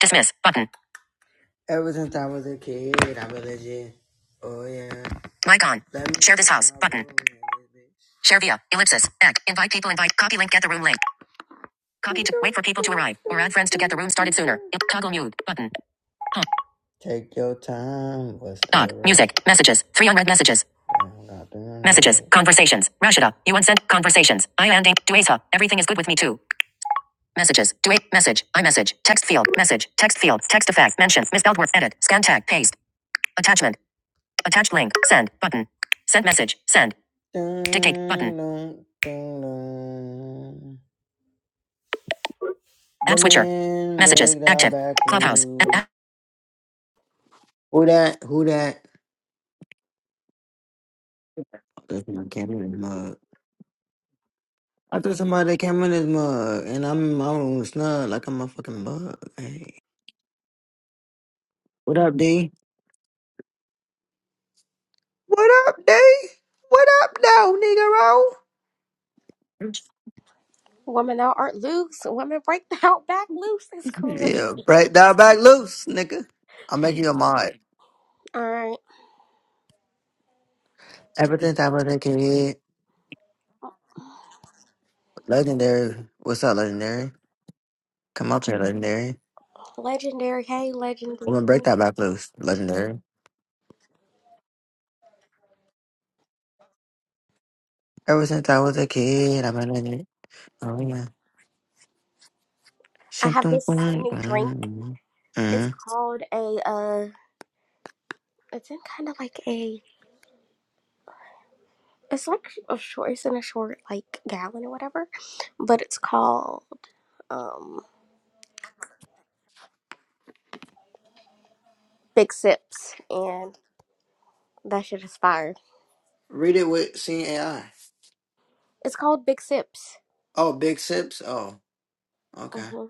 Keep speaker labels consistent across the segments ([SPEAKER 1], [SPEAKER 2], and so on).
[SPEAKER 1] Dismiss button. Ever since I was a kid, I've been legit. Oh yeah. Mic on. Share this house button. Share via ellipsis. Back. Invite people. Invite. Copy link. Get the room link. Copy to wait for people to arrive or add friends to get the room started sooner. Toggle mute button. Huh. Take your time. Dog. Music. Messages. Three unread messages. Messages. Conversations. Rashida. You unsent. Conversations. I landing. Duesa. Everything is good with me too. Messages. Do a message. iMessage. Text field. Message. Text field. Text effect. Mention. Misspelled word. Edit. Scan tag. Paste. Attachment. Attached link. Send. Button. Send message. Send. Dictate. Button. App switcher. Messages. Active. Clubhouse. Who that? Who that? I threw my camera in his mug. I threw somebody came in his mug, and I'm in my room snug like I'm a fucking bug. Hey, what up, D? What up, D? What up, though, Negro?
[SPEAKER 2] Women out aren't loose. Women break the out back loose. It's crazy.
[SPEAKER 1] Yeah, break that back loose, nigga. I'm making you a mod.
[SPEAKER 2] All right.
[SPEAKER 1] Everything that was kid, legendary. What's up, legendary? Come out here, legendary.
[SPEAKER 2] Legendary. Hey,
[SPEAKER 1] We're gonna break
[SPEAKER 2] legendary.
[SPEAKER 1] that back loose, legendary. Ever since I was a kid, I'm a legendary. Oh yeah.
[SPEAKER 2] I
[SPEAKER 1] Shim
[SPEAKER 2] have
[SPEAKER 1] dum bum,
[SPEAKER 2] this new drink.
[SPEAKER 1] mm,
[SPEAKER 2] It's
[SPEAKER 1] mm.
[SPEAKER 2] called a, uh, it's in kind of like a, it's like a short, it's in a short, like, gallon or whatever. But it's called, um, Big Sips. And that shit is fire.
[SPEAKER 1] Read it with seeing AI.
[SPEAKER 2] It's called Big Sips.
[SPEAKER 1] Oh, big sips. Oh, okay.
[SPEAKER 2] hmm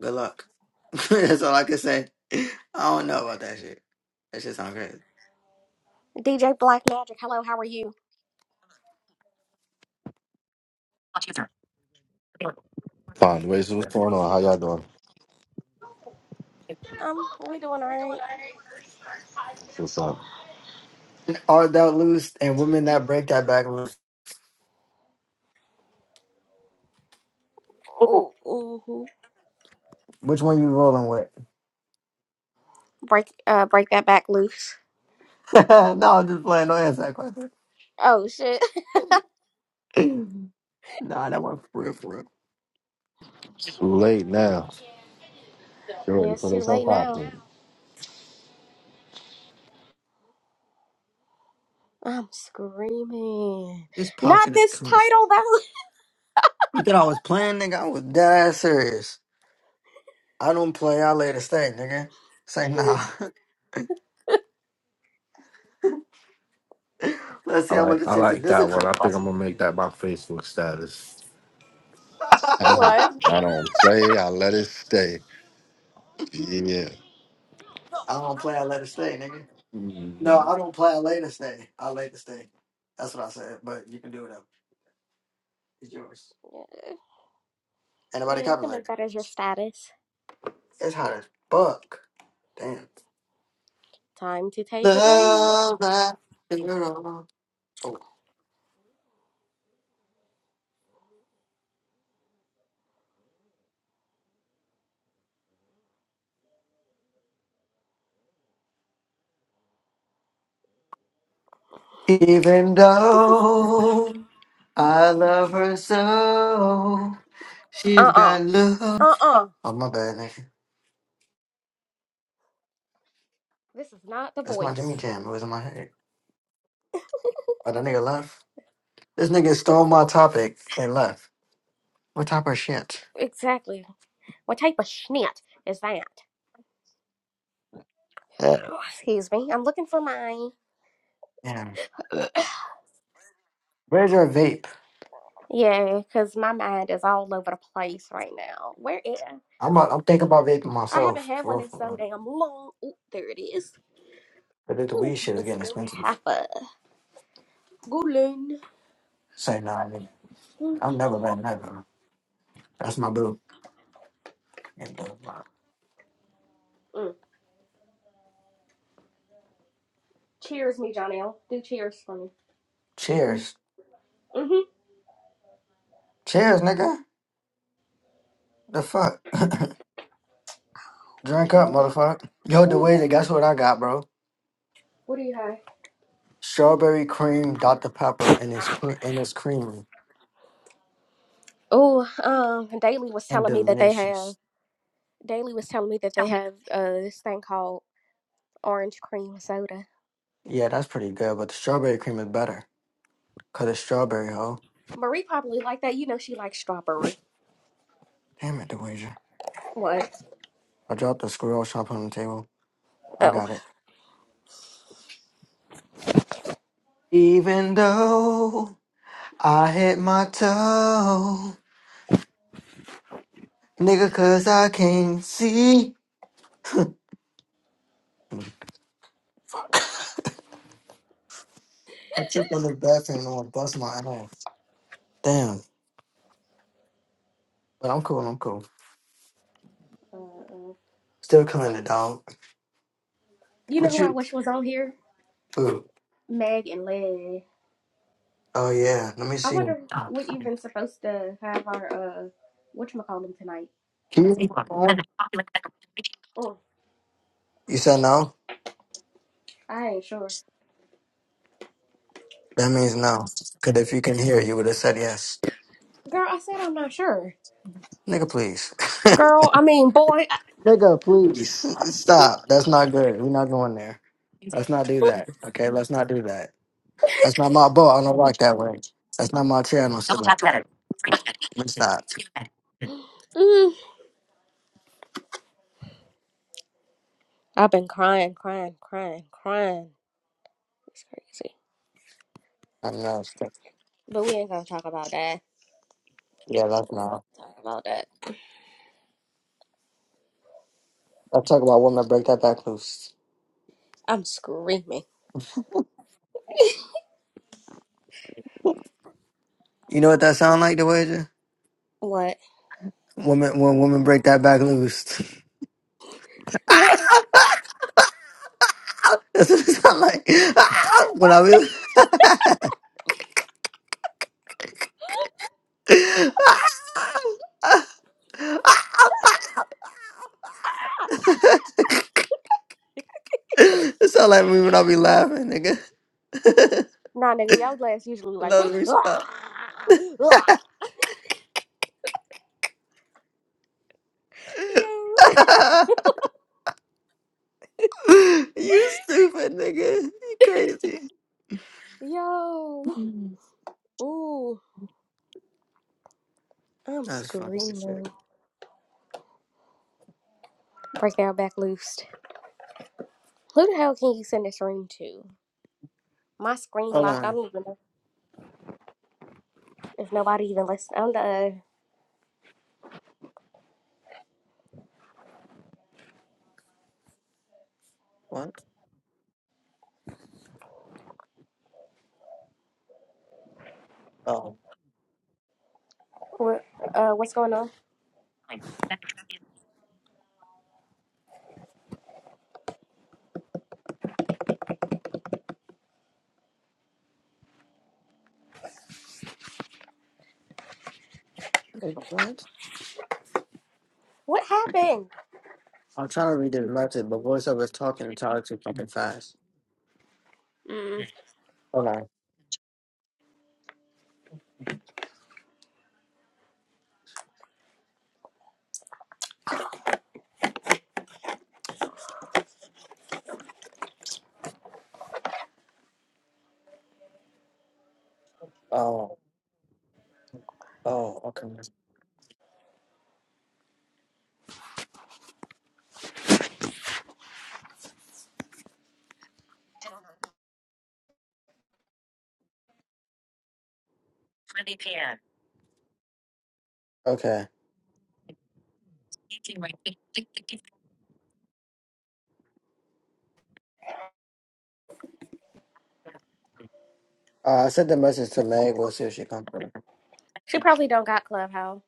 [SPEAKER 1] Good luck. That's all I can say. I don't know about that shit. That shit sound crazy.
[SPEAKER 2] DJ Black Magic. Hello, how are you?
[SPEAKER 3] Fine. Wait, so what's going on? How y'all doing?
[SPEAKER 2] Um, we doing all right.
[SPEAKER 3] What's up?
[SPEAKER 1] Are thou loose and women that break that back loose?
[SPEAKER 2] Ooh, hmm
[SPEAKER 1] Which one you rolling with?
[SPEAKER 2] Break, uh, break that back loose.
[SPEAKER 1] no, I'm just playing. Don't answer that question.
[SPEAKER 2] Oh shit.
[SPEAKER 1] nah, that one for real, for real.
[SPEAKER 3] Too late now. You ready
[SPEAKER 2] yeah,
[SPEAKER 3] to
[SPEAKER 2] it's
[SPEAKER 3] put
[SPEAKER 2] too
[SPEAKER 3] us
[SPEAKER 2] late
[SPEAKER 3] up out
[SPEAKER 2] now.
[SPEAKER 3] there.
[SPEAKER 2] I'm screaming.
[SPEAKER 1] This
[SPEAKER 2] Not
[SPEAKER 1] pocket is
[SPEAKER 2] this
[SPEAKER 1] kind of.
[SPEAKER 2] title though.
[SPEAKER 1] You thought I was playing, nigga? I was dead ass serious. I don't play. I lay the state, nigga. Say nah. Let's see
[SPEAKER 3] All
[SPEAKER 1] how
[SPEAKER 3] right,
[SPEAKER 1] much
[SPEAKER 3] I
[SPEAKER 1] attention
[SPEAKER 3] like
[SPEAKER 1] this
[SPEAKER 3] that
[SPEAKER 1] is.
[SPEAKER 3] one. I think I'm gonna make that my Facebook status. I don't,
[SPEAKER 2] what?
[SPEAKER 1] I
[SPEAKER 3] I don't play. I let it stay. Yeah.
[SPEAKER 1] don't play. I let it stay, nigga. No, I don't play. I lay the stay. I lay the stay. That's what I said. But you can do it up. It's yours. Anybody
[SPEAKER 2] Yeah, you
[SPEAKER 1] copy
[SPEAKER 2] can
[SPEAKER 1] like
[SPEAKER 2] make
[SPEAKER 1] that?
[SPEAKER 2] that as your status.
[SPEAKER 1] It's hot as fuck. Damn.
[SPEAKER 2] Time to take a drink.
[SPEAKER 1] Love that girl. Oh. Even though I love her so, she's
[SPEAKER 2] Uh-uh.
[SPEAKER 1] got love.
[SPEAKER 2] Uh-uh.
[SPEAKER 1] Oh, my bad, nigga.
[SPEAKER 2] This is not the
[SPEAKER 1] That's my
[SPEAKER 2] voice.
[SPEAKER 1] Jimmy Jam. It was in my head. Oh, that nigga left? This nigga stole my topic and left. What type of shit?
[SPEAKER 2] Exactly. What type of schnit is that? Oh, Excuse me. I'm looking for mine.
[SPEAKER 1] Damn. Where's your vape?
[SPEAKER 2] Yeah, because my mind is all over the place right now. Where is
[SPEAKER 1] I'm, i I'm thinking about vaping
[SPEAKER 2] I haven't
[SPEAKER 1] myself.
[SPEAKER 2] had
[SPEAKER 1] For,
[SPEAKER 2] one
[SPEAKER 1] real,
[SPEAKER 2] in
[SPEAKER 1] for,
[SPEAKER 2] so
[SPEAKER 1] real.
[SPEAKER 2] damn long. Ooh, there it is.
[SPEAKER 1] but the weed
[SPEAKER 2] Ooh,
[SPEAKER 1] shit is
[SPEAKER 2] it's
[SPEAKER 1] getting
[SPEAKER 2] still
[SPEAKER 1] expensive.
[SPEAKER 2] half a golden.
[SPEAKER 1] Say, nah, nigga. I'm never letting that go. That's my boo. And the rock.
[SPEAKER 2] Mm. Cheers, me, Jonelle. Do cheers for me.
[SPEAKER 1] Cheers.
[SPEAKER 2] Mm-hmm.
[SPEAKER 1] Cheers, nigga. The fuck? Drink up,
[SPEAKER 2] Ooh,
[SPEAKER 1] motherfucker. Yo, the
[SPEAKER 2] ooh.
[SPEAKER 1] way that guess what I got, bro?
[SPEAKER 2] What do you have?
[SPEAKER 1] Strawberry cream Dr. Pepper and it's cre- and it's creamy
[SPEAKER 2] Oh, um, Daily was
[SPEAKER 1] and
[SPEAKER 2] telling me that they have.
[SPEAKER 1] delicious.
[SPEAKER 2] Daily was telling me that they have uh this thing called orange cream soda.
[SPEAKER 1] Yeah, that's pretty good, but the strawberry cream is better. Cause it's strawberry, ho.
[SPEAKER 2] Marie probably like that. You know she likes strawberry.
[SPEAKER 1] Damn it, DeWager.
[SPEAKER 2] What?
[SPEAKER 1] I dropped the squirrel shop on the table. I
[SPEAKER 2] Oh.
[SPEAKER 1] got it. Even though I hit my toe, nigga, cause I can't see. I tripped on the bathroom and I bust my ass. Damn. But I'm cool, I'm cool.
[SPEAKER 2] uh
[SPEAKER 1] Still coming it, dog.
[SPEAKER 2] You know
[SPEAKER 1] What
[SPEAKER 2] who I
[SPEAKER 1] you
[SPEAKER 2] wish was on here?
[SPEAKER 1] ooh.
[SPEAKER 2] Meg and Leg.
[SPEAKER 1] Oh yeah. Let me
[SPEAKER 2] I
[SPEAKER 1] see.
[SPEAKER 2] wonder we even supposed to have our uh what you call them tonight.
[SPEAKER 1] Can you hear my phone?
[SPEAKER 2] Oh,
[SPEAKER 1] You said no?
[SPEAKER 2] I ain't sure.
[SPEAKER 1] That means no. Cause if you can hear you would have said yes.
[SPEAKER 2] Girl, I said I'm not sure.
[SPEAKER 1] Nigga please.
[SPEAKER 2] Girl, I mean, boy, I,
[SPEAKER 1] Nigga, please. Stop. That's not good. We're not going there. Let's not do that. Okay, let's not do that. That's not my boat. I don't rock that way. That's not my channel. So Let me stop. I
[SPEAKER 2] mm, I've been crying, crying, crying, crying. It's crazy.
[SPEAKER 1] don't know.
[SPEAKER 2] But we ain't gonna talk about that.
[SPEAKER 1] Yeah,
[SPEAKER 2] We
[SPEAKER 1] that's
[SPEAKER 2] ain't gonna
[SPEAKER 1] not.
[SPEAKER 2] talk about that.
[SPEAKER 1] Let's talk about women. Break that back loose.
[SPEAKER 2] I'm screaming.
[SPEAKER 1] You know what that sound like, the wager?
[SPEAKER 2] What?
[SPEAKER 1] Woman, when women break that back loose. Ah!
[SPEAKER 2] What?
[SPEAKER 1] That's what it sound like. Ah! When I be, it sound like me when I be laughing, nigga.
[SPEAKER 2] nah, nigga, y'all glass usually like,
[SPEAKER 1] no,
[SPEAKER 2] yo,
[SPEAKER 1] let me stop. you stupid, nigga. You crazy.
[SPEAKER 2] yo, ooh, I'm
[SPEAKER 1] That's fucking shit.
[SPEAKER 2] screaming. Break down back loose. Who the hell can you send this ring to? My screen
[SPEAKER 1] Hold
[SPEAKER 2] locked. I
[SPEAKER 1] on.
[SPEAKER 2] don't even know. If nobody even listens, I don't know
[SPEAKER 1] What? Oh.
[SPEAKER 2] what, uh, what's going on.
[SPEAKER 1] What?
[SPEAKER 2] What happened?
[SPEAKER 1] I'm trying to read the message, but voiceover is talking and talking too fucking fast.
[SPEAKER 2] Mm,
[SPEAKER 1] Hold on. Oh. Oh, okay. twenty p m. Okay. Uh, I sent the message to Meg. We'll see if she comes through.
[SPEAKER 2] she probably don't got clubhouse.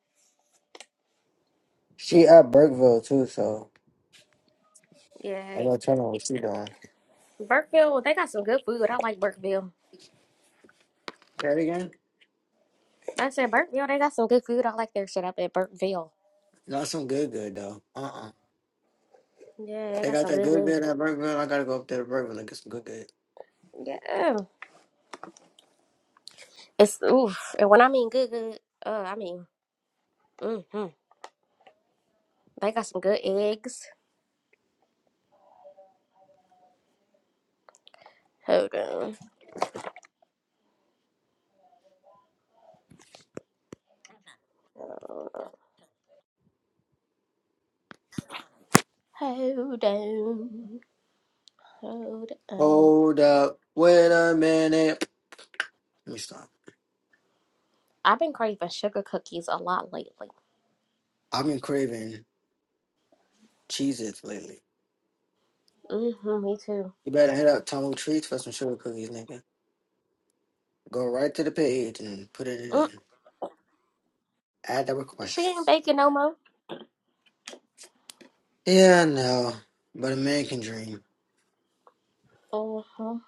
[SPEAKER 1] She at Burkeville too, so
[SPEAKER 2] Yeah,
[SPEAKER 1] I'm gonna turn on what she doing.
[SPEAKER 2] Burkeville, they got some good food. I like Burkeville.
[SPEAKER 1] Say it again.
[SPEAKER 2] I said Burkeville, they got some good food. I like their shit up at Burkeville.
[SPEAKER 1] Not some good good though. Uh uh
[SPEAKER 2] Yeah, they
[SPEAKER 1] They
[SPEAKER 2] got
[SPEAKER 1] got
[SPEAKER 2] some
[SPEAKER 1] that
[SPEAKER 2] good
[SPEAKER 1] good
[SPEAKER 2] good.
[SPEAKER 1] good at Burkeville. I gotta go up there to Burkeville and get some good good.
[SPEAKER 2] Yeah, it's oof. And when I mean good good, uh, I mean mm-hmm. They got some good eggs. Hold on. Hold on. Hold on.
[SPEAKER 1] Hold up. Wait a minute. Let me stop.
[SPEAKER 2] I've been craving sugar cookies a lot lately.
[SPEAKER 1] I've been craving Cheez Its lately.
[SPEAKER 2] Mm-hmm, me too.
[SPEAKER 1] You better hit up Tumble Treats for some sugar cookies, nigga. Go right to the page and put it
[SPEAKER 2] Mm,
[SPEAKER 1] in. Add the
[SPEAKER 2] she
[SPEAKER 1] request.
[SPEAKER 2] ain't baking no more.
[SPEAKER 1] Yeah, no, but a man can dream.
[SPEAKER 2] Mm-hmm.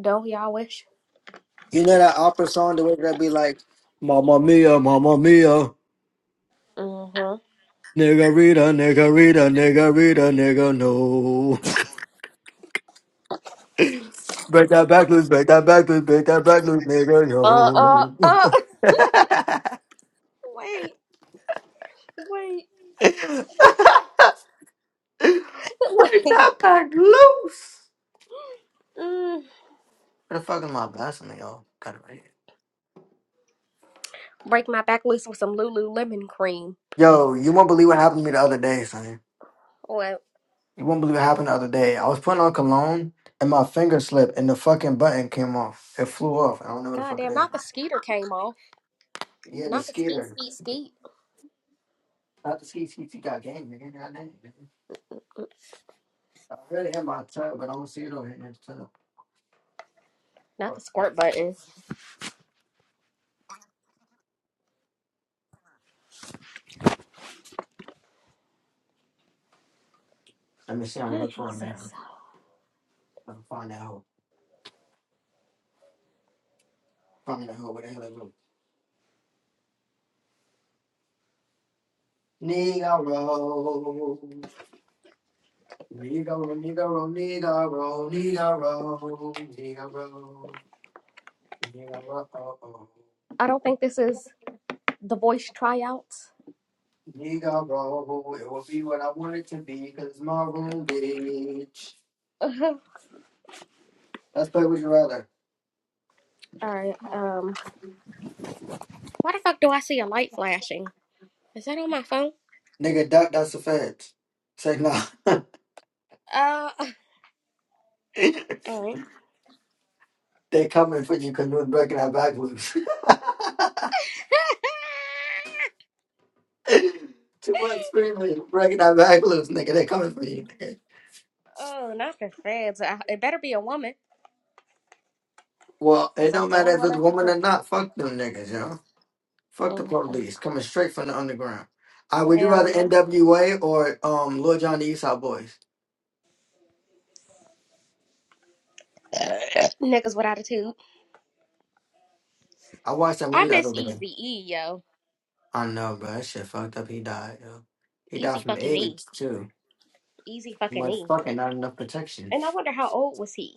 [SPEAKER 2] Don't y'all wish?
[SPEAKER 1] You know that opera song, the way that be like, "Mamma mia, mamma mia,
[SPEAKER 2] Mm-hmm.
[SPEAKER 1] nigga Rita, nigga Rita, nigga Rita, nigga no." Break that back loose, break that back loose, break that back loose, nigga
[SPEAKER 2] Uh, uh,
[SPEAKER 1] yo.
[SPEAKER 2] uh. Wait, wait,
[SPEAKER 1] break
[SPEAKER 2] wait.
[SPEAKER 1] that back loose.
[SPEAKER 2] Mm.
[SPEAKER 1] Where the fuck is my Vaseline, y'all? Got it right here.
[SPEAKER 2] Break my back loose with some Lululemon cream.
[SPEAKER 1] Yo, you won't believe what happened to me the other day, son.
[SPEAKER 2] Well,
[SPEAKER 1] You won't believe what happened the other day. I was putting on cologne and my finger slipped and the fucking button came off. It flew off. I don't know what the fuck it
[SPEAKER 2] goddamn,
[SPEAKER 1] is.
[SPEAKER 2] not the skeeter came off.
[SPEAKER 1] Yeah, the
[SPEAKER 2] Not the skeet,
[SPEAKER 1] skeeter.
[SPEAKER 2] skeet, skeet.
[SPEAKER 1] Not the ski ski ski got game, nigga. Goddamn, nigga. I really hit my tub, but I don't see it over here in the tub.
[SPEAKER 2] Not the
[SPEAKER 1] Fuck, fuck.
[SPEAKER 2] squirt button.
[SPEAKER 1] Let me see. I'm gonna
[SPEAKER 2] Oh,
[SPEAKER 1] look for a man.
[SPEAKER 2] Jesus.
[SPEAKER 1] I'm gonna find that hoe. Find that hoe. Where the hell it go? Negro. Negro, Negro, Negro, Negro, Negro, Negro, oh, oh.
[SPEAKER 2] I don't think this is the voice tryouts.
[SPEAKER 1] He got roll. It will be what I want it to be, cause my room bitch.
[SPEAKER 2] Uh huh.
[SPEAKER 1] Let's play Would You Rather.
[SPEAKER 2] All right. Um. Why the fuck do I see a light flashing? Is that on my phone?
[SPEAKER 1] Nigga, duck, that's the fence. Say no.
[SPEAKER 2] Uh. All right.
[SPEAKER 1] they coming for you, cause we're breaking our back loose. Too much screaming, breaking our back loose, nigga. They coming for you, nigga.
[SPEAKER 2] Oh, not for feds! I, it better be a woman,
[SPEAKER 1] Well,
[SPEAKER 2] because
[SPEAKER 1] it
[SPEAKER 2] that's
[SPEAKER 1] don't
[SPEAKER 2] the
[SPEAKER 1] matter
[SPEAKER 2] only
[SPEAKER 1] if
[SPEAKER 2] one
[SPEAKER 1] it's
[SPEAKER 2] I can
[SPEAKER 1] woman or
[SPEAKER 2] find.
[SPEAKER 1] not. Fuck them niggas, yo. Fuck the
[SPEAKER 2] Mm-mm.
[SPEAKER 1] police. Coming straight from the underground. I would you rather
[SPEAKER 2] Hell
[SPEAKER 1] NWA or um Lil John the Eastside Boys?
[SPEAKER 2] yeah. Niggas with attitude.
[SPEAKER 1] I watched that
[SPEAKER 2] I
[SPEAKER 1] movie the
[SPEAKER 2] miss
[SPEAKER 1] other day.
[SPEAKER 2] Easy E, yo.
[SPEAKER 1] I know, bro. That shit fucked up. He died, yo. He died
[SPEAKER 2] Easy
[SPEAKER 1] from
[SPEAKER 2] fucking E.
[SPEAKER 1] AIDS too.
[SPEAKER 2] Easy fucking
[SPEAKER 1] Like
[SPEAKER 2] E.
[SPEAKER 1] fucking not enough protection.
[SPEAKER 2] And I wonder how old was he?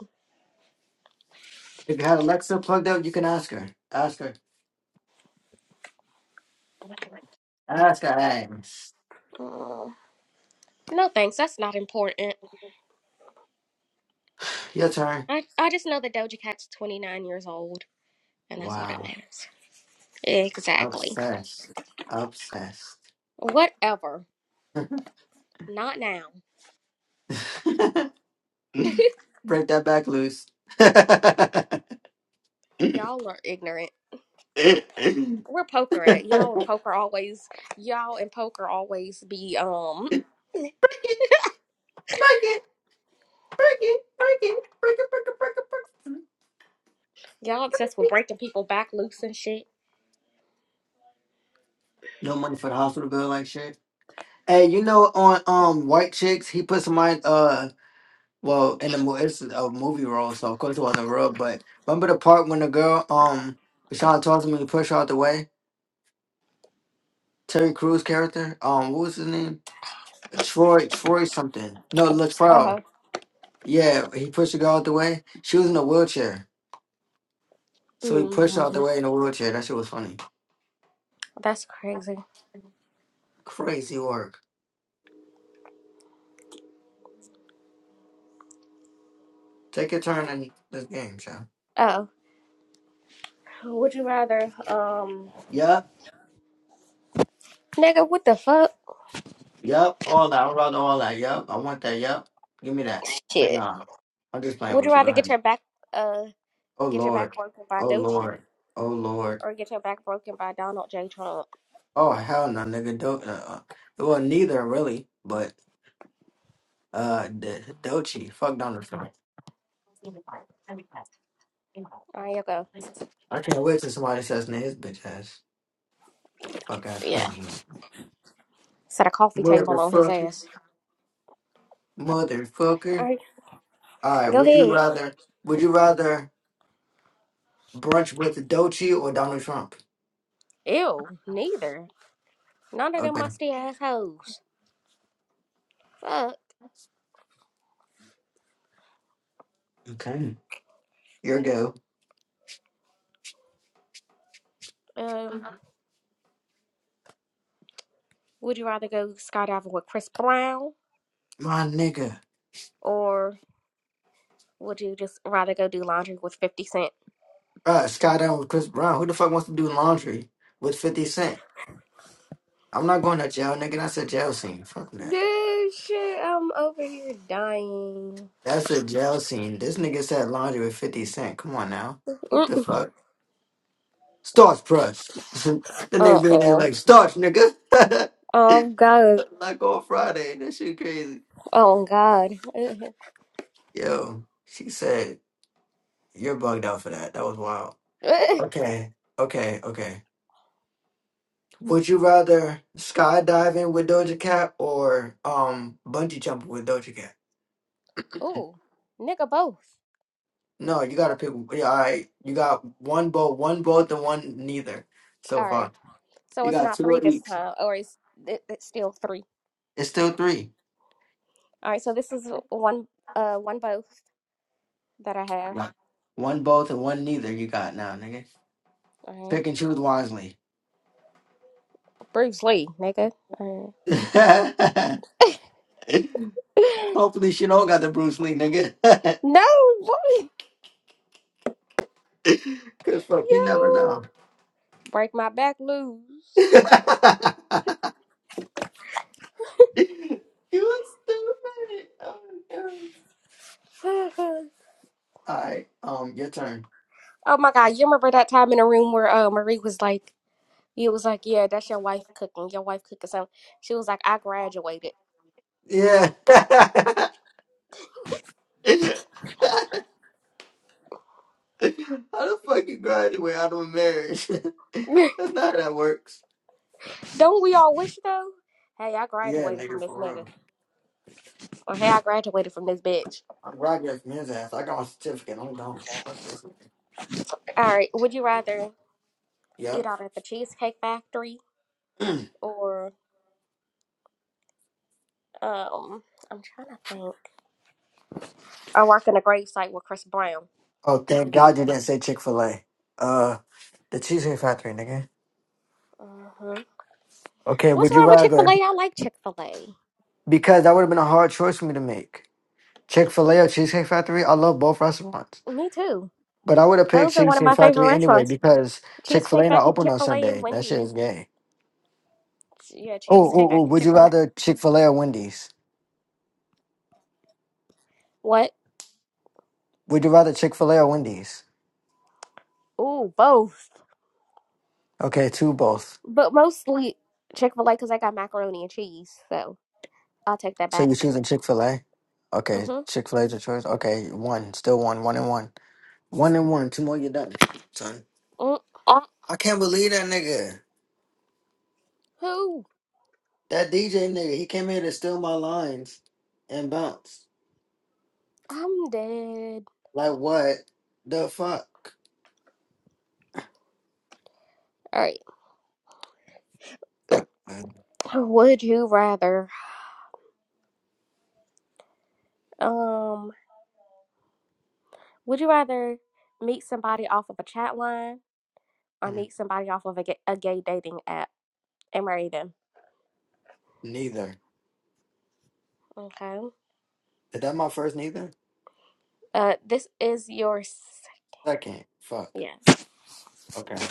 [SPEAKER 1] If you had Alexa plugged up, you can ask her. Ask her. Ask her. Hey.
[SPEAKER 2] Mm. No thanks, that's not important.
[SPEAKER 1] Your turn.
[SPEAKER 2] I, I just know that Doja Cat's 29 years old, and that's all that
[SPEAKER 1] Wow.
[SPEAKER 2] matters. Exactly.
[SPEAKER 1] Obsessed. Obsessed.
[SPEAKER 2] Whatever. Not now.
[SPEAKER 1] Break that back loose. break
[SPEAKER 2] Y'all are ignorant.
[SPEAKER 1] it.
[SPEAKER 2] We're poker at y'all and
[SPEAKER 1] Break
[SPEAKER 2] poker always y'all and poker always be um
[SPEAKER 1] it. Break it. Break it. Break it. Break it. Break it. Break it.
[SPEAKER 2] Y'all
[SPEAKER 1] Break it.
[SPEAKER 2] obsessed
[SPEAKER 1] Break
[SPEAKER 2] with
[SPEAKER 1] it.
[SPEAKER 2] breaking people back loose and shit.
[SPEAKER 1] No money for the hospital bill like shit. Hey, you know, on um White Chicks, he put somebody uh well in the movie it's a movie role, so of course it wasn't real. But remember the part when the girl um was trying to talk to me to push her out the way? Terry Crews character, um, what was his name? Troy, Troy something. No,
[SPEAKER 2] Uh huh.
[SPEAKER 1] Latrell. Yeah, he pushed the girl out the way. She was in a wheelchair, so he pushed her out
[SPEAKER 2] hmm
[SPEAKER 1] the way in a wheelchair. That shit was funny.
[SPEAKER 2] That's crazy.
[SPEAKER 1] Crazy work. Take your turn in this game, child.
[SPEAKER 2] Oh, would you rather, um,
[SPEAKER 1] Yeah.
[SPEAKER 2] nigga, what the fuck?
[SPEAKER 1] Yep, all that. I'm about all that. Yep, I want that. Yep, give me that. Say
[SPEAKER 2] Shit.
[SPEAKER 1] nah. I'm just playing
[SPEAKER 2] Would you
[SPEAKER 1] with you. Go
[SPEAKER 2] rather get
[SPEAKER 1] ahead.
[SPEAKER 2] your back, uh,
[SPEAKER 1] Oh
[SPEAKER 2] get your back
[SPEAKER 1] Lord,
[SPEAKER 2] broken by
[SPEAKER 1] oh
[SPEAKER 2] Dochi
[SPEAKER 1] Lord, oh Lord.
[SPEAKER 2] or get your back broken by Donald J. Trump?
[SPEAKER 1] Oh hell no, nigga. Do- uh, uh, well, neither really, but uh, D- Dochi, fuck Donald Trump.
[SPEAKER 2] All right, you go.
[SPEAKER 1] I can't wait till somebody says to his bitch ass, fuck ass
[SPEAKER 2] Yeah.
[SPEAKER 1] president,
[SPEAKER 2] Set a coffee table on his
[SPEAKER 1] motherfucker,
[SPEAKER 2] ass. All
[SPEAKER 1] motherfucker.
[SPEAKER 2] right,
[SPEAKER 1] All right,
[SPEAKER 2] go
[SPEAKER 1] would you
[SPEAKER 2] ahead.
[SPEAKER 1] rather? Would you rather brunch with Dochi or Donald Trump?
[SPEAKER 2] Ew, neither. None of them
[SPEAKER 1] Okay.
[SPEAKER 2] musty assholes. Fuck.
[SPEAKER 1] Okay. Your go.
[SPEAKER 2] Um, would you rather go skydiving with Chris Brown
[SPEAKER 1] My nigga.
[SPEAKER 2] or Would you just rather go do laundry with 50 Cent?
[SPEAKER 1] Uh, Sky down with Chris Brown. Who the fuck wants to do laundry with 50 Cent? I'm not going to jail, nigga. That's a jail scene. Fuck that.
[SPEAKER 2] Dude, shit, I'm over here dying.
[SPEAKER 1] That's a jail scene. This nigga said laundry with 50 Cent. Come on now. What the
[SPEAKER 2] Mm-mm.
[SPEAKER 1] fuck? Starch press. the nigga being there
[SPEAKER 2] Uh-oh.
[SPEAKER 1] like, starch, nigga.
[SPEAKER 2] Oh, God.
[SPEAKER 1] like on Friday. That shit crazy.
[SPEAKER 2] Oh, God.
[SPEAKER 1] Yo, she said, you're bugged out for that. That was wild. Okay. Okay. Okay. Would you rather skydiving with Doja Cat or um bungee jumping with Doja Cat?
[SPEAKER 2] Ooh, nigga, both.
[SPEAKER 1] No, you gotta pick. yeah, All right, you got one both, one both, and one neither so
[SPEAKER 2] All right.
[SPEAKER 1] far.
[SPEAKER 2] So
[SPEAKER 1] You
[SPEAKER 2] it's
[SPEAKER 1] got
[SPEAKER 2] not
[SPEAKER 1] two
[SPEAKER 2] three
[SPEAKER 1] of
[SPEAKER 2] this
[SPEAKER 1] each.
[SPEAKER 2] time, or it's, it, it's still three.
[SPEAKER 1] It's still three.
[SPEAKER 2] All right, so this is one, uh, one both that I have.
[SPEAKER 1] Right. One both and one neither. You got now, nigga.
[SPEAKER 2] All right.
[SPEAKER 1] Pick and choose wisely.
[SPEAKER 2] Bruce Lee, nigga. All right.
[SPEAKER 1] Hopefully, she don't got the Bruce Lee, nigga.
[SPEAKER 2] no, what?
[SPEAKER 1] Cause fuck, you
[SPEAKER 2] Yo.
[SPEAKER 1] never know.
[SPEAKER 2] Break my back
[SPEAKER 1] you
[SPEAKER 2] loose.
[SPEAKER 1] was stupid. Oh, God. All right, um, your turn.
[SPEAKER 2] Oh my God, you remember that time in the room where uh, Marie was like, "It was like, yeah, that's your wife cooking. Your wife cooking something." She was like, "I graduated."
[SPEAKER 1] Yeah. How the fuck you graduate out of a marriage? That's not how that works.
[SPEAKER 2] Don't we all wish though? Hey, I
[SPEAKER 1] Yeah,
[SPEAKER 2] graduated from
[SPEAKER 1] nigga,
[SPEAKER 2] this
[SPEAKER 1] for
[SPEAKER 2] nigga,
[SPEAKER 1] real.
[SPEAKER 2] or hey, I graduated from this bitch.
[SPEAKER 1] I'm graduating from his ass. I got my certificate. I'm gone. Fuck this nigga.
[SPEAKER 2] All right, would you rather eat out
[SPEAKER 1] Yep.
[SPEAKER 2] at the Cheesecake Factory or um? I'm trying to think. I work in a grave site with Chris Brown.
[SPEAKER 1] oh, thank God you didn't say Chick Fil A. Uh, the Cheesecake Factory, nigga.
[SPEAKER 2] hmm
[SPEAKER 1] Okay,
[SPEAKER 2] What's
[SPEAKER 1] would you
[SPEAKER 2] wrong with Chick Fil A?
[SPEAKER 1] rather?
[SPEAKER 2] I like Chick Fil A.
[SPEAKER 1] Because that would have been a hard choice for me to make. Chick Fil A or Cheesecake Factory. I love both restaurants.
[SPEAKER 2] Me too.
[SPEAKER 1] But I would have picked
[SPEAKER 2] Those are one of
[SPEAKER 1] Cheesecake
[SPEAKER 2] my favorite
[SPEAKER 1] Factory anyway
[SPEAKER 2] restaurants.
[SPEAKER 1] because Chick Fil
[SPEAKER 2] Cheesecake
[SPEAKER 1] A not
[SPEAKER 2] Factory,
[SPEAKER 1] open
[SPEAKER 2] Chick
[SPEAKER 1] on
[SPEAKER 2] Fil A, and
[SPEAKER 1] Sunday. That shit
[SPEAKER 2] Wendy's.
[SPEAKER 1] is gay.
[SPEAKER 2] yeah,
[SPEAKER 1] Oh, oh,
[SPEAKER 2] Cheesecake
[SPEAKER 1] oh!
[SPEAKER 2] Factory,
[SPEAKER 1] Would
[SPEAKER 2] Chick
[SPEAKER 1] you
[SPEAKER 2] Fil A.
[SPEAKER 1] rather Chick Fil A or Wendy's?
[SPEAKER 2] What?
[SPEAKER 1] Would you rather Chick Fil A or Wendy's?
[SPEAKER 2] Ooh, both,
[SPEAKER 1] Okay, two both.
[SPEAKER 2] but mostly Chick Fil A because I got macaroni and cheese. So I'll take that
[SPEAKER 1] So
[SPEAKER 2] back.
[SPEAKER 1] you choosing Chick Fil A? Okay,
[SPEAKER 2] Mhm.
[SPEAKER 1] Chick Fil A's your choice. Okay, one, still one, one and one, one and one. Two more, you're done, son.
[SPEAKER 2] Mm,
[SPEAKER 1] I can't believe that nigga,
[SPEAKER 2] who?
[SPEAKER 1] that DJ nigga. He came here to steal my lines and bounce.
[SPEAKER 2] I'm dead.
[SPEAKER 1] Like what the fuck?
[SPEAKER 2] All right.
[SPEAKER 1] Uh,
[SPEAKER 2] Would you rather? Um. Would you rather meet somebody off of a chat line or
[SPEAKER 1] mm,
[SPEAKER 2] meet somebody off of a gay, a gay dating app and marry them?
[SPEAKER 1] Neither.
[SPEAKER 2] Okay.
[SPEAKER 1] Is that my first neither?
[SPEAKER 2] Uh, this is your. s-
[SPEAKER 1] Second. Fuck.
[SPEAKER 2] Yes.
[SPEAKER 1] Okay.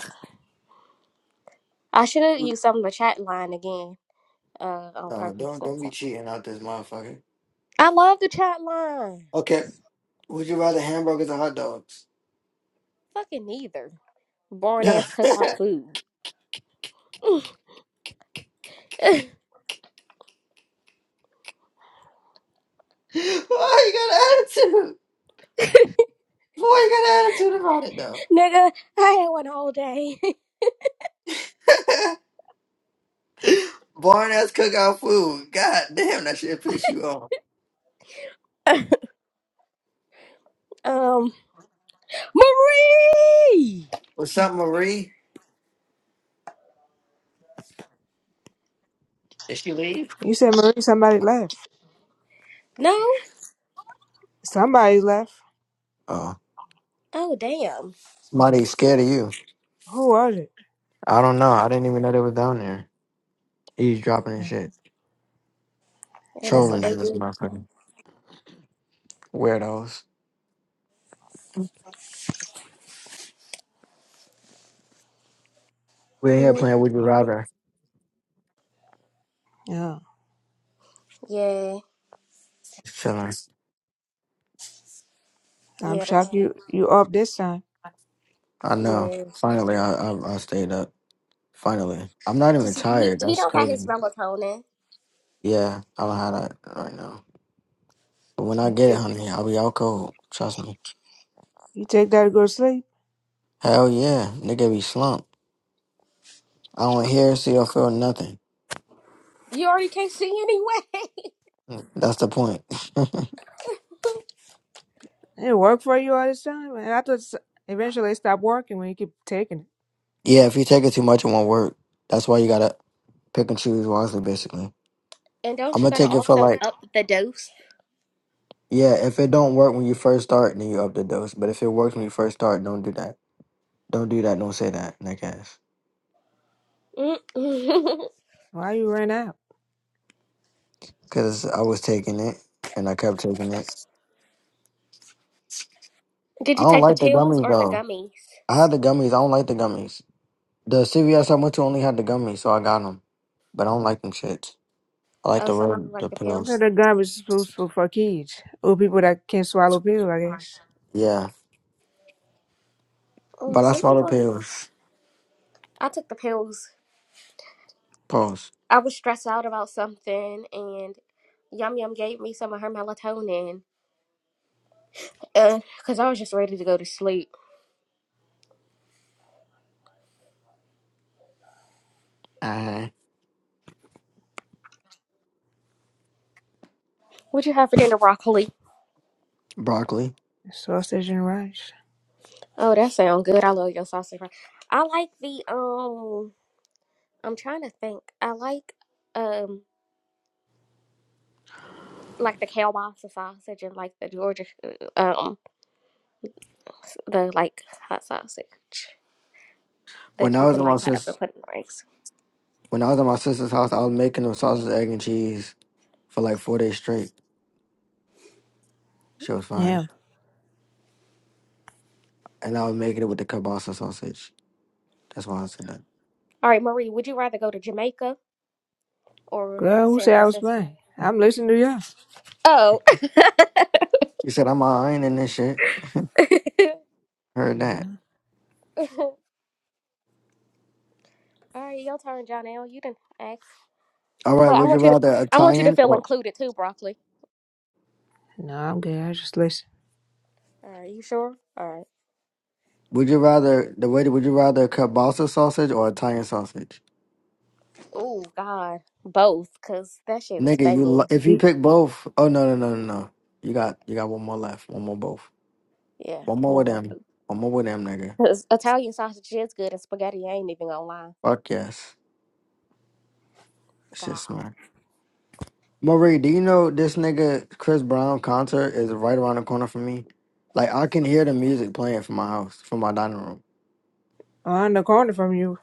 [SPEAKER 2] I should have used some of the chat line again. Uh, on
[SPEAKER 1] No,
[SPEAKER 2] purpose.
[SPEAKER 1] don't
[SPEAKER 2] next
[SPEAKER 1] don't
[SPEAKER 2] time.
[SPEAKER 1] be cheating out this motherfucker.
[SPEAKER 2] I love the chat line.
[SPEAKER 1] Okay. Would you rather hamburgers or hot dogs?
[SPEAKER 2] Fucking neither. Boring
[SPEAKER 1] Why
[SPEAKER 2] ass cookout food.
[SPEAKER 1] you got an attitude? Why you got an attitude about it though?
[SPEAKER 2] Nigga, I had one whole day.
[SPEAKER 1] Boring ass cookout food. God damn, that shit piss you off.
[SPEAKER 2] um, Marie!
[SPEAKER 1] What's up, Marie? Did she leave?
[SPEAKER 4] You said Marie, somebody left.
[SPEAKER 2] No?
[SPEAKER 4] Somebody left.
[SPEAKER 1] Oh.
[SPEAKER 2] Oh, damn.
[SPEAKER 1] Somebody's scared of you.
[SPEAKER 4] Who was it?
[SPEAKER 1] I don't know. I didn't even know they was down there. Eavesdropping and shit.
[SPEAKER 2] Yeah, that's
[SPEAKER 4] Yeah,
[SPEAKER 2] what
[SPEAKER 1] Trolling
[SPEAKER 2] they
[SPEAKER 1] in this
[SPEAKER 2] do.
[SPEAKER 1] motherfucker. Weirdos. We're here
[SPEAKER 2] Mhm.
[SPEAKER 1] playing Would You Rather.
[SPEAKER 4] yeah.
[SPEAKER 2] Yeah,
[SPEAKER 1] Just chilling.
[SPEAKER 4] I'm
[SPEAKER 2] yeah, that's-
[SPEAKER 4] shocked you you up this time.
[SPEAKER 1] I know.
[SPEAKER 2] yeah.
[SPEAKER 1] Finally, I, I I stayed up. Finally, I'm not even
[SPEAKER 2] Because he,
[SPEAKER 1] tired.
[SPEAKER 2] he
[SPEAKER 1] That's
[SPEAKER 2] don't got his
[SPEAKER 1] crazy.
[SPEAKER 2] melatonin.
[SPEAKER 1] Yeah, I don't have that right now. But when I
[SPEAKER 4] You
[SPEAKER 1] get it,
[SPEAKER 4] take,
[SPEAKER 1] honey, I'll be out cold. Trust me.
[SPEAKER 4] you take that to go to sleep.
[SPEAKER 1] Hell yeah, nigga be slumped. I don't hear, see, or feel nothing.
[SPEAKER 2] You already can't see anyway.
[SPEAKER 1] Mm, That's the point.
[SPEAKER 4] It worked for you all this time, and I thought s- eventually it stopped working when you keep taking it.
[SPEAKER 1] yeah, if you take it too much, it won't work. That's why you gotta pick and choose wisely. Basically,
[SPEAKER 2] and
[SPEAKER 1] I'm
[SPEAKER 2] don't you
[SPEAKER 1] gonna
[SPEAKER 2] gotta
[SPEAKER 1] take it for
[SPEAKER 2] also
[SPEAKER 1] like
[SPEAKER 2] up the dose?
[SPEAKER 1] yeah. If it don't work when you first start, then you up the dose. But if it works when you first start, don't do that. Don't do that. Don't say that, nigga.
[SPEAKER 2] Mm.
[SPEAKER 4] Why you ran out?
[SPEAKER 1] because I was taking it and I kept taking it.
[SPEAKER 2] Did
[SPEAKER 1] I
[SPEAKER 2] you
[SPEAKER 1] don't
[SPEAKER 2] take the
[SPEAKER 1] like the
[SPEAKER 2] pills
[SPEAKER 1] gummies
[SPEAKER 2] or the
[SPEAKER 1] though.
[SPEAKER 2] gummies?
[SPEAKER 1] I had the gummies. I don't like the gummies. The CVS I went to only had the gummies, so I got them. But I don't like them shits. I like
[SPEAKER 2] Oh,
[SPEAKER 1] the
[SPEAKER 2] so you
[SPEAKER 1] real the
[SPEAKER 2] like the
[SPEAKER 4] You
[SPEAKER 2] pills?
[SPEAKER 4] know
[SPEAKER 1] pills.
[SPEAKER 4] that garbage is supposed for, for kids or people that can't swallow pills. I guess
[SPEAKER 1] Yeah,
[SPEAKER 2] Oh,
[SPEAKER 1] but I
[SPEAKER 2] some
[SPEAKER 1] saw the
[SPEAKER 2] people.
[SPEAKER 1] pills.
[SPEAKER 2] I took the pills.
[SPEAKER 1] Pills.
[SPEAKER 2] I was stressed out about something, and Yum Yum gave me some of her melatonin because I was just ready to go to sleep.
[SPEAKER 1] I had
[SPEAKER 2] What you have for dinner, broccoli?
[SPEAKER 1] broccoli.
[SPEAKER 4] sausage and rice.
[SPEAKER 2] Oh, that sounds good. I love your sausage. bro- I like the um. I'm trying to think. I like um like the kielbasa sausage and like the Georgia uh, um the like hot sausage
[SPEAKER 1] When
[SPEAKER 2] that
[SPEAKER 1] I
[SPEAKER 2] you
[SPEAKER 1] was
[SPEAKER 2] can
[SPEAKER 1] in my
[SPEAKER 2] like cut up and
[SPEAKER 1] sis,
[SPEAKER 2] put in rings.
[SPEAKER 1] when I was in my sister's house, I was making them sausage, egg, and cheese for like four days straight. She was fine,
[SPEAKER 4] Yeah,
[SPEAKER 1] and I was making it with the kielbasa sausage. That's why I said that.
[SPEAKER 2] All right, Marie, would you rather go to Jamaica or
[SPEAKER 4] girl, who
[SPEAKER 2] San
[SPEAKER 4] said I was
[SPEAKER 2] Francisco?
[SPEAKER 4] playing? I'm listening to you.
[SPEAKER 2] Oh.
[SPEAKER 1] She said I'm iron in this shit. Heard that.
[SPEAKER 4] No,
[SPEAKER 2] All right, your turn, John You didn't ask,
[SPEAKER 1] All right,
[SPEAKER 2] but I
[SPEAKER 1] would you
[SPEAKER 2] want you to
[SPEAKER 1] rather
[SPEAKER 2] I want you to
[SPEAKER 1] Italian
[SPEAKER 2] feel
[SPEAKER 1] or
[SPEAKER 2] included too, broccoli.
[SPEAKER 4] no, I'm good. I just listen.
[SPEAKER 2] All right, you sure? All right.
[SPEAKER 1] would you rather the waiter? Would you rather kielbasa sausage or Italian sausage?
[SPEAKER 2] Oh God, both, cause that shit is
[SPEAKER 1] Nigga, you li-
[SPEAKER 2] banging.
[SPEAKER 1] if you
[SPEAKER 4] Eat.
[SPEAKER 1] pick both. Oh no no no no no. You got you got one more left. One more both.
[SPEAKER 2] Yeah,
[SPEAKER 1] One more
[SPEAKER 2] one
[SPEAKER 1] with
[SPEAKER 2] more.
[SPEAKER 1] them. One more with them, nigga.
[SPEAKER 2] Cause Italian sausage is good, and spaghetti I ain't even gonna lie.
[SPEAKER 1] Fuck yes. Shit
[SPEAKER 2] God.
[SPEAKER 1] smart. Marie, do you know this nigga Chris Brown concert is right around the corner for me? Like I can hear the music playing from my house, from my dining room.
[SPEAKER 4] On the corner from you.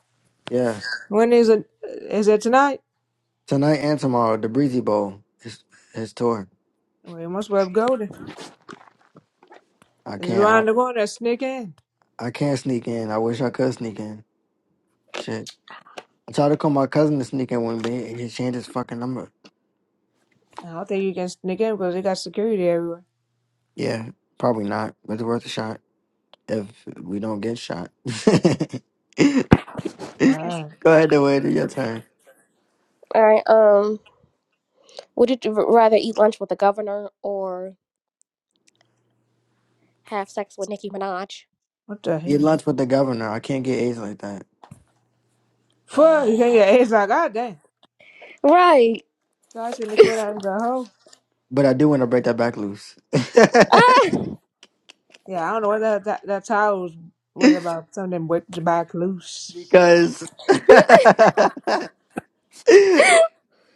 [SPEAKER 1] Yeah,
[SPEAKER 4] When is it? Is it tonight?
[SPEAKER 1] tonight and tomorrow, the Breezy Bowl is his tour.
[SPEAKER 4] We must well go there.
[SPEAKER 1] I
[SPEAKER 4] It's
[SPEAKER 1] can't.
[SPEAKER 4] around the corner. Sneak in.
[SPEAKER 1] I can't sneak in. I wish I could sneak in. Shit. I tried to call my cousin to sneak in one day. He changed his fucking number.
[SPEAKER 4] I don't think you can sneak in because they got security everywhere.
[SPEAKER 1] Yeah, probably not. But it's worth a shot if we don't get shot. Go
[SPEAKER 4] God,
[SPEAKER 1] ahead, Dwayne. Do your turn.
[SPEAKER 2] All right. Um, would you r- rather eat lunch with the governor or have sex with Nicki Minaj?
[SPEAKER 4] what the
[SPEAKER 1] Eat
[SPEAKER 4] hell?
[SPEAKER 1] lunch with the governor. I can't get AIDS like that.
[SPEAKER 4] Fuck! You can't get it's like God damn.
[SPEAKER 2] Right.
[SPEAKER 4] So I shouldn't have come out and go home.
[SPEAKER 1] But I do want to break that back loose.
[SPEAKER 2] ah!
[SPEAKER 4] Yeah, I don't know what that that, that towel was, was about. Something whipped back loose.
[SPEAKER 1] because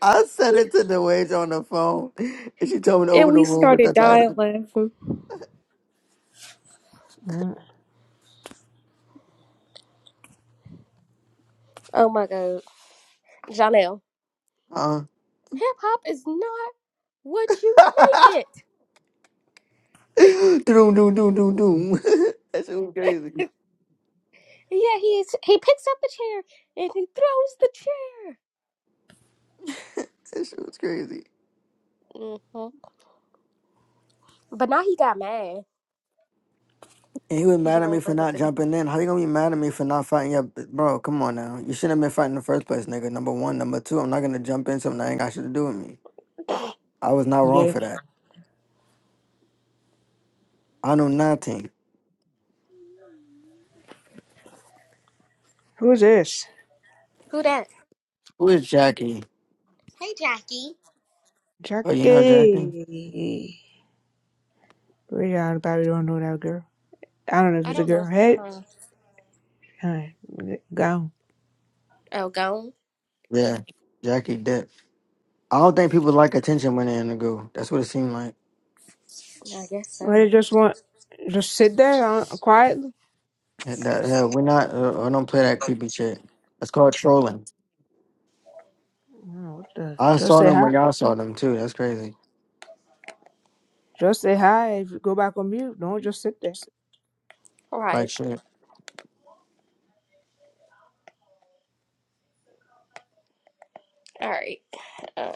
[SPEAKER 1] I said it to Dwayne on the phone. And she told me to
[SPEAKER 2] and
[SPEAKER 1] open the
[SPEAKER 2] we
[SPEAKER 1] room with the
[SPEAKER 2] started dying
[SPEAKER 1] title.
[SPEAKER 2] laughing.
[SPEAKER 4] Mm.
[SPEAKER 2] Oh my God, Janelle.
[SPEAKER 1] Huh?
[SPEAKER 2] Hip hop is not what you make it.
[SPEAKER 1] Doom, doom, doom, doom, doom. that shit was crazy.
[SPEAKER 2] Yeah, he's he picks up a chair and he throws the chair.
[SPEAKER 1] That shit was crazy.
[SPEAKER 2] hmm But now he got mad
[SPEAKER 1] And he was
[SPEAKER 2] because
[SPEAKER 1] mad
[SPEAKER 2] you
[SPEAKER 1] at me
[SPEAKER 2] ain't
[SPEAKER 1] for
[SPEAKER 2] break up
[SPEAKER 1] not
[SPEAKER 2] the. day.
[SPEAKER 1] jumping in. How you gonna be mad at me for not fighting your bro? Come on now. You shouldn't have been fighting in the first place, nigga. Number one. Number two, I'm not gonna jump in something that ain't got shit to do with me. I was not wrong
[SPEAKER 4] Yeah.
[SPEAKER 1] for that. I know nothing.
[SPEAKER 4] Who's this?
[SPEAKER 2] Who that?
[SPEAKER 1] Who is Jackie?
[SPEAKER 2] Hey, Jackie.
[SPEAKER 1] Oh, you know Jackie?
[SPEAKER 4] Jackie. We all probably don't know that girl. I don't know if
[SPEAKER 2] I
[SPEAKER 4] it's a
[SPEAKER 2] don't know.
[SPEAKER 4] girl. Hey,
[SPEAKER 2] No.
[SPEAKER 4] hey, go.
[SPEAKER 2] Oh, gone.
[SPEAKER 1] Yeah. Jackie Dip. I don't think people like attention when they're in the goo. That's what it seemed like.
[SPEAKER 2] I guess
[SPEAKER 4] Or they
[SPEAKER 2] so.
[SPEAKER 4] just want just sit there uh, quietly.
[SPEAKER 1] And That yeah, we're not uh, I don't play that creepy shit. That's called trolling.
[SPEAKER 4] Oh, what the?
[SPEAKER 1] I
[SPEAKER 4] Just
[SPEAKER 1] saw
[SPEAKER 4] say
[SPEAKER 1] them
[SPEAKER 4] hi.
[SPEAKER 1] when y'all saw them too. That's crazy.
[SPEAKER 4] Just say hi. If you go back on mute, don't just sit there.
[SPEAKER 2] All
[SPEAKER 1] Like
[SPEAKER 2] right.
[SPEAKER 1] shit.
[SPEAKER 2] All right. Uh,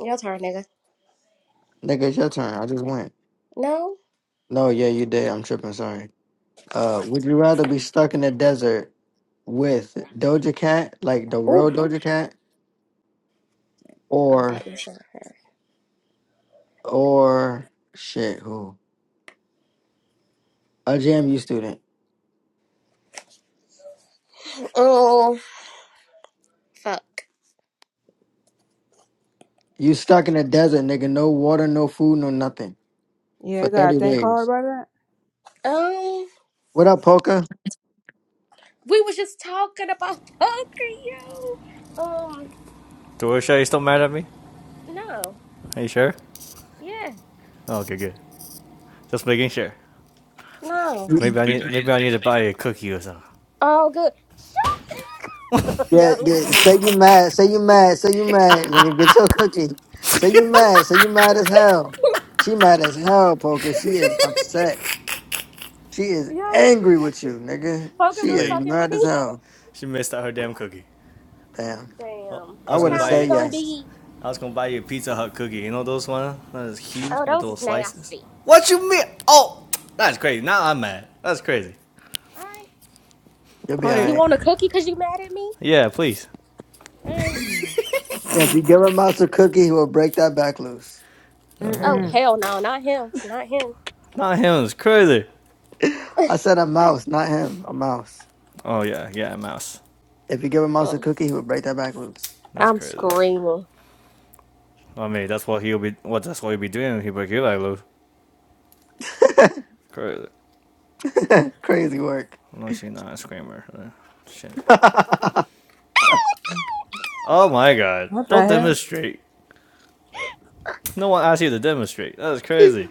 [SPEAKER 2] your turn, nigga.
[SPEAKER 1] Nigga, it's your turn. I just went.
[SPEAKER 2] No.
[SPEAKER 1] No, yeah, you did. I'm tripping. Sorry. Uh, would you rather be stuck in the desert with Doja Cat, like the
[SPEAKER 2] Ooh.
[SPEAKER 1] real Doja Cat,
[SPEAKER 2] Oh,
[SPEAKER 1] or
[SPEAKER 2] that is. A...
[SPEAKER 1] or shit, who a JMU student?
[SPEAKER 2] Oh, fuck.
[SPEAKER 1] You stuck in the desert, nigga. No water, no food, no nothing
[SPEAKER 4] Yeah, I
[SPEAKER 1] for
[SPEAKER 4] gotta
[SPEAKER 1] thirty
[SPEAKER 4] think hard
[SPEAKER 1] days.
[SPEAKER 4] about that.
[SPEAKER 2] Um,
[SPEAKER 1] What up, Polka?
[SPEAKER 2] we was just talking about poker, yo. Um,
[SPEAKER 5] Dorisha, you still mad at me?
[SPEAKER 2] no.
[SPEAKER 5] Are you sure?
[SPEAKER 2] Yeah.
[SPEAKER 5] Oh, okay, good. Just making sure.
[SPEAKER 2] No.
[SPEAKER 5] Maybe I need maybe I need to buy you a cookie or something.
[SPEAKER 2] Oh, good. Yo,
[SPEAKER 1] Yeah, yeah. Say you mad. Say you mad. Say you mad. Nigga, get your cookie. Say you mad. Say you mad as hell. She mad as hell, Polka. She is upset. She is
[SPEAKER 2] yo,
[SPEAKER 1] angry with you, nigga.
[SPEAKER 2] poker
[SPEAKER 1] She
[SPEAKER 5] Too
[SPEAKER 2] been
[SPEAKER 1] is
[SPEAKER 5] late.
[SPEAKER 2] fucking with
[SPEAKER 1] mad as
[SPEAKER 2] me.
[SPEAKER 1] hell.
[SPEAKER 5] She missed out her damn cookie.
[SPEAKER 1] Damn.
[SPEAKER 5] Well,
[SPEAKER 2] Damn,
[SPEAKER 5] I
[SPEAKER 1] I
[SPEAKER 5] was
[SPEAKER 2] what
[SPEAKER 1] would
[SPEAKER 5] gonna
[SPEAKER 1] have
[SPEAKER 2] kind
[SPEAKER 5] buy
[SPEAKER 2] was it
[SPEAKER 1] said
[SPEAKER 5] you
[SPEAKER 2] gonna
[SPEAKER 1] yes.
[SPEAKER 2] be?
[SPEAKER 5] I was gonna buy you a Pizza Hut cookie. You know those ones? That is huge
[SPEAKER 2] Oh,
[SPEAKER 5] with
[SPEAKER 2] those is
[SPEAKER 5] those slices.
[SPEAKER 2] nasty.
[SPEAKER 5] What you mean? Oh, that's crazy. Now I'm mad. That's crazy.
[SPEAKER 2] All right,
[SPEAKER 1] You'll be all
[SPEAKER 5] Hi.
[SPEAKER 2] you
[SPEAKER 1] right.
[SPEAKER 2] want a cookie because you mad at me?
[SPEAKER 5] Yeah, please.
[SPEAKER 2] All right.
[SPEAKER 1] If you give a mouse a cookie, he will break that back loose.
[SPEAKER 5] Oh,
[SPEAKER 2] Oh
[SPEAKER 5] yeah.
[SPEAKER 4] Mm-mm.
[SPEAKER 2] hell no, not him, not him.
[SPEAKER 5] not him. It's crazy.
[SPEAKER 1] I said a mouse, not him. A mouse.
[SPEAKER 5] Oh yeah, yeah, mouse.
[SPEAKER 1] If you give a mouse a
[SPEAKER 2] Uh,
[SPEAKER 1] cookie, he will break that back loose.
[SPEAKER 5] That's
[SPEAKER 2] I'm
[SPEAKER 5] crazy.
[SPEAKER 2] screaming.
[SPEAKER 5] I mean, that's what he'll be. What that's what he'll be doing if he break your leg loose. Crazy.
[SPEAKER 1] Crazy work.
[SPEAKER 5] No, she's not a screamer. Uh, Shit. Oh my god.
[SPEAKER 4] What the
[SPEAKER 5] Don't
[SPEAKER 4] hell?
[SPEAKER 5] demonstrate. No one asked you to demonstrate. That is
[SPEAKER 1] Yo,
[SPEAKER 5] crazy.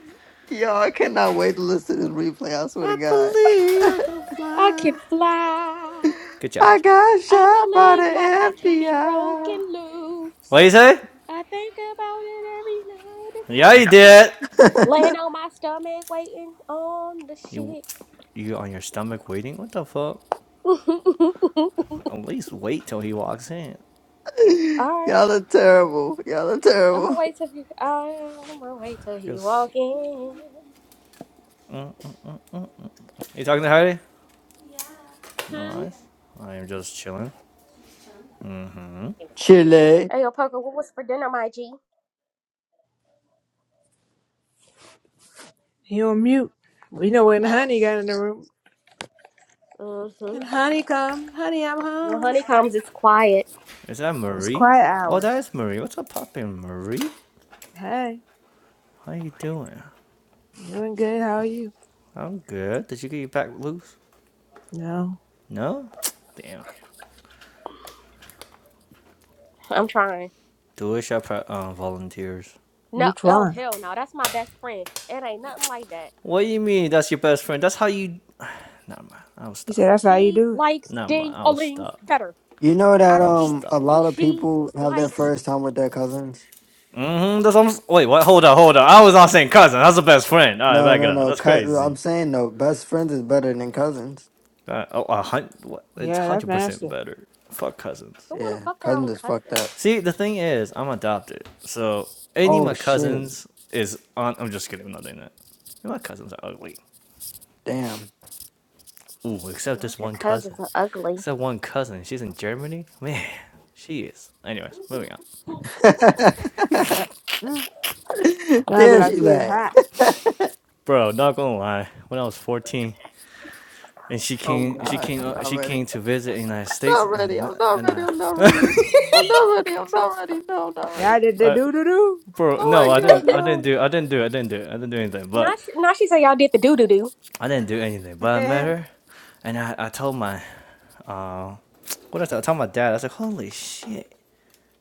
[SPEAKER 1] I cannot wait to listen to this replay. I swear to
[SPEAKER 5] I
[SPEAKER 1] God.
[SPEAKER 5] believe I can
[SPEAKER 2] I can
[SPEAKER 5] fly.
[SPEAKER 2] fly.
[SPEAKER 5] Good job.
[SPEAKER 1] I got
[SPEAKER 2] I
[SPEAKER 1] shot by
[SPEAKER 2] believe my back
[SPEAKER 1] the
[SPEAKER 2] can be broken loose.
[SPEAKER 5] What do you say?
[SPEAKER 2] I think about it every night
[SPEAKER 5] Yeah, you
[SPEAKER 2] and day.
[SPEAKER 5] did.
[SPEAKER 2] Laying on my stomach, waiting on the
[SPEAKER 5] You,
[SPEAKER 2] shit.
[SPEAKER 5] you on your stomach waiting? What the fuck?
[SPEAKER 2] Alright.
[SPEAKER 5] At least wait till he walks in.
[SPEAKER 1] FBI. Y'all are terrible. Y'all are
[SPEAKER 2] I'ma
[SPEAKER 1] terrible.
[SPEAKER 2] wait till he I'ma wait
[SPEAKER 5] I
[SPEAKER 2] till he
[SPEAKER 5] Guess.
[SPEAKER 2] walk in.
[SPEAKER 5] you talking to Heidi? No,
[SPEAKER 2] Hmm?
[SPEAKER 5] I I am just chilling. Hmm?
[SPEAKER 1] Chile.
[SPEAKER 2] Hey yo poker, what was for dinner, my G?
[SPEAKER 4] He on mute. We know when
[SPEAKER 2] Oh.
[SPEAKER 4] Honey got in the room.
[SPEAKER 2] Mm-hmm.
[SPEAKER 4] And Honey come. Honey, I'm
[SPEAKER 2] Well
[SPEAKER 4] home.
[SPEAKER 2] honeycombs it's quiet.
[SPEAKER 5] Is that
[SPEAKER 4] It's
[SPEAKER 5] Marie?
[SPEAKER 4] quiet
[SPEAKER 5] Oh, that
[SPEAKER 4] hours.
[SPEAKER 5] is Marie. What's up, poppin', Marie?
[SPEAKER 4] Hey,
[SPEAKER 5] How you doing?
[SPEAKER 4] doing good. How are you?
[SPEAKER 5] I'm good. Did you get your pack loose?
[SPEAKER 4] No,
[SPEAKER 5] No? Damn.
[SPEAKER 2] I'm trying.
[SPEAKER 5] Do wish I pro- uh, volunteers.
[SPEAKER 2] No
[SPEAKER 4] you
[SPEAKER 2] oh
[SPEAKER 4] trying.
[SPEAKER 2] hell no, that's my best friend. It ain't nothing like that.
[SPEAKER 5] What do you mean that's your best friend? That's how you. Never mind. I'll
[SPEAKER 4] He said,
[SPEAKER 5] stop.
[SPEAKER 4] that's how you
[SPEAKER 2] She
[SPEAKER 4] do it.
[SPEAKER 2] likes
[SPEAKER 5] Never mind.
[SPEAKER 2] ding a
[SPEAKER 5] I'll
[SPEAKER 2] lings
[SPEAKER 5] stop.
[SPEAKER 2] better.
[SPEAKER 1] You know
[SPEAKER 2] I
[SPEAKER 1] that
[SPEAKER 5] I'll
[SPEAKER 2] repeat.
[SPEAKER 1] um a
[SPEAKER 5] stop.
[SPEAKER 1] lot of
[SPEAKER 2] She
[SPEAKER 1] people have their
[SPEAKER 2] likes
[SPEAKER 1] first time with their cousins.
[SPEAKER 5] Mm hmm. That's almost. Wait, what? Hold on, hold on. I was not saying cousin. That's the best friend. All right,
[SPEAKER 1] No,
[SPEAKER 5] back it
[SPEAKER 1] no,
[SPEAKER 5] up.
[SPEAKER 1] no.
[SPEAKER 5] That's
[SPEAKER 1] Cu- I'm
[SPEAKER 5] crazy.
[SPEAKER 1] saying no. Best friends is better than cousins.
[SPEAKER 5] All right. Oh, a hundred. what? It's
[SPEAKER 4] Yeah, that's
[SPEAKER 5] 100%
[SPEAKER 4] nasty.
[SPEAKER 5] better. Fuck cousins.
[SPEAKER 2] who wanna
[SPEAKER 1] Yeah,
[SPEAKER 2] fuck their
[SPEAKER 1] cousins
[SPEAKER 2] own
[SPEAKER 1] is fucked
[SPEAKER 2] cousin?
[SPEAKER 1] up.
[SPEAKER 5] See, the thing is, I'm adopted. So, any of my
[SPEAKER 1] Oh shit!
[SPEAKER 5] cousins is on. I'm just kidding. I'm not doing that. My cousins are ugly.
[SPEAKER 1] Damn.
[SPEAKER 5] Ooh, except this
[SPEAKER 2] Not your
[SPEAKER 5] one
[SPEAKER 2] cousins
[SPEAKER 5] cousin.
[SPEAKER 2] are ugly.
[SPEAKER 5] Except one cousin. She's in Germany? Man, she is. Anyways, moving on.
[SPEAKER 4] Mm. Y'all be
[SPEAKER 1] there
[SPEAKER 4] like,
[SPEAKER 1] she
[SPEAKER 4] see, it's
[SPEAKER 1] back.
[SPEAKER 4] hot.
[SPEAKER 5] Bro, not gonna lie. When I was 14 and she
[SPEAKER 1] oh
[SPEAKER 5] came she
[SPEAKER 1] god,
[SPEAKER 5] came
[SPEAKER 1] I'm
[SPEAKER 5] uh,
[SPEAKER 1] not
[SPEAKER 5] she came
[SPEAKER 1] ready.
[SPEAKER 5] to visit the United States
[SPEAKER 1] Not
[SPEAKER 5] and I,
[SPEAKER 1] ready. I'm not
[SPEAKER 5] and
[SPEAKER 1] ready.
[SPEAKER 5] I,
[SPEAKER 1] I'm not ready. I'm not ready. I'm not ready. No, I'm not ready.
[SPEAKER 4] Y'all did the
[SPEAKER 5] I
[SPEAKER 4] do-do-do.
[SPEAKER 5] bro,
[SPEAKER 1] Oh my
[SPEAKER 5] no, I
[SPEAKER 1] god,
[SPEAKER 5] didn't I didn't
[SPEAKER 1] no.
[SPEAKER 5] do I didn't do I didn't do I didn't do anything, but
[SPEAKER 2] Not sh- not she say y'all did the doo doo doo.
[SPEAKER 5] I didn't do anything. But I met her and I, I told my uh, what I told, told my dad, I was like, holy shit,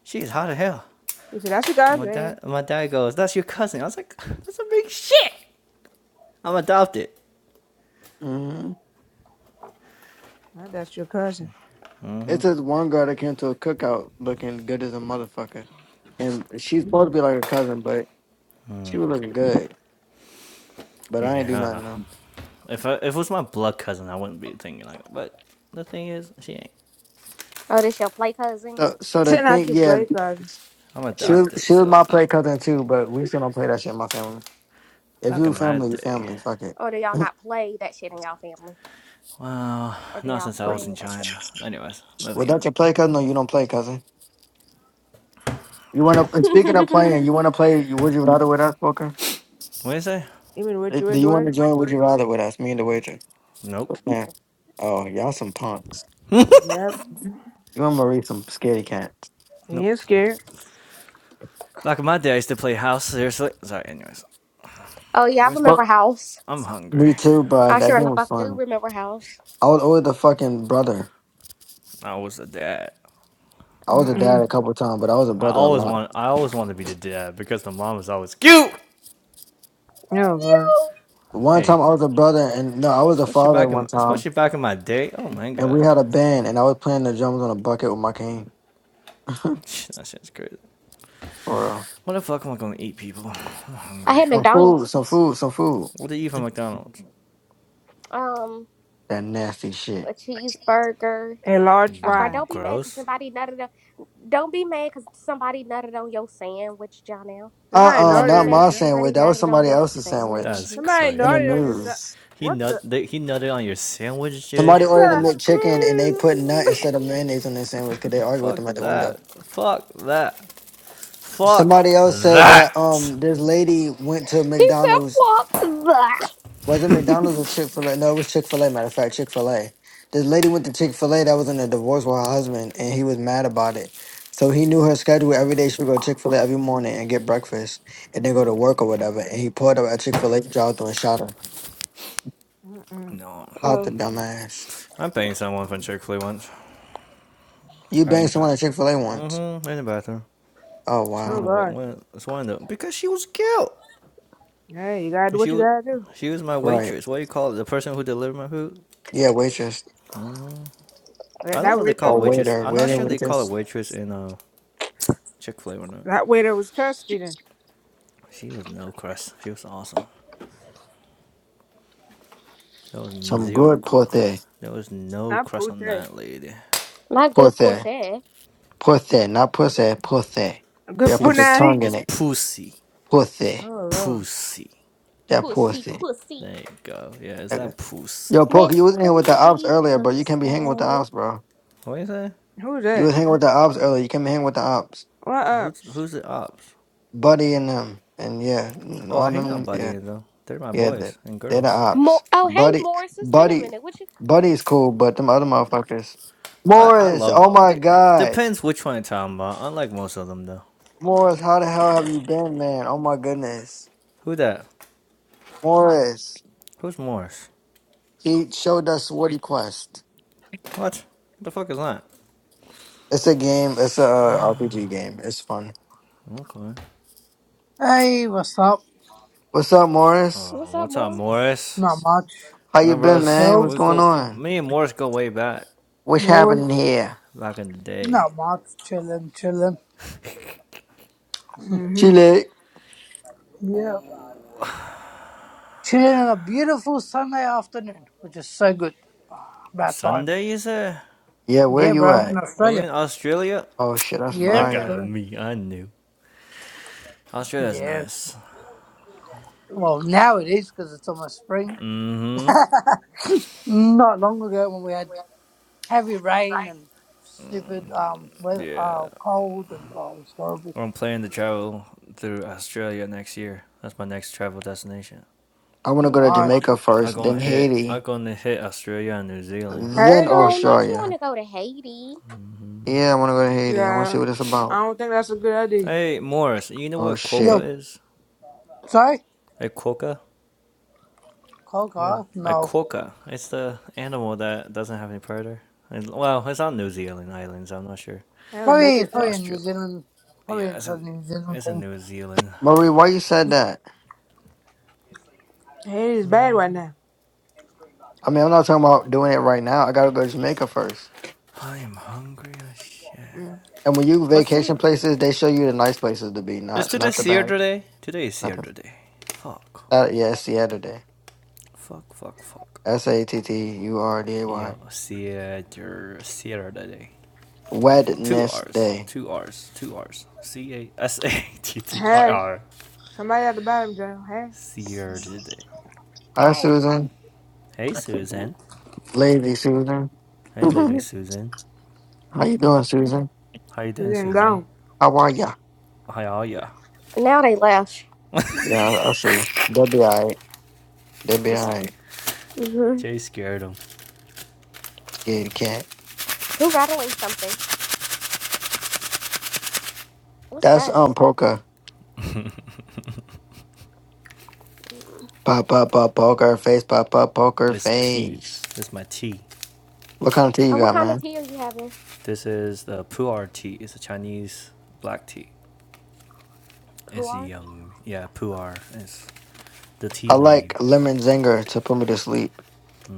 [SPEAKER 5] she's hot as hell.
[SPEAKER 4] he said, that's your
[SPEAKER 5] And my
[SPEAKER 4] girlfriend.
[SPEAKER 5] dad, my dad goes, that's your cousin. I was like, that's a big shit. I'm adopted.
[SPEAKER 1] hmm
[SPEAKER 4] Oh, that's your cousin.
[SPEAKER 1] It says one girl that came to a cookout looking good as a motherfucker, and she's supposed to be like a cousin, but She was looking good, but I ain't
[SPEAKER 5] Yeah,
[SPEAKER 1] do
[SPEAKER 5] I don't
[SPEAKER 1] nothing
[SPEAKER 5] know.
[SPEAKER 1] though.
[SPEAKER 5] If I, if it was my blood cousin, I wouldn't be thinking like that. But the thing is, she ain't.
[SPEAKER 2] Oh, this your play cousin?
[SPEAKER 1] So, so the
[SPEAKER 4] Not
[SPEAKER 1] thing,
[SPEAKER 4] your
[SPEAKER 1] yeah,
[SPEAKER 4] play cousin.
[SPEAKER 5] I'm
[SPEAKER 1] she was,
[SPEAKER 5] adopted,
[SPEAKER 1] she was
[SPEAKER 5] so
[SPEAKER 1] my play cousin too, but we still don't play that shit in my family. If
[SPEAKER 5] back
[SPEAKER 1] you
[SPEAKER 5] in my
[SPEAKER 1] family, you
[SPEAKER 5] day.
[SPEAKER 1] family. Fuck it.
[SPEAKER 2] Or do y'all not play that shit in y'all family?
[SPEAKER 5] Well,
[SPEAKER 2] Or do
[SPEAKER 5] not
[SPEAKER 2] y'all
[SPEAKER 5] since I was
[SPEAKER 2] play
[SPEAKER 5] in
[SPEAKER 2] that shit?
[SPEAKER 5] China. Anyways, moving on.
[SPEAKER 1] Without your play cousin, or you don't play cousin. You want to? And speaking of playing, you want to play? you- Would you rather with us, Booker?
[SPEAKER 5] What did I say?
[SPEAKER 4] Even with
[SPEAKER 1] Eh,
[SPEAKER 4] you
[SPEAKER 1] Do you
[SPEAKER 4] into
[SPEAKER 1] want
[SPEAKER 4] it?
[SPEAKER 1] to join? Would you rather with us? Me and the waitress.
[SPEAKER 5] Nope.
[SPEAKER 1] Yeah. Oh, y'all some punks.
[SPEAKER 4] Yep.
[SPEAKER 1] You and Marie some scaredy cats.
[SPEAKER 4] He
[SPEAKER 5] Nope.
[SPEAKER 4] is scared.
[SPEAKER 5] Back in my day, I used to play house. Seriously. Sorry. Anyways,
[SPEAKER 2] oh yeah, I
[SPEAKER 5] where's my?
[SPEAKER 2] remember
[SPEAKER 1] But
[SPEAKER 2] House.
[SPEAKER 5] I'm hungry.
[SPEAKER 1] me too, bro.
[SPEAKER 2] I
[SPEAKER 1] That
[SPEAKER 2] sure in the
[SPEAKER 1] game was
[SPEAKER 2] fuck do
[SPEAKER 1] fun.
[SPEAKER 2] remember House.
[SPEAKER 1] I was always the fucking brother.
[SPEAKER 5] I was the dad.
[SPEAKER 1] I was a dad
[SPEAKER 4] Mm-mm.
[SPEAKER 1] a couple times, but I was a
[SPEAKER 5] I
[SPEAKER 1] brother a
[SPEAKER 5] always
[SPEAKER 1] lot.
[SPEAKER 5] want. I always wanted to be the dad because the mom was always cute.
[SPEAKER 4] No, bro.
[SPEAKER 2] Yo,
[SPEAKER 1] One time
[SPEAKER 5] Hey,
[SPEAKER 1] I was a brother, and no, I was a
[SPEAKER 5] especially
[SPEAKER 1] father
[SPEAKER 5] back
[SPEAKER 1] one
[SPEAKER 5] in
[SPEAKER 1] time,
[SPEAKER 5] especially back in my day. Oh my
[SPEAKER 1] and we
[SPEAKER 5] god,
[SPEAKER 1] had a band, and I was playing the drums on a bucket with my cane.
[SPEAKER 5] that shit's crazy.
[SPEAKER 1] or uh,
[SPEAKER 5] What the fuck am I gonna eat, people? I'm
[SPEAKER 2] I
[SPEAKER 5] hungry.
[SPEAKER 2] had
[SPEAKER 1] some food,
[SPEAKER 2] McDonald's.
[SPEAKER 1] some food, some food.
[SPEAKER 5] What do you eat from McDonald's?
[SPEAKER 2] Um,
[SPEAKER 1] That nasty
[SPEAKER 2] a
[SPEAKER 1] shit.
[SPEAKER 2] cheeseburger.
[SPEAKER 4] A large
[SPEAKER 2] A fry.
[SPEAKER 5] Mm,
[SPEAKER 4] fry.
[SPEAKER 2] Don't be mad because
[SPEAKER 5] Gross.
[SPEAKER 2] somebody nutted on. Don't be mad because somebody nutted on your sandwich, Jonelle.
[SPEAKER 4] Somebody
[SPEAKER 1] Uh uh
[SPEAKER 5] That's
[SPEAKER 2] Don't
[SPEAKER 4] naughty
[SPEAKER 2] be
[SPEAKER 1] not
[SPEAKER 4] on your
[SPEAKER 2] mad
[SPEAKER 1] my
[SPEAKER 5] crazy.
[SPEAKER 2] because
[SPEAKER 4] son.
[SPEAKER 2] somebody
[SPEAKER 1] sandwich. That was
[SPEAKER 2] nutted on
[SPEAKER 1] somebody
[SPEAKER 2] your
[SPEAKER 1] else's sandwich
[SPEAKER 5] That's
[SPEAKER 4] Somebody
[SPEAKER 2] sandwich.
[SPEAKER 1] in the
[SPEAKER 4] naughty
[SPEAKER 5] crazy.
[SPEAKER 4] on your son.
[SPEAKER 1] news.
[SPEAKER 5] He
[SPEAKER 4] What the?
[SPEAKER 5] nut. he nutted on your sandwich, Jay.
[SPEAKER 4] What
[SPEAKER 1] Somebody ordered
[SPEAKER 5] That
[SPEAKER 1] a
[SPEAKER 4] the?
[SPEAKER 5] is
[SPEAKER 1] McChicken and they put nut
[SPEAKER 5] crazy.
[SPEAKER 1] instead of mayonnaise on their sandwich because they argued with
[SPEAKER 5] Fuck
[SPEAKER 1] them at the window.
[SPEAKER 5] that. Fuck that. Fuck
[SPEAKER 1] Somebody else said that
[SPEAKER 5] that.
[SPEAKER 1] um this lady went to
[SPEAKER 2] He said,
[SPEAKER 1] McDonald's
[SPEAKER 2] "Fuck that."
[SPEAKER 1] Was it McDonald's or Chick Fil A? No, it was Chick Fil A. Matter of fact, Chick Fil A. This lady went to Chick Fil A that was in a divorce with her husband, and he was mad about it. So he knew her schedule every day. She would go to Chick Fil A every morning and get breakfast, and then go to work or whatever. And he pulled up at Chick Fil A drive through and shot her.
[SPEAKER 4] Mm-mm.
[SPEAKER 5] No,
[SPEAKER 1] Out
[SPEAKER 2] Mm,
[SPEAKER 1] the dumbass.
[SPEAKER 5] I'm paying someone from Chick Fil A once.
[SPEAKER 1] You
[SPEAKER 5] Right in the
[SPEAKER 1] banged someone
[SPEAKER 5] back.
[SPEAKER 1] at Chick Fil A once.
[SPEAKER 5] Mm-hmm. In the bathroom.
[SPEAKER 1] Oh
[SPEAKER 5] It's one of
[SPEAKER 4] Oh,
[SPEAKER 5] the
[SPEAKER 1] wow.
[SPEAKER 5] wet
[SPEAKER 4] God.
[SPEAKER 5] one. It's one of the because she was cute.
[SPEAKER 4] Hey, you gotta do
[SPEAKER 5] And
[SPEAKER 4] what
[SPEAKER 5] she
[SPEAKER 4] you
[SPEAKER 5] was
[SPEAKER 4] gotta do.
[SPEAKER 5] she was my
[SPEAKER 1] Right.
[SPEAKER 5] waitress. What do you call it? The person who delivered my food?
[SPEAKER 1] Yeah, waitress
[SPEAKER 4] That
[SPEAKER 5] I don't
[SPEAKER 4] that
[SPEAKER 5] know. If they call
[SPEAKER 4] waitress
[SPEAKER 5] it
[SPEAKER 1] or
[SPEAKER 4] was,
[SPEAKER 5] waitress.
[SPEAKER 1] waiter,
[SPEAKER 5] I'm not
[SPEAKER 1] waiter,
[SPEAKER 5] sure they call it
[SPEAKER 1] waitress.
[SPEAKER 5] waitress in uh Chick Fil A or not.
[SPEAKER 4] that waiter was thirsty then.
[SPEAKER 5] She was no crust. She was awesome. There was
[SPEAKER 1] Some
[SPEAKER 5] zero
[SPEAKER 1] good
[SPEAKER 5] crust.
[SPEAKER 1] pussy,
[SPEAKER 5] There was no
[SPEAKER 4] Not
[SPEAKER 5] crust
[SPEAKER 4] pute.
[SPEAKER 5] on that lady.
[SPEAKER 2] not good
[SPEAKER 1] pussy,
[SPEAKER 2] pussy.
[SPEAKER 1] pussy, not pussy, pussy. Yeah,
[SPEAKER 4] Good
[SPEAKER 1] put your
[SPEAKER 5] Pussy.
[SPEAKER 4] punani.
[SPEAKER 1] tongue in
[SPEAKER 5] It's
[SPEAKER 1] it,
[SPEAKER 5] pussy.
[SPEAKER 1] pussy.
[SPEAKER 4] Oh, Lord.
[SPEAKER 5] Pussy.
[SPEAKER 1] That
[SPEAKER 5] Yeah.
[SPEAKER 2] Pussy,
[SPEAKER 1] pussy.
[SPEAKER 2] pussy.
[SPEAKER 5] There you go. Yeah, it's
[SPEAKER 1] Okay.
[SPEAKER 5] that pussy.
[SPEAKER 1] Yo, Poke,
[SPEAKER 2] Miss
[SPEAKER 1] you was in here with the ops
[SPEAKER 2] Pretty
[SPEAKER 1] earlier, bro. You can't be hanging with the
[SPEAKER 2] Pussy.
[SPEAKER 1] ops, bro.
[SPEAKER 5] What do you say?
[SPEAKER 4] Who's
[SPEAKER 1] You
[SPEAKER 4] that?
[SPEAKER 1] was hanging with the ops earlier. You can't be hanging with the ops.
[SPEAKER 4] What up?
[SPEAKER 5] Who's who's the ops?
[SPEAKER 1] Buddy and them. And yeah, and
[SPEAKER 5] Oh, I
[SPEAKER 1] all
[SPEAKER 5] hang out
[SPEAKER 1] them.
[SPEAKER 5] by the
[SPEAKER 1] Yeah.
[SPEAKER 5] end though. They're my
[SPEAKER 1] Yeah. they
[SPEAKER 5] boys and
[SPEAKER 1] they're the
[SPEAKER 5] girls.
[SPEAKER 1] ops.
[SPEAKER 2] Mo- oh, hey,
[SPEAKER 1] Buddy.
[SPEAKER 2] Morris. It's been a
[SPEAKER 1] Buddy.
[SPEAKER 2] minute. What you?
[SPEAKER 1] Buddy's cool, but them other motherfuckers.
[SPEAKER 5] What I
[SPEAKER 1] Morris.
[SPEAKER 5] love.
[SPEAKER 1] Oh my
[SPEAKER 5] They,
[SPEAKER 1] God.
[SPEAKER 5] depends which one you're talking about. Unlike most of them though.
[SPEAKER 1] Morris, how the hell have you been, man? Oh my goodness.
[SPEAKER 5] Who that?
[SPEAKER 1] Morris.
[SPEAKER 5] Who's Morris?
[SPEAKER 1] He showed us what he quest.
[SPEAKER 5] What? What The fuck is that?
[SPEAKER 1] It's a game. It's a uh, RPG game. It's fun.
[SPEAKER 5] Okay.
[SPEAKER 6] Hey, what's up?
[SPEAKER 1] What's up, Morris?
[SPEAKER 5] Oh,
[SPEAKER 2] What's up,
[SPEAKER 5] what's up,
[SPEAKER 2] Morris?
[SPEAKER 5] Morris?
[SPEAKER 6] Not much.
[SPEAKER 1] How you
[SPEAKER 5] Remember
[SPEAKER 1] been,
[SPEAKER 5] us?
[SPEAKER 1] man? What's
[SPEAKER 5] We
[SPEAKER 6] Yourselves?
[SPEAKER 1] going
[SPEAKER 5] go.
[SPEAKER 1] on?
[SPEAKER 5] Me and Morris go way back,
[SPEAKER 1] What's
[SPEAKER 4] More.
[SPEAKER 1] happening here?
[SPEAKER 5] back in the day.
[SPEAKER 6] Not much. Chilling, chilling.
[SPEAKER 4] Mm-hmm.
[SPEAKER 1] Chile.
[SPEAKER 6] Yeah. Chilling on a beautiful Sunday afternoon, which is so good. About time.
[SPEAKER 5] Sunday, you said?
[SPEAKER 1] Yeah, where
[SPEAKER 6] Yeah,
[SPEAKER 1] you
[SPEAKER 6] bro, I'm in
[SPEAKER 1] at?
[SPEAKER 5] Are you
[SPEAKER 6] Australia.
[SPEAKER 5] in Australia?
[SPEAKER 1] Oh shit, that's
[SPEAKER 6] Yeah,
[SPEAKER 5] Look
[SPEAKER 1] fire.
[SPEAKER 5] at
[SPEAKER 6] correct.
[SPEAKER 5] me. I knew. Australia's
[SPEAKER 6] Yeah.
[SPEAKER 5] nice.
[SPEAKER 6] Well, now it is because it's almost spring.
[SPEAKER 5] Mm-hmm.
[SPEAKER 6] Not long ago when we had heavy rain and stupid um weather,
[SPEAKER 5] Yeah.
[SPEAKER 6] uh, cold and oh, it was horrible.
[SPEAKER 5] I'm planning to travel through Australia next year. That's my next travel destination.
[SPEAKER 1] I wanna go to
[SPEAKER 2] hmm
[SPEAKER 6] No.
[SPEAKER 1] Jamaica
[SPEAKER 5] I'm
[SPEAKER 1] first,
[SPEAKER 5] gonna
[SPEAKER 1] then
[SPEAKER 5] hit. I'm
[SPEAKER 1] Haiti,
[SPEAKER 5] gonna hit Australia and New Zealand.
[SPEAKER 1] then
[SPEAKER 4] Hey, dude.
[SPEAKER 2] Oh, not you want
[SPEAKER 1] Australia.
[SPEAKER 2] to go to Haiti?
[SPEAKER 1] Yeah, I wanna go to Haiti. I wanna see
[SPEAKER 4] Yeah.
[SPEAKER 1] what it's
[SPEAKER 4] I
[SPEAKER 1] about.
[SPEAKER 4] don't think that's a good idea.
[SPEAKER 5] Hey, Morris. You know
[SPEAKER 1] Oh
[SPEAKER 5] what
[SPEAKER 1] shit.
[SPEAKER 6] Yo,
[SPEAKER 5] quokka is?
[SPEAKER 6] sorry?
[SPEAKER 5] Hey, quokka.
[SPEAKER 6] Cold,
[SPEAKER 5] Weird.
[SPEAKER 6] cold?
[SPEAKER 5] A
[SPEAKER 6] No.
[SPEAKER 5] quokka. It's the animal that doesn't have any predator. And, well, it's on New Zealand islands. I'm not sure.
[SPEAKER 4] Hell,
[SPEAKER 6] Probably, it's
[SPEAKER 4] naked.
[SPEAKER 5] If
[SPEAKER 6] probably a New
[SPEAKER 5] Australia.
[SPEAKER 6] Zealand, probably
[SPEAKER 5] Yeah,
[SPEAKER 6] it's
[SPEAKER 5] it's
[SPEAKER 6] a
[SPEAKER 5] in
[SPEAKER 6] New Zealand
[SPEAKER 5] it's in
[SPEAKER 6] thing.
[SPEAKER 5] New Zealand.
[SPEAKER 1] Marie, why you said that?
[SPEAKER 4] Hey, it's bad right now.
[SPEAKER 1] I mean I'm not talking about doing it right now. I gotta go to Jamaica first.
[SPEAKER 5] I am hungry as shit.
[SPEAKER 4] Mm.
[SPEAKER 1] And when you
[SPEAKER 5] What's
[SPEAKER 1] vacation
[SPEAKER 5] today?
[SPEAKER 1] places, they show you the nice places to be,
[SPEAKER 5] Is
[SPEAKER 1] not
[SPEAKER 5] today
[SPEAKER 1] not the
[SPEAKER 5] Sierra
[SPEAKER 1] bad.
[SPEAKER 5] Day? Today is
[SPEAKER 1] Not the
[SPEAKER 5] Sierra Day. Fuck.
[SPEAKER 1] uh, yeah, it's Saturday.
[SPEAKER 5] Fuck. Fuck. Fuck.
[SPEAKER 1] S A T T U R D A Y.
[SPEAKER 5] Yeah, Sierra Sierra Day. Two R's.
[SPEAKER 1] Wednesday.
[SPEAKER 5] Two R's. Two R's. C A S A T T I
[SPEAKER 4] Hey,
[SPEAKER 5] R.
[SPEAKER 4] somebody at the bottom, Joe. Hey,
[SPEAKER 5] Sierra Day.
[SPEAKER 1] Hi
[SPEAKER 2] Hey.
[SPEAKER 1] Susan.
[SPEAKER 5] Hey, Susan.
[SPEAKER 1] Lazy Susan.
[SPEAKER 5] Hey, Lady
[SPEAKER 1] How
[SPEAKER 5] Susan.
[SPEAKER 1] you doing, Susan?
[SPEAKER 5] How you
[SPEAKER 4] he's
[SPEAKER 5] doing,
[SPEAKER 4] in
[SPEAKER 5] Susan?
[SPEAKER 4] gone.
[SPEAKER 1] How are ya?
[SPEAKER 5] How are ya?
[SPEAKER 2] Now they left.
[SPEAKER 1] Yeah, I'll see you. They'll be alright. They'll be alright.
[SPEAKER 2] hmm
[SPEAKER 5] Jay scared him.
[SPEAKER 1] Scared cat.
[SPEAKER 2] Who rattling something? What's
[SPEAKER 1] That's
[SPEAKER 2] that?
[SPEAKER 1] um poker.
[SPEAKER 2] mm
[SPEAKER 1] Pop up pop poker face, pop up poker
[SPEAKER 5] It's tea.
[SPEAKER 1] face.
[SPEAKER 5] This is my tea.
[SPEAKER 1] What kind of tea you
[SPEAKER 2] Oh, what
[SPEAKER 1] got,
[SPEAKER 2] kind of
[SPEAKER 1] man?
[SPEAKER 2] tea are you having?
[SPEAKER 5] This is the pu'er tea. It's a Chinese black tea.
[SPEAKER 2] Who
[SPEAKER 5] It's
[SPEAKER 2] are?
[SPEAKER 5] the um yeah pu'er. It's the
[SPEAKER 1] I
[SPEAKER 5] tea
[SPEAKER 1] like
[SPEAKER 5] leaves.
[SPEAKER 1] lemon zinger to put me to sleep.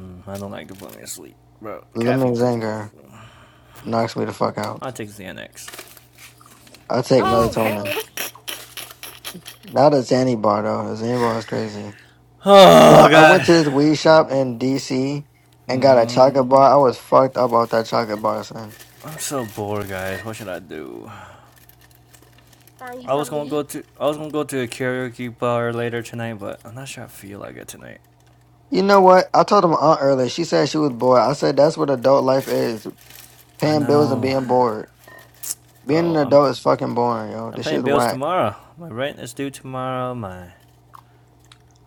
[SPEAKER 5] Mm, I don't like to put me to sleep, bro. The
[SPEAKER 1] Lemon
[SPEAKER 5] caffeine puts me to
[SPEAKER 1] zinger
[SPEAKER 5] sleep.
[SPEAKER 1] knocks me the fuck
[SPEAKER 5] I
[SPEAKER 1] out.
[SPEAKER 5] take Xanax.
[SPEAKER 1] I take
[SPEAKER 2] Oh,
[SPEAKER 1] melatonin.
[SPEAKER 2] hell.
[SPEAKER 1] Not a Zanny bar though. A Zanny bar is crazy. Bro,
[SPEAKER 5] Oh
[SPEAKER 1] I went
[SPEAKER 5] god,
[SPEAKER 1] to this weed shop in DC and got a chocolate
[SPEAKER 5] I'm
[SPEAKER 1] bar. I was fucked up off that chocolate bar, son.
[SPEAKER 5] so bored, guys. What should I do?
[SPEAKER 2] Find you
[SPEAKER 5] I was
[SPEAKER 2] something to
[SPEAKER 5] gonna
[SPEAKER 2] eat.
[SPEAKER 5] go to I was gonna go to a karaoke bar later tonight, but I'm not sure I feel like it tonight.
[SPEAKER 1] You know what? I told my aunt earlier. She said she was bored. I said that's what adult life is:
[SPEAKER 5] I
[SPEAKER 1] paying bills and
[SPEAKER 5] know
[SPEAKER 1] being bored. Being an
[SPEAKER 5] Bro, I'm
[SPEAKER 1] adult is fucking boring, yo.
[SPEAKER 5] I'm
[SPEAKER 1] This
[SPEAKER 5] paying
[SPEAKER 1] shit's
[SPEAKER 5] bills
[SPEAKER 1] whack.
[SPEAKER 5] tomorrow. My rent is due tomorrow. My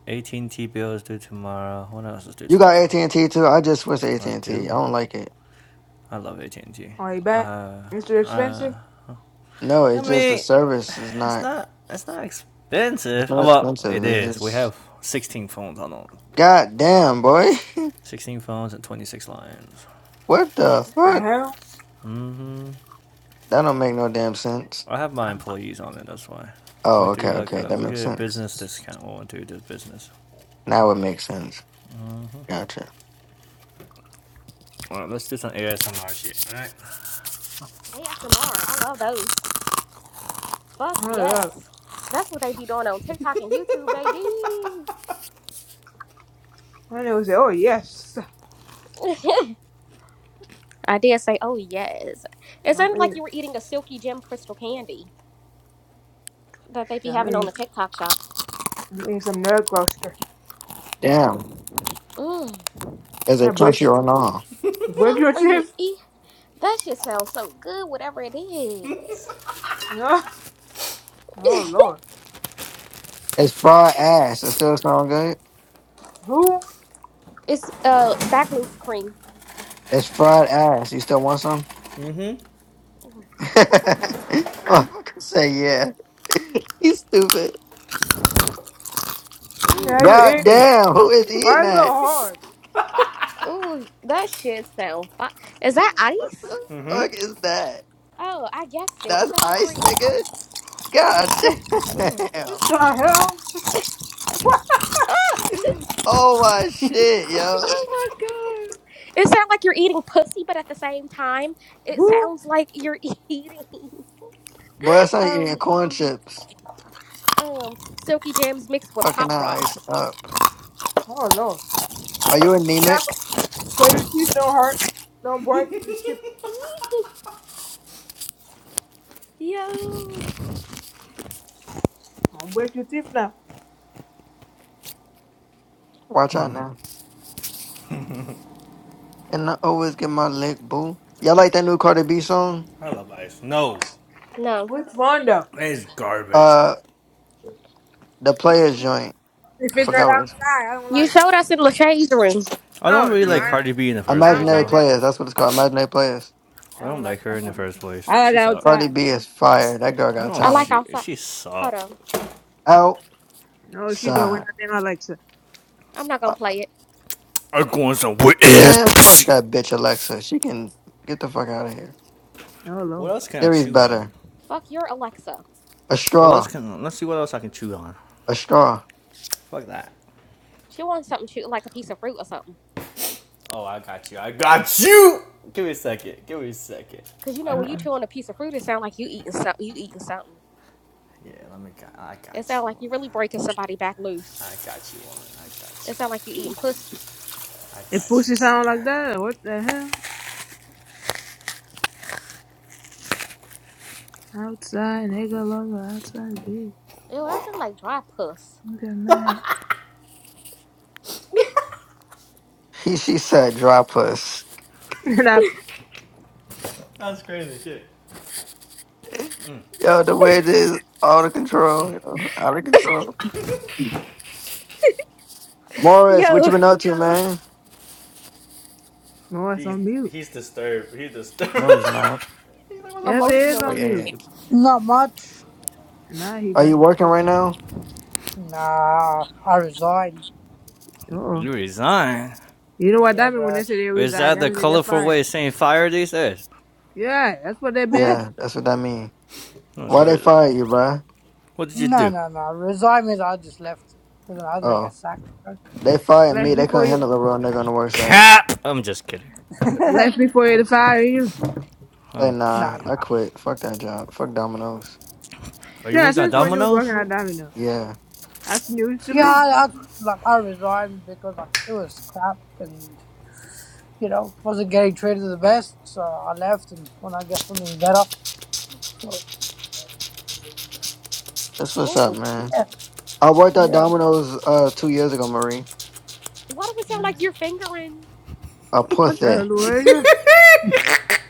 [SPEAKER 5] AT&T bill is due tomorrow. What else is due
[SPEAKER 1] You got
[SPEAKER 5] tomorrow?
[SPEAKER 1] AT and T too. I just switched to AT
[SPEAKER 5] I
[SPEAKER 1] and T. I
[SPEAKER 5] do.
[SPEAKER 1] don't like it.
[SPEAKER 5] I love AT&T.
[SPEAKER 4] Oh, he back.
[SPEAKER 5] Uh,
[SPEAKER 4] Mr.
[SPEAKER 5] uh,
[SPEAKER 4] Expensive?
[SPEAKER 1] No,
[SPEAKER 5] I
[SPEAKER 1] it's just the
[SPEAKER 5] mean,
[SPEAKER 1] service is
[SPEAKER 5] it's
[SPEAKER 1] not.
[SPEAKER 5] not it's not
[SPEAKER 1] It's
[SPEAKER 5] expensive. Oh,
[SPEAKER 1] not
[SPEAKER 5] Well, it
[SPEAKER 1] expensive. It's
[SPEAKER 5] is. We
[SPEAKER 1] just
[SPEAKER 5] have 16 phones on it.
[SPEAKER 1] god damn, boy.
[SPEAKER 5] 16 phones and 26 lines.
[SPEAKER 1] what the
[SPEAKER 4] The
[SPEAKER 1] fuck?
[SPEAKER 4] hell?
[SPEAKER 5] hmm
[SPEAKER 1] That don't make no damn sense.
[SPEAKER 5] I have my employees on it. That's why. We
[SPEAKER 1] Oh, okay,
[SPEAKER 5] do like
[SPEAKER 1] okay,
[SPEAKER 5] a
[SPEAKER 1] that
[SPEAKER 5] we get
[SPEAKER 1] makes
[SPEAKER 5] a
[SPEAKER 1] sense.
[SPEAKER 5] business discount when we do this business.
[SPEAKER 1] Now it makes sense. Gotcha.
[SPEAKER 5] All right, let's do some ASMR shit. All right.
[SPEAKER 2] ASMR. I love those. Fuck
[SPEAKER 4] Hold up.
[SPEAKER 2] yes. That's what they be doing on TikTok and YouTube, baby.
[SPEAKER 4] And they was say, oh, yes.
[SPEAKER 2] I did say, oh, yes. It
[SPEAKER 4] I'm
[SPEAKER 2] sounded like you
[SPEAKER 4] eating,
[SPEAKER 2] were eating a silky gem crystal candy that they be
[SPEAKER 4] shit, I'm
[SPEAKER 2] having on
[SPEAKER 4] eating,
[SPEAKER 2] the TikTok shop.
[SPEAKER 4] I'm eating some nerve cluster.
[SPEAKER 1] Damn,
[SPEAKER 2] Mmm.
[SPEAKER 1] is
[SPEAKER 4] I
[SPEAKER 1] it
[SPEAKER 4] break,
[SPEAKER 1] crunchy or not?
[SPEAKER 4] you break
[SPEAKER 2] Fuck,
[SPEAKER 4] your
[SPEAKER 2] are you
[SPEAKER 4] teeth?
[SPEAKER 2] eat? That shit sounds so good, whatever it is.
[SPEAKER 4] No. oh, Lord.
[SPEAKER 1] It's fried ass. It still sound good.
[SPEAKER 4] Who? What
[SPEAKER 2] it's uh back loose cream.
[SPEAKER 1] It's fried ass. You still want some? I'm going to say yeah. You stupid.
[SPEAKER 4] the hell
[SPEAKER 2] Mmm.
[SPEAKER 4] you
[SPEAKER 1] God
[SPEAKER 4] eating?
[SPEAKER 1] damn, who is eating
[SPEAKER 4] Why so
[SPEAKER 1] that?
[SPEAKER 4] hard?
[SPEAKER 2] Ooh, that shit sounds fi- Is that
[SPEAKER 1] What the
[SPEAKER 2] ice?
[SPEAKER 1] fuck is that?
[SPEAKER 2] Oh, I guessed it. It
[SPEAKER 1] That's
[SPEAKER 2] sounds like you
[SPEAKER 1] ice,
[SPEAKER 2] were
[SPEAKER 1] nigga?
[SPEAKER 2] eating
[SPEAKER 1] God
[SPEAKER 2] silky jam.
[SPEAKER 1] damn.
[SPEAKER 4] What the hell?
[SPEAKER 2] Ah,
[SPEAKER 1] Oh my shit, yo.
[SPEAKER 2] oh my god. It sounds like you're eating pussy, but at the same time, it
[SPEAKER 4] Who?
[SPEAKER 2] sounds like you're eating.
[SPEAKER 1] Boy, that's not eating
[SPEAKER 2] um
[SPEAKER 1] corn chips.
[SPEAKER 2] um silky jams mixed with
[SPEAKER 1] Fucking
[SPEAKER 2] pop
[SPEAKER 1] ice
[SPEAKER 2] rocks.
[SPEAKER 1] up.
[SPEAKER 4] Oh, Lord.
[SPEAKER 1] Are you
[SPEAKER 4] Be careful
[SPEAKER 1] anemic?
[SPEAKER 4] so your teeth don't hurt. Don't break your teeth.
[SPEAKER 2] Mhm. Yo.
[SPEAKER 4] Don't break your teeth now.
[SPEAKER 1] Watch out now. And I always get my lick, boo. Y'all like that new Cardi B song?
[SPEAKER 5] I love ice. No.
[SPEAKER 2] No.
[SPEAKER 4] Which one, though?
[SPEAKER 5] It's garbage.
[SPEAKER 1] Uh, the Players Joint.
[SPEAKER 4] If it's not
[SPEAKER 1] Forgot what it's.
[SPEAKER 4] outside, I don't
[SPEAKER 2] You
[SPEAKER 4] like it.
[SPEAKER 2] showed us in Lachey's room.
[SPEAKER 5] I
[SPEAKER 4] Oh
[SPEAKER 5] don't really
[SPEAKER 4] no,
[SPEAKER 5] like
[SPEAKER 1] Yeah.
[SPEAKER 4] I
[SPEAKER 5] Cardi B in the first
[SPEAKER 4] I
[SPEAKER 5] place,
[SPEAKER 4] don't
[SPEAKER 1] Imaginary
[SPEAKER 4] like
[SPEAKER 5] though.
[SPEAKER 4] that.
[SPEAKER 1] Players. That's what it's called. Imaginary Players.
[SPEAKER 4] I
[SPEAKER 5] I don't
[SPEAKER 4] don't like
[SPEAKER 5] like her
[SPEAKER 4] that
[SPEAKER 5] in the
[SPEAKER 4] one.
[SPEAKER 5] first place.
[SPEAKER 4] I like
[SPEAKER 5] She sucks.
[SPEAKER 1] Cardi
[SPEAKER 4] outside.
[SPEAKER 1] B is fire. That girl got
[SPEAKER 5] No,
[SPEAKER 2] I like
[SPEAKER 1] talent.
[SPEAKER 5] she
[SPEAKER 2] outside.
[SPEAKER 5] she
[SPEAKER 2] Hold
[SPEAKER 5] sucks.
[SPEAKER 2] on.
[SPEAKER 4] No, she go with
[SPEAKER 1] Outside.
[SPEAKER 4] nothing Alexa.
[SPEAKER 2] I'm not gonna
[SPEAKER 1] Uh,
[SPEAKER 2] play it.
[SPEAKER 5] I'm going some wet ass
[SPEAKER 1] Man, fuck
[SPEAKER 5] pussy.
[SPEAKER 1] that bitch, Alexa. She can get the fuck out of here.
[SPEAKER 4] Oh
[SPEAKER 5] What
[SPEAKER 4] lord.
[SPEAKER 5] else can I
[SPEAKER 1] Siri's
[SPEAKER 5] chew on?
[SPEAKER 1] better.
[SPEAKER 2] Fuck your Alexa.
[SPEAKER 1] A
[SPEAKER 5] What else
[SPEAKER 1] straw.
[SPEAKER 5] can? Let's see what else I can chew on.
[SPEAKER 1] A straw.
[SPEAKER 5] Fuck that.
[SPEAKER 2] Chew on something chew like a piece of fruit or something.
[SPEAKER 5] Oh, I got you. I got you. Give me a second. Give me a second.
[SPEAKER 2] Cause you
[SPEAKER 5] I
[SPEAKER 2] know
[SPEAKER 4] Uh
[SPEAKER 2] when you
[SPEAKER 5] got
[SPEAKER 4] uh
[SPEAKER 2] chew on a piece of fruit, it sound like you eating something you eating something.
[SPEAKER 5] you. Yeah, let me. Got, I
[SPEAKER 2] It
[SPEAKER 5] got
[SPEAKER 2] sound
[SPEAKER 5] you,
[SPEAKER 2] like
[SPEAKER 5] woman.
[SPEAKER 2] you really breaking somebody back loose.
[SPEAKER 5] I got you, woman. I got
[SPEAKER 2] It
[SPEAKER 5] you.
[SPEAKER 2] sound like you eating puss.
[SPEAKER 5] I
[SPEAKER 4] If
[SPEAKER 5] got
[SPEAKER 4] pussy
[SPEAKER 5] you,
[SPEAKER 4] sound
[SPEAKER 5] woman.
[SPEAKER 4] like that, what the hell? Outside, nigga lover, outside bitch.
[SPEAKER 2] Ew, that sound like dry puss.
[SPEAKER 4] Look at mad.
[SPEAKER 1] He, she said, drop us.
[SPEAKER 4] And I
[SPEAKER 5] That's crazy shit.
[SPEAKER 1] Yo, the way it is, out of control. Yo, out of control. Morris,
[SPEAKER 5] My
[SPEAKER 1] what you
[SPEAKER 2] Yo.
[SPEAKER 5] God.
[SPEAKER 1] been up to, man?
[SPEAKER 4] oh it's
[SPEAKER 5] He
[SPEAKER 4] on mute.
[SPEAKER 5] he's disturbed. He's disturbed.
[SPEAKER 1] No, he's not.
[SPEAKER 5] You think it was a
[SPEAKER 4] Yes it
[SPEAKER 5] funny
[SPEAKER 4] is
[SPEAKER 5] story?
[SPEAKER 1] Oh,
[SPEAKER 4] on
[SPEAKER 2] Emotionally.
[SPEAKER 1] yeah,
[SPEAKER 4] mute.
[SPEAKER 1] yeah.
[SPEAKER 6] Not much.
[SPEAKER 4] Nah he
[SPEAKER 1] Are
[SPEAKER 4] back.
[SPEAKER 1] you working right now?
[SPEAKER 6] Nah, I resigned.
[SPEAKER 4] Uh oh.
[SPEAKER 5] You resign?
[SPEAKER 4] You know what
[SPEAKER 6] Yeah,
[SPEAKER 4] that mean when they
[SPEAKER 6] bro.
[SPEAKER 4] say they
[SPEAKER 5] Is
[SPEAKER 4] reside,
[SPEAKER 5] that
[SPEAKER 4] that
[SPEAKER 5] the
[SPEAKER 4] mean they get
[SPEAKER 5] colorful
[SPEAKER 4] fired.
[SPEAKER 5] way of saying fire these days?
[SPEAKER 4] Yeah, that's what they meant.
[SPEAKER 1] Yeah, that's what that mean.
[SPEAKER 5] That's
[SPEAKER 1] Why they
[SPEAKER 5] crazy.
[SPEAKER 1] fired you, bruh?
[SPEAKER 5] What did you
[SPEAKER 6] No,
[SPEAKER 5] do?
[SPEAKER 6] no, no. Resign means I just left. I didn't I didn't get
[SPEAKER 1] Oh,
[SPEAKER 6] sacked, bro.
[SPEAKER 1] they fired
[SPEAKER 4] Left
[SPEAKER 1] me. They
[SPEAKER 4] before
[SPEAKER 1] couldn't
[SPEAKER 4] you
[SPEAKER 1] handle a real nigga on the work site.
[SPEAKER 5] Cap! I'm just kidding.
[SPEAKER 6] no,
[SPEAKER 4] left before you to fire you.
[SPEAKER 1] Say
[SPEAKER 5] I'm
[SPEAKER 1] nah,
[SPEAKER 6] no.
[SPEAKER 1] I
[SPEAKER 5] kidding.
[SPEAKER 1] quit. Fuck that job. Fuck Domino's.
[SPEAKER 5] Are you
[SPEAKER 4] Yeah,
[SPEAKER 5] working at
[SPEAKER 4] since when you was
[SPEAKER 5] Domino's?
[SPEAKER 4] working at Domino.
[SPEAKER 1] Yeah,
[SPEAKER 4] That's news to
[SPEAKER 6] Yeah,
[SPEAKER 1] Fuck.
[SPEAKER 4] me.
[SPEAKER 6] I, I, like, I resigned because, like, it was crap and, you know, wasn't getting treated the best, so I left and when I get something better. So,
[SPEAKER 1] that's what's up,
[SPEAKER 2] Ooh.
[SPEAKER 1] man.
[SPEAKER 6] yeah,
[SPEAKER 1] I worked at
[SPEAKER 6] yeah.
[SPEAKER 1] Domino's uh two years ago, Marie.
[SPEAKER 2] Why do it sound
[SPEAKER 4] Yeah.
[SPEAKER 2] like you're fingering?
[SPEAKER 1] A
[SPEAKER 4] What the hell
[SPEAKER 1] pussy.
[SPEAKER 4] is that?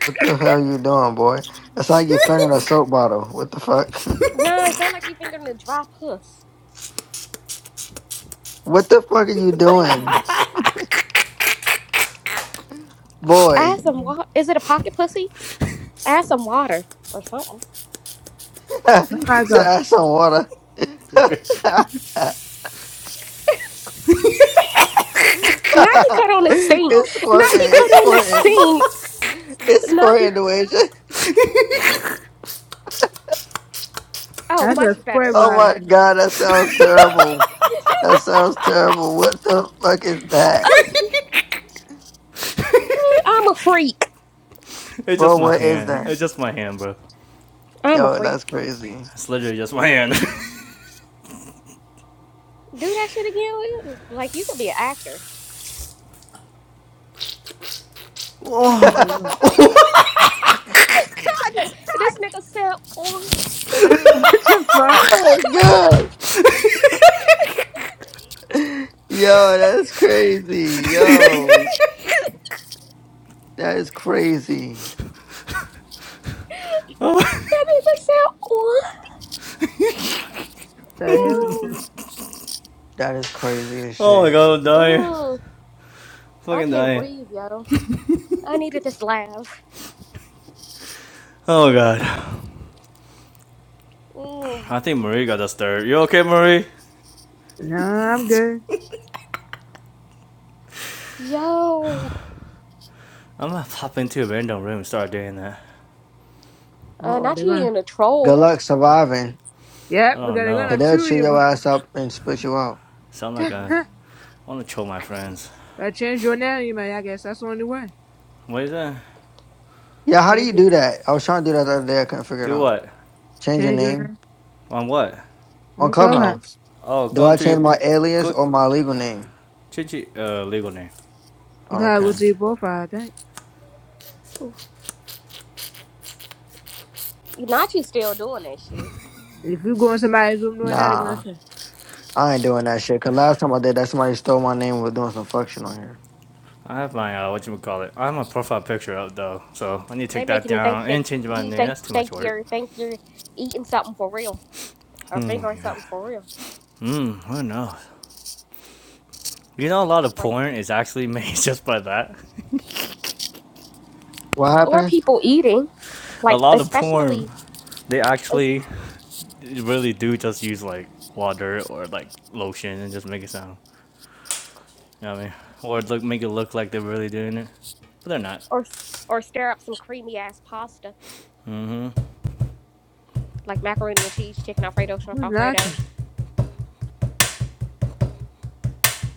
[SPEAKER 1] What the hell you doing, boy? That's like you fingering a soap bottle. What the fuck?
[SPEAKER 2] Nah, it sound like you fingering a dry puss.
[SPEAKER 1] what the fuck are you
[SPEAKER 2] Ugh.
[SPEAKER 1] doing,
[SPEAKER 2] Add
[SPEAKER 1] boy?
[SPEAKER 2] some water. Is it a pocket pussy? Add some water or something.
[SPEAKER 1] he
[SPEAKER 4] That's like
[SPEAKER 1] said,
[SPEAKER 4] a
[SPEAKER 1] "Add some water."
[SPEAKER 5] Okay.
[SPEAKER 2] Now he cut on the sink.
[SPEAKER 1] it's
[SPEAKER 2] Now
[SPEAKER 1] squirting.
[SPEAKER 2] he cut
[SPEAKER 1] It's
[SPEAKER 2] on the
[SPEAKER 1] squirting.
[SPEAKER 2] sink.
[SPEAKER 1] It's
[SPEAKER 2] Now he.
[SPEAKER 1] squirting, the way.
[SPEAKER 2] Oh,
[SPEAKER 4] that's a
[SPEAKER 2] much
[SPEAKER 4] spray
[SPEAKER 2] better.
[SPEAKER 1] Oh
[SPEAKER 4] bottle.
[SPEAKER 1] my god, that sounds terrible. That sounds terrible. What the fuck is that?
[SPEAKER 2] I'm a freak.
[SPEAKER 5] it's just
[SPEAKER 1] Bro,
[SPEAKER 5] my
[SPEAKER 1] what is
[SPEAKER 5] hand.
[SPEAKER 1] that?
[SPEAKER 5] It's just my hand, bro.
[SPEAKER 2] I'm a
[SPEAKER 1] Yo, that's
[SPEAKER 2] freak.
[SPEAKER 1] crazy.
[SPEAKER 5] It's literally just my hand.
[SPEAKER 2] Do that shit again. Like you could be an actor.
[SPEAKER 4] Hold on.
[SPEAKER 2] this nigga said, "Oh."
[SPEAKER 4] What the fuck?
[SPEAKER 1] oh my god. Yo, that's crazy. Yo,
[SPEAKER 2] that
[SPEAKER 1] that is crazy.
[SPEAKER 5] oh,
[SPEAKER 2] nigga said, "Oh,
[SPEAKER 4] The hell is that?
[SPEAKER 1] That is crazy as
[SPEAKER 5] oh my
[SPEAKER 1] shit.
[SPEAKER 5] god, I'm
[SPEAKER 2] yo."
[SPEAKER 5] dying.
[SPEAKER 2] Mm,
[SPEAKER 5] I'm
[SPEAKER 2] I
[SPEAKER 5] Fucking
[SPEAKER 2] can't
[SPEAKER 5] dying.
[SPEAKER 2] breathe, yo. I needed this laugh.
[SPEAKER 5] Oh god.
[SPEAKER 2] Mm,
[SPEAKER 5] I think Marie got us third. You okay, Marie?
[SPEAKER 4] No, I'm good.
[SPEAKER 2] yo.
[SPEAKER 5] I'm gonna pop into a random room and start doing that.
[SPEAKER 4] Uh
[SPEAKER 2] Uh,
[SPEAKER 4] oh,
[SPEAKER 2] not
[SPEAKER 4] they're
[SPEAKER 2] you
[SPEAKER 4] gonna
[SPEAKER 2] in a
[SPEAKER 1] Good
[SPEAKER 2] troll.
[SPEAKER 1] luck surviving,
[SPEAKER 4] Yep,
[SPEAKER 5] I
[SPEAKER 4] because
[SPEAKER 5] don't
[SPEAKER 4] they're
[SPEAKER 5] know.
[SPEAKER 1] because
[SPEAKER 4] gonna
[SPEAKER 1] they'll
[SPEAKER 4] chew
[SPEAKER 1] chew
[SPEAKER 4] you
[SPEAKER 1] your ass up and spit you out.
[SPEAKER 5] Sound like I
[SPEAKER 4] but
[SPEAKER 5] wanna troll my friends.
[SPEAKER 4] I change your name, man. I guess that's the only way.
[SPEAKER 5] What is that?
[SPEAKER 1] Yeah, how do you
[SPEAKER 4] Change your
[SPEAKER 1] do that? I was trying to do that the other day. I couldn't figure it
[SPEAKER 5] Do
[SPEAKER 1] out.
[SPEAKER 5] what?
[SPEAKER 1] Change your
[SPEAKER 4] change your
[SPEAKER 1] name
[SPEAKER 4] name.
[SPEAKER 5] On what?
[SPEAKER 1] on
[SPEAKER 4] On Clubhouse.
[SPEAKER 1] Clubhouse.
[SPEAKER 5] Oh,
[SPEAKER 1] Do
[SPEAKER 5] go
[SPEAKER 1] I
[SPEAKER 5] into your
[SPEAKER 1] change my alias
[SPEAKER 5] click
[SPEAKER 1] or my legal name?
[SPEAKER 5] Chichi uh legal name.
[SPEAKER 4] You gotta go
[SPEAKER 1] Okay.
[SPEAKER 4] to your profile, I think.
[SPEAKER 2] Not you still doing that shit.
[SPEAKER 4] If you go in somebody's room doing that, they're gonna
[SPEAKER 1] Nah.
[SPEAKER 4] say,
[SPEAKER 1] I ain't doing that shit. Cause last time I did that, somebody stole my name and was doing some fuck shit on here.
[SPEAKER 5] I have my uh what you call it. I have my profile picture up though, so I need to
[SPEAKER 2] They
[SPEAKER 5] take that
[SPEAKER 2] making it think
[SPEAKER 5] down
[SPEAKER 2] that
[SPEAKER 5] and change my
[SPEAKER 2] you
[SPEAKER 5] name.
[SPEAKER 2] think
[SPEAKER 5] That's too
[SPEAKER 2] think
[SPEAKER 5] much work.
[SPEAKER 2] you're think you're eating something for real or
[SPEAKER 5] Hmm
[SPEAKER 2] fingering
[SPEAKER 5] yeah.
[SPEAKER 2] something for real,
[SPEAKER 5] Hmm, who knows? You know a lot of
[SPEAKER 2] Like-
[SPEAKER 5] porn is actually made just by that.
[SPEAKER 1] What
[SPEAKER 2] or
[SPEAKER 1] happened?
[SPEAKER 2] people eating
[SPEAKER 5] A
[SPEAKER 2] like
[SPEAKER 5] lot of porn
[SPEAKER 2] especially
[SPEAKER 5] they
[SPEAKER 2] es-
[SPEAKER 5] actually really do just use like water or like lotion and just make it sound. You know what I mean? Or look make it look like they're really doing it. But they're not.
[SPEAKER 2] or or stir up some creamy ass pasta
[SPEAKER 5] Mm-hmm.
[SPEAKER 2] like macaroni and cheese, chicken alfredo, shrimp
[SPEAKER 4] Who's
[SPEAKER 2] alfredo.
[SPEAKER 4] knocking?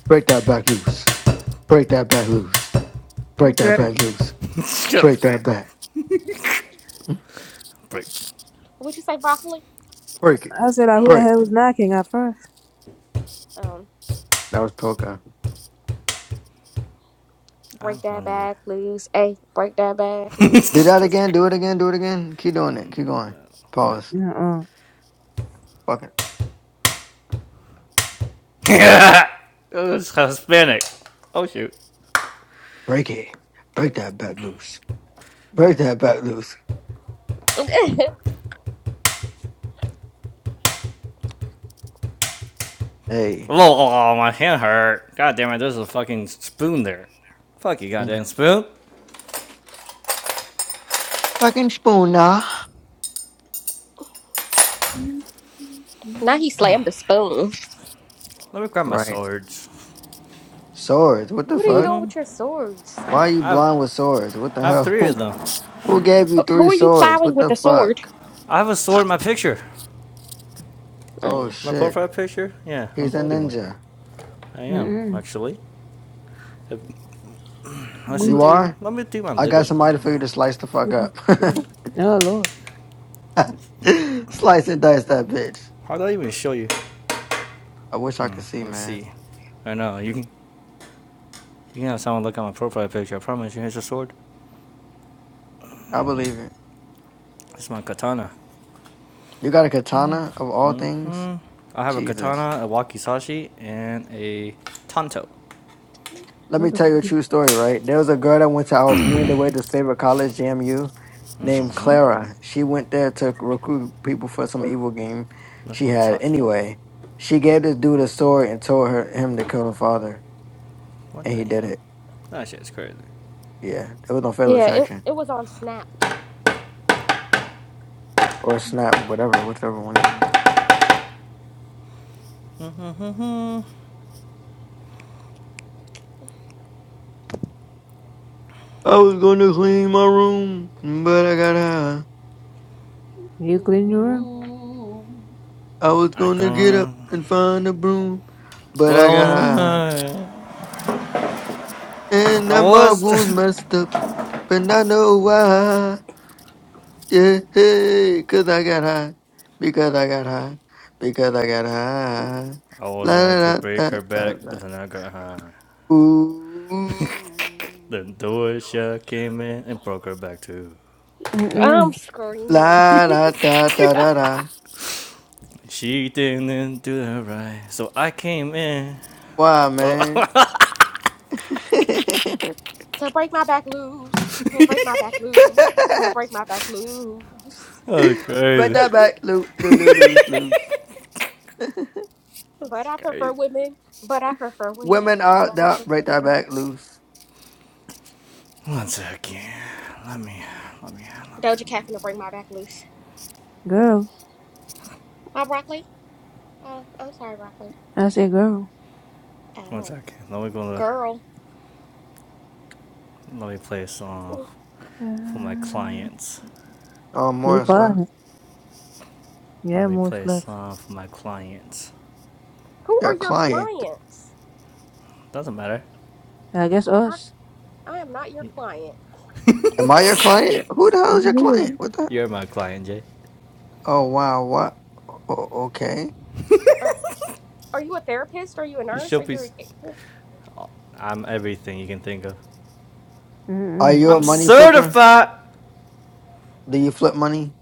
[SPEAKER 1] Break that back loose. Break that back loose. Break that
[SPEAKER 4] Okay.
[SPEAKER 1] back loose.
[SPEAKER 5] Just
[SPEAKER 1] Break that
[SPEAKER 5] great.
[SPEAKER 1] back.
[SPEAKER 5] Break.
[SPEAKER 2] Would you say broccoli?
[SPEAKER 1] Break it.
[SPEAKER 4] I said like who the
[SPEAKER 1] Break.
[SPEAKER 4] hell was knocking at first?
[SPEAKER 2] Um,
[SPEAKER 1] That was Toka.
[SPEAKER 5] I'm
[SPEAKER 2] break that
[SPEAKER 5] hungry.
[SPEAKER 2] back loose. Hey, break that back
[SPEAKER 1] Do
[SPEAKER 2] loose.
[SPEAKER 1] that
[SPEAKER 5] That's
[SPEAKER 1] again. Do
[SPEAKER 5] great.
[SPEAKER 1] it again. Do it again. Keep doing it.
[SPEAKER 5] Mm,
[SPEAKER 1] Keep going.
[SPEAKER 5] no, no.
[SPEAKER 1] Pause.
[SPEAKER 4] Uh uh.
[SPEAKER 1] Fuck it.
[SPEAKER 5] Oh, it's Hispanic. Oh shoot.
[SPEAKER 1] Break it. Break that back loose. Break that back loose. Hey.
[SPEAKER 5] Oh, oh, oh, my hand hurt. God damn it, there's a fucking spoon there. Fuck you, goddamn
[SPEAKER 1] Mm.
[SPEAKER 5] spoon.
[SPEAKER 1] Fucking spoon now.
[SPEAKER 2] now he slammed the spoon.
[SPEAKER 5] Let me grab my
[SPEAKER 1] Right.
[SPEAKER 5] swords.
[SPEAKER 1] Swords. What the
[SPEAKER 2] What are you
[SPEAKER 1] fuck?
[SPEAKER 2] doing with your swords?
[SPEAKER 1] Why are you
[SPEAKER 5] I have,
[SPEAKER 1] blind with swords? What the
[SPEAKER 5] I have
[SPEAKER 1] hell?
[SPEAKER 5] three of them.
[SPEAKER 1] Who gave you
[SPEAKER 2] Who who
[SPEAKER 1] three
[SPEAKER 2] are you
[SPEAKER 1] swords?
[SPEAKER 2] plowing
[SPEAKER 1] What
[SPEAKER 2] with
[SPEAKER 1] the
[SPEAKER 2] the sword?
[SPEAKER 1] fuck?
[SPEAKER 5] I have a sword in my picture.
[SPEAKER 1] Oh
[SPEAKER 2] Ay.
[SPEAKER 5] My
[SPEAKER 1] shit.
[SPEAKER 5] profile picture? Yeah, I'm
[SPEAKER 1] He's a
[SPEAKER 5] holding one.
[SPEAKER 1] ninja.
[SPEAKER 5] I am,
[SPEAKER 4] Mm-mm.
[SPEAKER 5] actually. Uh, Let's see,
[SPEAKER 1] You
[SPEAKER 5] dude.
[SPEAKER 1] are?
[SPEAKER 5] Let me do my
[SPEAKER 1] I
[SPEAKER 5] little
[SPEAKER 1] got somebody for
[SPEAKER 5] one.
[SPEAKER 1] you to slice the fuck up.
[SPEAKER 4] Oh
[SPEAKER 1] slice and dice that bitch.
[SPEAKER 5] How do I even show you?
[SPEAKER 1] I wish I could see,
[SPEAKER 5] Let's
[SPEAKER 1] man.
[SPEAKER 5] see. I know, you can, you can have someone look at my profile picture. I promise you, here's a sword.
[SPEAKER 1] I believe it.
[SPEAKER 5] That's my katana.
[SPEAKER 1] You got a katana of all
[SPEAKER 5] hmm
[SPEAKER 1] things?
[SPEAKER 5] I have a
[SPEAKER 1] Jesus.
[SPEAKER 5] katana, a wakizashi, and a tanto.
[SPEAKER 1] Let me tell you
[SPEAKER 4] Lord.
[SPEAKER 1] a true story, right? There was a girl that went to our me and the waiter's favorite college, JMU, named
[SPEAKER 5] hmm
[SPEAKER 1] Clara. She went there to recruit people for some evil game
[SPEAKER 5] That's
[SPEAKER 1] she
[SPEAKER 5] what I'm
[SPEAKER 1] had.
[SPEAKER 5] talking about.
[SPEAKER 1] Anyway, she gave this dude a sword and told her him to kill her father,
[SPEAKER 5] What
[SPEAKER 1] and
[SPEAKER 5] the
[SPEAKER 1] he did
[SPEAKER 5] hell?
[SPEAKER 1] it.
[SPEAKER 5] That shit's crazy.
[SPEAKER 1] Yeah, it was on fatal
[SPEAKER 2] Yeah, it
[SPEAKER 1] attraction
[SPEAKER 2] it was on Snap.
[SPEAKER 1] or snap, whatever, whichever one. it is.
[SPEAKER 5] Mm-hmm.
[SPEAKER 1] I was gonna clean my room, but I got high.
[SPEAKER 4] You clean your room?
[SPEAKER 2] Ooh.
[SPEAKER 1] I was
[SPEAKER 5] I
[SPEAKER 1] gonna get up
[SPEAKER 5] gone.
[SPEAKER 1] and find a broom, but I got
[SPEAKER 5] Well,
[SPEAKER 1] high. And
[SPEAKER 5] I
[SPEAKER 1] now my
[SPEAKER 5] was.
[SPEAKER 1] wounds messed up, but I know why. Yeah, hey, 'cause I got high, because I got high, because I got high.
[SPEAKER 5] I
[SPEAKER 1] La
[SPEAKER 5] was going to
[SPEAKER 1] da
[SPEAKER 5] break
[SPEAKER 1] da da
[SPEAKER 5] her
[SPEAKER 1] da
[SPEAKER 5] back,
[SPEAKER 1] da.
[SPEAKER 5] but then I got high. Then
[SPEAKER 1] Ooh,
[SPEAKER 5] Doisha came in and broke her back too.
[SPEAKER 2] I'm
[SPEAKER 4] Mm-mm.
[SPEAKER 2] screaming
[SPEAKER 1] la da da da da da.
[SPEAKER 5] She didn't do that right, so I came in.
[SPEAKER 1] Why,
[SPEAKER 5] Oh,
[SPEAKER 1] man?
[SPEAKER 2] to break my back loose, to break my back loose, to break my back loose.
[SPEAKER 5] that's
[SPEAKER 1] Break
[SPEAKER 5] crazy.
[SPEAKER 1] that back loose, loose, loose, loose.
[SPEAKER 2] But
[SPEAKER 5] That's
[SPEAKER 2] I prefer
[SPEAKER 5] crazy.
[SPEAKER 2] women. But I prefer women.
[SPEAKER 1] Women are
[SPEAKER 2] But I
[SPEAKER 1] that. Break
[SPEAKER 2] prefer
[SPEAKER 1] that
[SPEAKER 2] women.
[SPEAKER 1] back loose.
[SPEAKER 5] One second. Let me. Let me.
[SPEAKER 2] Doja Cat finna break my back loose.
[SPEAKER 4] Girl.
[SPEAKER 2] Hi, broccoli. Oh, I'm sorry, broccoli.
[SPEAKER 4] I say, girl.
[SPEAKER 5] One
[SPEAKER 2] Oh,
[SPEAKER 5] second. Let me go to.
[SPEAKER 2] girl,
[SPEAKER 5] Let me play a song
[SPEAKER 2] who
[SPEAKER 5] for my
[SPEAKER 4] Uh,
[SPEAKER 5] clients.
[SPEAKER 1] Oh,
[SPEAKER 4] you
[SPEAKER 1] Morris, love
[SPEAKER 4] quiet. Yeah,
[SPEAKER 5] Let me play
[SPEAKER 4] most
[SPEAKER 5] a
[SPEAKER 4] left.
[SPEAKER 5] song for my clients.
[SPEAKER 2] are
[SPEAKER 1] your
[SPEAKER 2] your
[SPEAKER 1] client.
[SPEAKER 2] clients?
[SPEAKER 5] Doesn't matter.
[SPEAKER 4] I guess
[SPEAKER 2] I
[SPEAKER 4] us.
[SPEAKER 2] I am not your client.
[SPEAKER 1] Am I your client? Who the hell
[SPEAKER 4] Me
[SPEAKER 1] is
[SPEAKER 5] yeah.
[SPEAKER 1] your
[SPEAKER 4] neither.
[SPEAKER 1] client? What the hell?
[SPEAKER 5] You're my client, Jay.
[SPEAKER 1] Oh wow, what? O- okay.
[SPEAKER 2] Or Are you a therapist? Are you a
[SPEAKER 5] You
[SPEAKER 2] nurse? Are
[SPEAKER 5] should be.
[SPEAKER 2] you a...
[SPEAKER 5] i I'm everything you can think of.
[SPEAKER 1] Are
[SPEAKER 4] Mm-mm.
[SPEAKER 1] you a
[SPEAKER 5] I'm
[SPEAKER 2] Mm.
[SPEAKER 1] money flipper?
[SPEAKER 5] certified.
[SPEAKER 1] Do you flip money?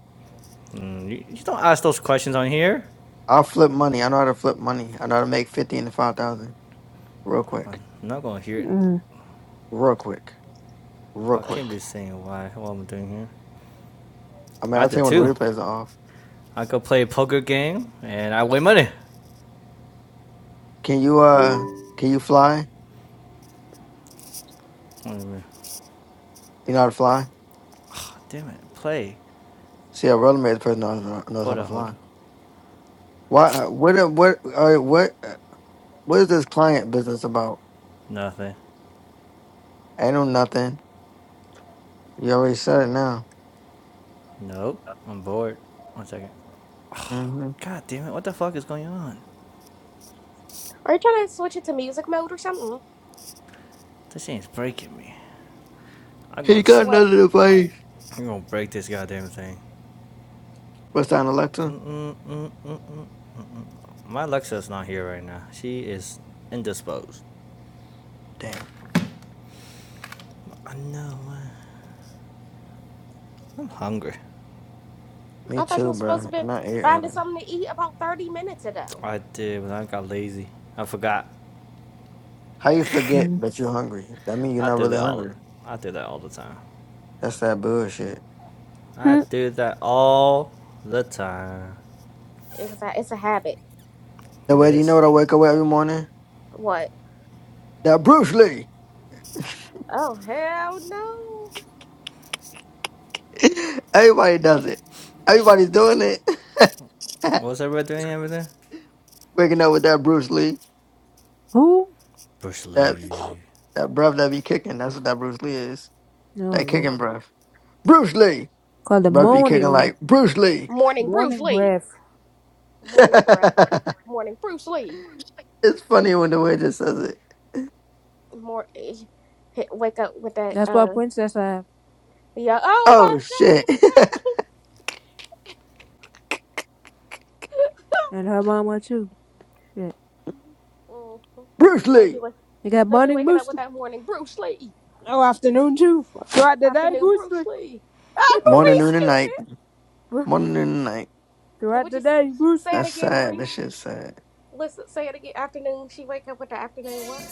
[SPEAKER 5] Mm, you, you don't ask those questions on here.
[SPEAKER 1] I'll flip money. I know how to flip money. I know how to make fifty into five thousand real quick,
[SPEAKER 5] I'm not gonna hear it.
[SPEAKER 4] Mm-mm.
[SPEAKER 1] real quick, real
[SPEAKER 5] I can't
[SPEAKER 1] quick.
[SPEAKER 5] be saying why. What I'm doing here.
[SPEAKER 1] I
[SPEAKER 5] I
[SPEAKER 1] mean,
[SPEAKER 5] have
[SPEAKER 1] I'll
[SPEAKER 5] to
[SPEAKER 1] tell you when the
[SPEAKER 5] too.
[SPEAKER 1] replays are off.
[SPEAKER 5] I go play a poker game and I win money.
[SPEAKER 1] Can you uh, can you fly?
[SPEAKER 5] Wait a minute.
[SPEAKER 1] You know how to fly?
[SPEAKER 5] Oh, Damn it. Play.
[SPEAKER 1] See, a real married person knows, knows how
[SPEAKER 5] Hold
[SPEAKER 1] to
[SPEAKER 5] on, hold
[SPEAKER 1] fly.
[SPEAKER 5] on.
[SPEAKER 1] Why? uh, What? uh, What? Uh, what? uh, What is this client business about?
[SPEAKER 5] Nothing.
[SPEAKER 1] Ain't no nothing. You already said it now.
[SPEAKER 5] Nope. I'm bored. One second.
[SPEAKER 1] hmm
[SPEAKER 5] God damn it. What the fuck is going on?
[SPEAKER 2] Are you trying to switch it to music mode or something?
[SPEAKER 5] This thing's breaking me. I'm
[SPEAKER 1] He
[SPEAKER 5] gonna,
[SPEAKER 1] got
[SPEAKER 5] i
[SPEAKER 2] What?
[SPEAKER 1] another device.
[SPEAKER 5] I'm gonna break this goddamn thing.
[SPEAKER 1] What's that, an Alexa?
[SPEAKER 5] Mm-mm-mm-mm-mm. My Alexa's not here right now. She is indisposed.
[SPEAKER 1] Damn.
[SPEAKER 5] I know, man. I'm hungry.
[SPEAKER 1] Me
[SPEAKER 2] I thought you were
[SPEAKER 1] too,
[SPEAKER 2] supposed to
[SPEAKER 1] bro.
[SPEAKER 2] be
[SPEAKER 1] And I ate
[SPEAKER 2] finding
[SPEAKER 1] earlier.
[SPEAKER 2] something to eat about 30 minutes ago.
[SPEAKER 5] I did, but I got lazy. I forgot.
[SPEAKER 1] How you forget
[SPEAKER 4] Mm.
[SPEAKER 1] that you're hungry? That mean you're
[SPEAKER 5] I
[SPEAKER 1] not
[SPEAKER 5] do
[SPEAKER 1] really
[SPEAKER 5] that all.
[SPEAKER 1] hungry.
[SPEAKER 5] I do that all the time.
[SPEAKER 1] That's that bullshit.
[SPEAKER 5] I
[SPEAKER 4] Hmm.
[SPEAKER 5] do that all the time.
[SPEAKER 2] It's a, it's a habit.
[SPEAKER 5] Look
[SPEAKER 1] The
[SPEAKER 5] at
[SPEAKER 1] way do you know
[SPEAKER 5] this.
[SPEAKER 1] what I wake up with every morning?
[SPEAKER 2] What?
[SPEAKER 1] That Bruce Lee.
[SPEAKER 2] Oh, hell no.
[SPEAKER 1] Everybody does it. Everybody's doing it.
[SPEAKER 5] What's everybody doing over there?
[SPEAKER 1] Waking up with that Bruce Lee.
[SPEAKER 4] Who?
[SPEAKER 5] Bruce
[SPEAKER 1] That
[SPEAKER 5] Lee.
[SPEAKER 1] that breath that be kicking. That's what that Bruce Lee is.
[SPEAKER 4] No,
[SPEAKER 1] That
[SPEAKER 4] Lord.
[SPEAKER 1] kicking breath. Bruce Lee.
[SPEAKER 4] Called the
[SPEAKER 1] Breath be kicking
[SPEAKER 4] morning.
[SPEAKER 1] like Bruce Lee.
[SPEAKER 2] Morning, Bruce
[SPEAKER 4] Morning
[SPEAKER 2] Lee.
[SPEAKER 4] breath.
[SPEAKER 2] Morning, bruh.
[SPEAKER 1] it's
[SPEAKER 2] Morning, Bruce Lee.
[SPEAKER 1] funny when the way just says it.
[SPEAKER 2] More, wake up with that,
[SPEAKER 4] That's what
[SPEAKER 2] uh,
[SPEAKER 4] Princess have.
[SPEAKER 2] yeah. Oh my
[SPEAKER 1] Oh shit.
[SPEAKER 4] And her mama too. Shit.
[SPEAKER 2] God. Mhm.
[SPEAKER 1] Bruce
[SPEAKER 2] They be,
[SPEAKER 1] Lee.
[SPEAKER 2] wa-
[SPEAKER 4] They got
[SPEAKER 2] they be
[SPEAKER 4] morning
[SPEAKER 2] waking up with
[SPEAKER 4] booster.
[SPEAKER 2] that morning, Bruce Lee.
[SPEAKER 4] Oh, afternoon too. Throughout the day,
[SPEAKER 2] Afternoon, Bruce
[SPEAKER 4] booster.
[SPEAKER 2] Lee. I'm a
[SPEAKER 1] Morning, noon, and
[SPEAKER 2] stupid.
[SPEAKER 1] night.
[SPEAKER 4] Bro-
[SPEAKER 1] Morning, noon, and night.
[SPEAKER 4] Throughout
[SPEAKER 2] Would
[SPEAKER 4] the
[SPEAKER 2] you s-
[SPEAKER 4] day,
[SPEAKER 2] say
[SPEAKER 4] booster.
[SPEAKER 2] it
[SPEAKER 1] That's
[SPEAKER 2] again,
[SPEAKER 1] sad.
[SPEAKER 2] Marie?
[SPEAKER 1] That shit's sad.
[SPEAKER 2] Listen, say it again. Afternoon, she wake up with the afternoon what?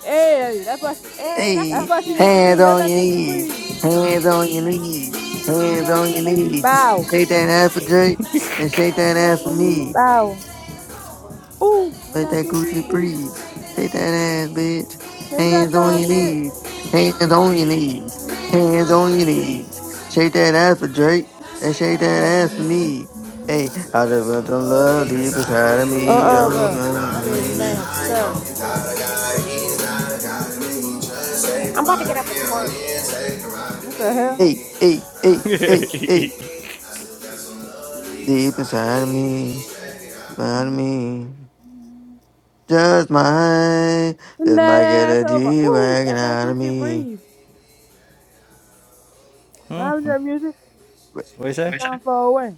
[SPEAKER 4] Hey, that's what she,
[SPEAKER 2] Hey, that's my
[SPEAKER 4] that's
[SPEAKER 1] Hey,
[SPEAKER 4] what she
[SPEAKER 2] thing.
[SPEAKER 4] need to
[SPEAKER 1] hands
[SPEAKER 4] do. Let
[SPEAKER 1] on
[SPEAKER 4] that
[SPEAKER 1] your
[SPEAKER 4] coochie
[SPEAKER 1] knees.
[SPEAKER 4] breathe.
[SPEAKER 1] Hands on your knees.
[SPEAKER 4] That's
[SPEAKER 1] Hands
[SPEAKER 4] all
[SPEAKER 1] on
[SPEAKER 4] you
[SPEAKER 1] your
[SPEAKER 4] need.
[SPEAKER 1] knees.
[SPEAKER 4] Bow.
[SPEAKER 1] Shake that ass for Drake and
[SPEAKER 2] That's
[SPEAKER 1] shake
[SPEAKER 2] just
[SPEAKER 1] that
[SPEAKER 2] what
[SPEAKER 1] ass
[SPEAKER 2] it
[SPEAKER 1] for
[SPEAKER 2] is for me.
[SPEAKER 1] me.
[SPEAKER 4] Oh,
[SPEAKER 5] Make that
[SPEAKER 4] ooh, that
[SPEAKER 1] Let
[SPEAKER 4] that
[SPEAKER 1] that
[SPEAKER 5] coochie
[SPEAKER 4] coochie
[SPEAKER 1] Gucci
[SPEAKER 4] breeze.
[SPEAKER 1] breathe. Shake that ass, bitch.
[SPEAKER 4] Take that
[SPEAKER 1] Hands on
[SPEAKER 4] fine
[SPEAKER 1] your
[SPEAKER 4] kid.
[SPEAKER 1] knees. Hands on your knees. Hands on your knees. Shake that ass for Drake and shake that ass for me. Hey, I just felt the love deep inside of
[SPEAKER 4] Uh
[SPEAKER 1] me.
[SPEAKER 4] uh,
[SPEAKER 1] Oh,
[SPEAKER 4] girl.
[SPEAKER 1] mm,
[SPEAKER 4] I mean, ma'am,
[SPEAKER 1] mm.
[SPEAKER 4] sir.
[SPEAKER 2] I'm about to get up and twerk.
[SPEAKER 4] What the hell?
[SPEAKER 1] Hey, hey, hey, hey, hey. deep inside me, inside me. Just my,
[SPEAKER 4] Bend
[SPEAKER 1] just
[SPEAKER 4] that
[SPEAKER 1] my get
[SPEAKER 4] ass
[SPEAKER 1] a
[SPEAKER 4] over.
[SPEAKER 1] G
[SPEAKER 4] Ooh,
[SPEAKER 1] wagon
[SPEAKER 4] let that
[SPEAKER 1] out of
[SPEAKER 4] coochie
[SPEAKER 1] me.
[SPEAKER 4] breathe. Mind your music.
[SPEAKER 5] What do you say?
[SPEAKER 4] Time far away.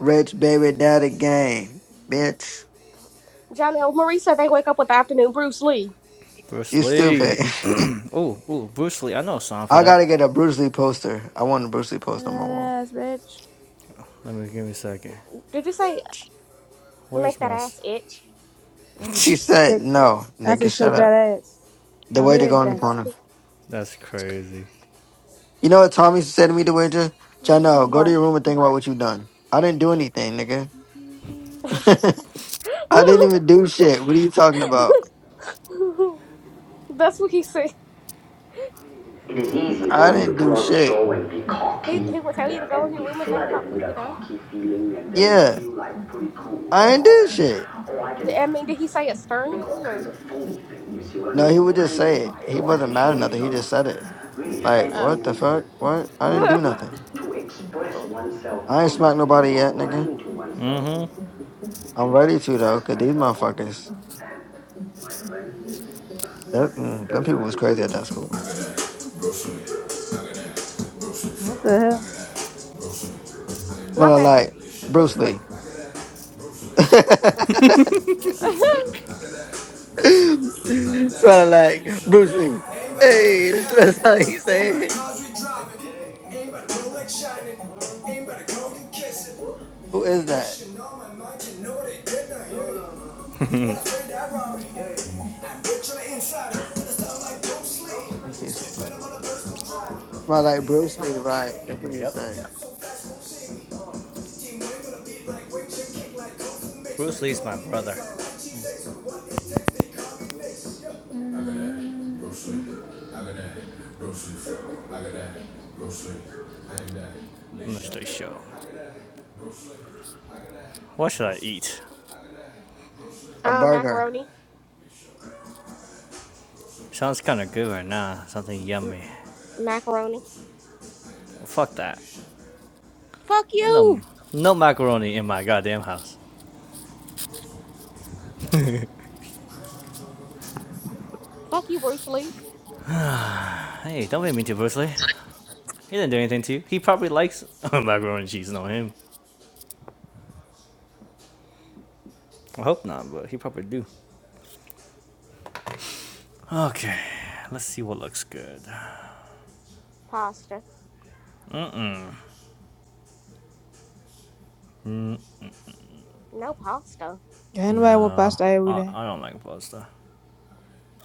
[SPEAKER 1] Rich baby daddy game, bitch.
[SPEAKER 2] Johnny and Marie said they wake up with the afternoon Bruce Lee.
[SPEAKER 5] Bruce
[SPEAKER 1] You stupid.
[SPEAKER 5] Lee. oh, oh, Bruce Lee. I know a song for
[SPEAKER 1] I
[SPEAKER 5] that.
[SPEAKER 1] gotta get a Bruce Lee poster. I want a Bruce Lee
[SPEAKER 4] Bend
[SPEAKER 1] poster on my
[SPEAKER 4] that
[SPEAKER 1] wall.
[SPEAKER 4] ass, bitch.
[SPEAKER 5] Let me give me a second.
[SPEAKER 2] Did you say
[SPEAKER 1] Bitch.
[SPEAKER 2] make
[SPEAKER 5] Where's
[SPEAKER 2] that
[SPEAKER 5] my? s-
[SPEAKER 2] ass itch?
[SPEAKER 4] That's a
[SPEAKER 1] She said
[SPEAKER 4] shake.
[SPEAKER 1] no,
[SPEAKER 4] That's a
[SPEAKER 1] nigga. Shut
[SPEAKER 4] shake
[SPEAKER 1] up.
[SPEAKER 4] that ass.
[SPEAKER 1] The
[SPEAKER 4] You
[SPEAKER 2] Oh,
[SPEAKER 4] hear
[SPEAKER 1] waiter
[SPEAKER 2] shake
[SPEAKER 1] go
[SPEAKER 2] that
[SPEAKER 1] in the
[SPEAKER 4] anything?
[SPEAKER 2] ass
[SPEAKER 1] corner.
[SPEAKER 2] itch.
[SPEAKER 5] That's crazy.
[SPEAKER 1] You know what Tommy said to me, the waiter? Chano, go to
[SPEAKER 2] What?
[SPEAKER 1] your room and think about what you done. I didn't do anything, nigga.
[SPEAKER 4] What
[SPEAKER 1] I didn't even do shit. What are you talking about?
[SPEAKER 2] that's what he said.
[SPEAKER 5] It is easy
[SPEAKER 1] I
[SPEAKER 5] for me to
[SPEAKER 1] didn't
[SPEAKER 5] put
[SPEAKER 1] do
[SPEAKER 5] on a
[SPEAKER 1] shit.
[SPEAKER 5] show and be
[SPEAKER 2] He,
[SPEAKER 5] cocky
[SPEAKER 2] he would tell you to
[SPEAKER 5] yeah.
[SPEAKER 2] go in
[SPEAKER 5] and
[SPEAKER 2] your
[SPEAKER 5] be
[SPEAKER 2] room and think about
[SPEAKER 5] flooded
[SPEAKER 2] what
[SPEAKER 5] with
[SPEAKER 2] you
[SPEAKER 5] a
[SPEAKER 2] done.
[SPEAKER 5] cocky feeling and then
[SPEAKER 1] Yeah,
[SPEAKER 5] feel like pretty cool
[SPEAKER 1] I
[SPEAKER 5] and
[SPEAKER 1] ain't
[SPEAKER 5] all
[SPEAKER 1] did shit.
[SPEAKER 5] that. Or I can
[SPEAKER 2] I mean, did he say it
[SPEAKER 5] make all
[SPEAKER 2] sternly
[SPEAKER 5] kinds
[SPEAKER 2] or?
[SPEAKER 5] of phony things, you see what I
[SPEAKER 1] No, he
[SPEAKER 5] mean?
[SPEAKER 1] would just
[SPEAKER 5] Blinded
[SPEAKER 1] say
[SPEAKER 5] by
[SPEAKER 1] it.
[SPEAKER 5] it.
[SPEAKER 1] He
[SPEAKER 5] Or I
[SPEAKER 1] wasn't
[SPEAKER 5] can show
[SPEAKER 1] mad or
[SPEAKER 5] you
[SPEAKER 1] nothing. He
[SPEAKER 5] some
[SPEAKER 1] just said it.
[SPEAKER 5] really
[SPEAKER 1] Like,
[SPEAKER 5] fancy
[SPEAKER 2] Uh,
[SPEAKER 1] what the
[SPEAKER 5] movement.
[SPEAKER 1] fuck? What? I didn't do
[SPEAKER 5] But
[SPEAKER 1] nothing.
[SPEAKER 5] to express oneself
[SPEAKER 1] I ain't smacked
[SPEAKER 5] honestly,
[SPEAKER 1] nobody
[SPEAKER 5] not
[SPEAKER 1] yet, nigga.
[SPEAKER 5] lying to oneself,
[SPEAKER 1] I'm
[SPEAKER 5] and to
[SPEAKER 1] ready to though,
[SPEAKER 5] express
[SPEAKER 1] cause these
[SPEAKER 5] myself on
[SPEAKER 1] motherfuckers,
[SPEAKER 5] this. And my language is
[SPEAKER 1] that, mm, them
[SPEAKER 5] very
[SPEAKER 1] people
[SPEAKER 5] hard
[SPEAKER 1] was
[SPEAKER 5] to
[SPEAKER 1] crazy
[SPEAKER 5] do. it.
[SPEAKER 1] at that school.
[SPEAKER 4] the
[SPEAKER 2] not
[SPEAKER 1] Smelling
[SPEAKER 2] that
[SPEAKER 1] like Bruce
[SPEAKER 2] Bruce Lee.
[SPEAKER 1] Lee. Smelling like Bruce Lee.
[SPEAKER 5] Ain't but how do
[SPEAKER 1] Hey,
[SPEAKER 5] we
[SPEAKER 1] that's, what
[SPEAKER 5] having
[SPEAKER 1] that's how he
[SPEAKER 5] Ain't
[SPEAKER 1] say
[SPEAKER 5] but the
[SPEAKER 1] it.
[SPEAKER 5] cars we driving Ain't but the Rolex shining Ain't but the cold kissing
[SPEAKER 1] Who
[SPEAKER 5] And
[SPEAKER 1] is that?
[SPEAKER 5] wishing all my mind you know they did not hear you But I heard that robbery I'm rich on the inside But it's not like do sleep
[SPEAKER 1] Smell like Bruce Lee, right? That's what you
[SPEAKER 5] Yep.
[SPEAKER 1] say.
[SPEAKER 5] Bruce Lee's my brother.
[SPEAKER 4] hell?
[SPEAKER 5] I'm gonna stay show. What should I eat?
[SPEAKER 1] A
[SPEAKER 2] Uh,
[SPEAKER 1] burger.
[SPEAKER 2] macaroni.
[SPEAKER 5] Sounds kind of good right now. Something
[SPEAKER 2] M-
[SPEAKER 5] yummy.
[SPEAKER 2] macaroni.
[SPEAKER 5] Fuck that.
[SPEAKER 2] Fuck
[SPEAKER 5] No,
[SPEAKER 2] you.
[SPEAKER 5] no macaroni in my goddamn house.
[SPEAKER 2] Fuck you, Bruce Lee.
[SPEAKER 5] Hey, don't make me too personally. He didn't do anything to you. He probably likes macaroni and cheese. Not him. I hope not, but he probably do. Okay, let's see what looks good.
[SPEAKER 2] Pasta. No pasta.
[SPEAKER 4] Anybody walk
[SPEAKER 5] No,
[SPEAKER 4] past every
[SPEAKER 5] I,
[SPEAKER 4] day?
[SPEAKER 5] I don't like pasta.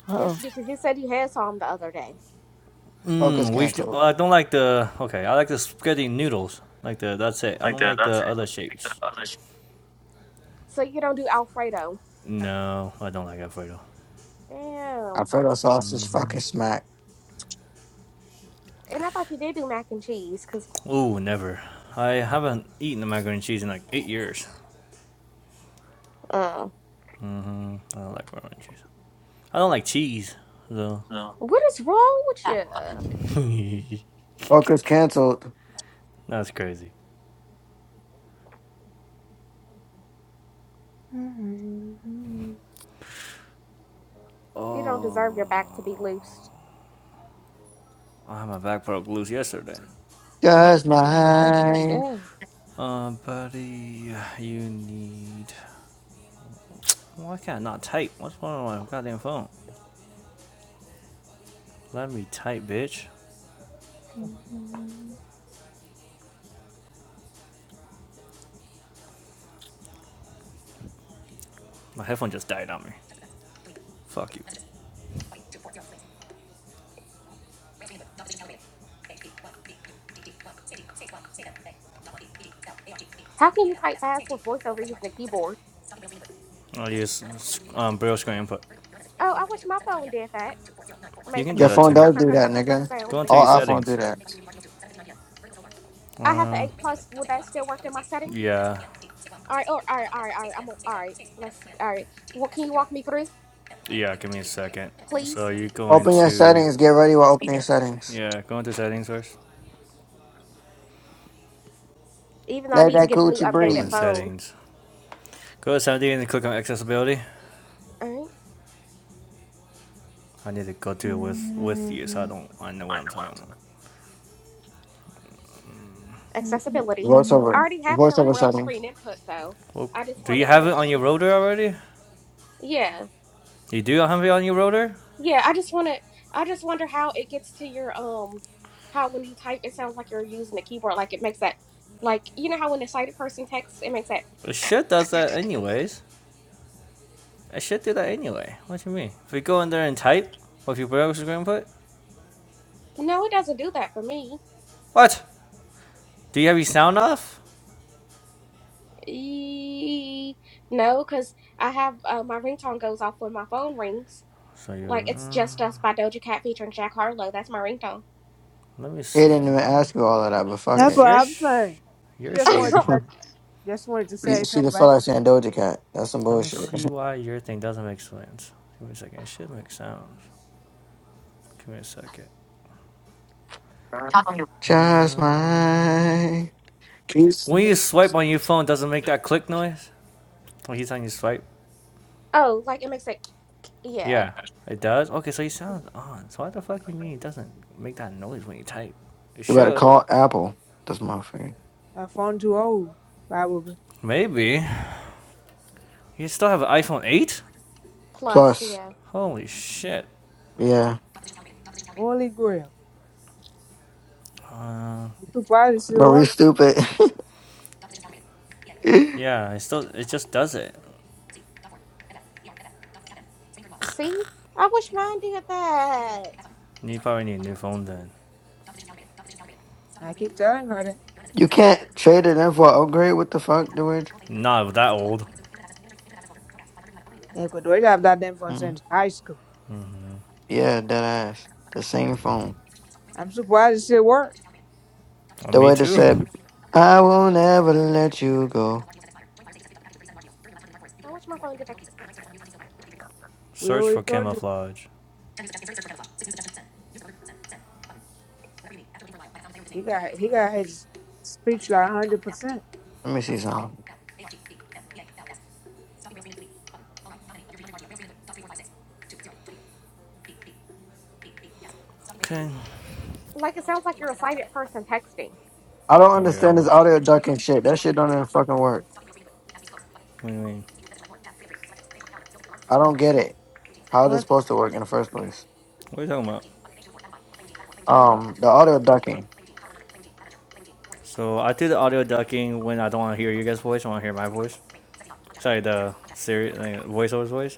[SPEAKER 4] Uh
[SPEAKER 2] Yes,
[SPEAKER 4] oh.
[SPEAKER 2] you do, because you said you had some the other day.
[SPEAKER 1] Focus
[SPEAKER 5] Hmm, we should,
[SPEAKER 1] canceled.
[SPEAKER 5] oh, I don't like the. Okay, I like the spaghetti noodles. Like the. That's it. I don't like the other shapes.
[SPEAKER 2] So you don't do Alfredo.
[SPEAKER 5] No, I don't like Alfredo.
[SPEAKER 1] I
[SPEAKER 2] Damn.
[SPEAKER 1] fed us all this fucking smack.
[SPEAKER 2] And I thought you did do mac and cheese, because,
[SPEAKER 5] Ooh, never. I haven't eaten macaroni and cheese in like eight years.
[SPEAKER 2] uh,
[SPEAKER 5] I don't like macaroni and cheese. I don't like cheese, though.
[SPEAKER 2] what is wrong with you?
[SPEAKER 1] Focus canceled.
[SPEAKER 5] That's crazy.
[SPEAKER 2] You don't deserve your back to be
[SPEAKER 5] Oh,
[SPEAKER 2] loose.
[SPEAKER 5] I had my back broke loose yesterday.
[SPEAKER 1] Just
[SPEAKER 2] God
[SPEAKER 1] mine.
[SPEAKER 2] damn.
[SPEAKER 5] Uh, buddy, you need. Why can't I not type? What's wrong with my goddamn phone? Let me type, bitch. My headphone just died on me. Fuck you.
[SPEAKER 2] How can you type fast with voiceover using a keyboard?
[SPEAKER 5] I'll use um, braille screen input.
[SPEAKER 2] Oh, I wish my phone did that. Made the
[SPEAKER 5] can
[SPEAKER 2] cr
[SPEAKER 5] do
[SPEAKER 1] Your
[SPEAKER 2] cr
[SPEAKER 5] that
[SPEAKER 1] phone
[SPEAKER 2] cr
[SPEAKER 5] too.
[SPEAKER 2] cr
[SPEAKER 1] does
[SPEAKER 2] cr
[SPEAKER 1] do
[SPEAKER 2] cr cr
[SPEAKER 1] that,
[SPEAKER 2] cr cr
[SPEAKER 1] nigga.
[SPEAKER 2] sound with the
[SPEAKER 5] To your
[SPEAKER 1] All
[SPEAKER 2] keyboard.
[SPEAKER 1] iPhone
[SPEAKER 5] settings.
[SPEAKER 1] do that.
[SPEAKER 2] I have the
[SPEAKER 5] Um,
[SPEAKER 2] 8 plus. Will that still work in my settings?
[SPEAKER 5] yeah.
[SPEAKER 2] All right, oh, all right, all right, all right. I'm all right. Let's all right. What can you walk me through, please?
[SPEAKER 5] Are you going
[SPEAKER 1] Open your
[SPEAKER 5] to?
[SPEAKER 1] settings. Get ready with opening settings.
[SPEAKER 5] Yeah, go into settings first.
[SPEAKER 2] Even though I
[SPEAKER 1] Let
[SPEAKER 2] need to
[SPEAKER 1] that
[SPEAKER 2] get a new
[SPEAKER 1] coochie
[SPEAKER 2] updated
[SPEAKER 5] Open
[SPEAKER 1] breathe.
[SPEAKER 2] phone.
[SPEAKER 5] settings. Go to settings and click on accessibility.
[SPEAKER 2] All right.
[SPEAKER 5] I need to go through with with you, so I don't I know what I'm talking about.
[SPEAKER 2] Accessibility. I
[SPEAKER 1] Voiceover.
[SPEAKER 2] already have it on
[SPEAKER 1] Voiceover
[SPEAKER 2] Braille
[SPEAKER 1] settings.
[SPEAKER 2] screen input though.
[SPEAKER 5] Well,
[SPEAKER 2] I just
[SPEAKER 5] do you
[SPEAKER 2] wanted to
[SPEAKER 5] have
[SPEAKER 2] make.
[SPEAKER 5] it on your
[SPEAKER 2] it.
[SPEAKER 5] rotor already?
[SPEAKER 2] Yeah,
[SPEAKER 5] You do have it on your rotor?
[SPEAKER 2] yeah. I just wanted. I just wonder how it gets to your um. How when you type, it sounds like you're using the keyboard. Like it makes that. Like you know how when a sighted person texts, it makes that.
[SPEAKER 5] It should does that anyways. I should do that anyway. What do you mean? If we go in there and type what your browser input,
[SPEAKER 2] No, it doesn't do that for me.
[SPEAKER 5] what? Do you have your sound off?
[SPEAKER 2] E- no, because I have uh, my ringtone goes off when my phone rings.
[SPEAKER 5] So
[SPEAKER 2] Like
[SPEAKER 5] you
[SPEAKER 2] it's
[SPEAKER 5] uh,
[SPEAKER 2] just us by Doja Cat featuring Jack Harlow. That's my ringtone.
[SPEAKER 5] let me
[SPEAKER 1] He
[SPEAKER 5] see
[SPEAKER 1] didn't even
[SPEAKER 5] why
[SPEAKER 1] ask you all of that, but fuck
[SPEAKER 4] That's
[SPEAKER 5] because
[SPEAKER 4] what
[SPEAKER 1] it.
[SPEAKER 5] yours
[SPEAKER 4] I'm
[SPEAKER 5] sh
[SPEAKER 4] saying. She
[SPEAKER 5] yours
[SPEAKER 4] just
[SPEAKER 5] should make.
[SPEAKER 4] wanted to, just wanted to
[SPEAKER 1] you,
[SPEAKER 4] say
[SPEAKER 1] she
[SPEAKER 4] so
[SPEAKER 1] just
[SPEAKER 4] bad.
[SPEAKER 1] felt like saying Doja Cat. That's some
[SPEAKER 5] Let me
[SPEAKER 1] bullshit.
[SPEAKER 5] see why your thing doesn't make sense. Give me a second. It should make sounds. Give me a second.
[SPEAKER 1] Just
[SPEAKER 5] Um,
[SPEAKER 1] mine.
[SPEAKER 5] When you swipe on your phone, doesn't make that click noise? When he's on you swipe?
[SPEAKER 2] oh, like it makes it yeah.
[SPEAKER 5] Yeah, it does? Okay, so he sounds on. So why the fuck you mean it doesn't make that noise when you type? It
[SPEAKER 1] You better
[SPEAKER 5] should.
[SPEAKER 1] call Apple. That's my thing.
[SPEAKER 4] Her phone too old, probably.
[SPEAKER 5] Maybe. You still have an iPhone 8?
[SPEAKER 2] Plus
[SPEAKER 1] Plus,
[SPEAKER 2] yeah.
[SPEAKER 5] Holy shit.
[SPEAKER 1] yeah,
[SPEAKER 4] Holy grail.
[SPEAKER 5] Uh,
[SPEAKER 4] I'm surprised it still
[SPEAKER 1] Marie,
[SPEAKER 4] work.
[SPEAKER 1] stupid.
[SPEAKER 5] yeah, it still it just does it.
[SPEAKER 2] See, I wish mine did that.
[SPEAKER 5] You probably need a new phone then.
[SPEAKER 4] I keep telling her that.
[SPEAKER 1] you can't trade it in for an upgrade. What the fuck, dude?
[SPEAKER 5] Not that old.
[SPEAKER 4] Yeah, but we have that damn phone
[SPEAKER 1] Mm.
[SPEAKER 4] since high school.
[SPEAKER 1] Yeah, that ass. The same phone.
[SPEAKER 4] I'm surprised it still work.
[SPEAKER 5] Uh,
[SPEAKER 1] The
[SPEAKER 5] me
[SPEAKER 1] way they
[SPEAKER 5] too.
[SPEAKER 1] said, "I will never let you go."
[SPEAKER 2] I wish my phone did that.
[SPEAKER 4] We
[SPEAKER 5] Search
[SPEAKER 4] already
[SPEAKER 5] for
[SPEAKER 4] told you.
[SPEAKER 5] camouflage.
[SPEAKER 4] He got he got his speech like hundred percent.
[SPEAKER 1] Let me see something.
[SPEAKER 2] Like it sounds like you're a silent person texting.
[SPEAKER 1] I don't understand
[SPEAKER 5] Yeah.
[SPEAKER 1] this audio ducking shit. That shit don't even fucking work.
[SPEAKER 5] What do you mean?
[SPEAKER 1] I don't get it. How it is
[SPEAKER 4] What?
[SPEAKER 1] supposed to work in the first place?
[SPEAKER 5] What are you talking about?
[SPEAKER 1] Um, the audio ducking.
[SPEAKER 5] So I do the audio ducking when I don't want to hear your guys' voice. I want to hear my voice. sorry the series like, voiceover's voice.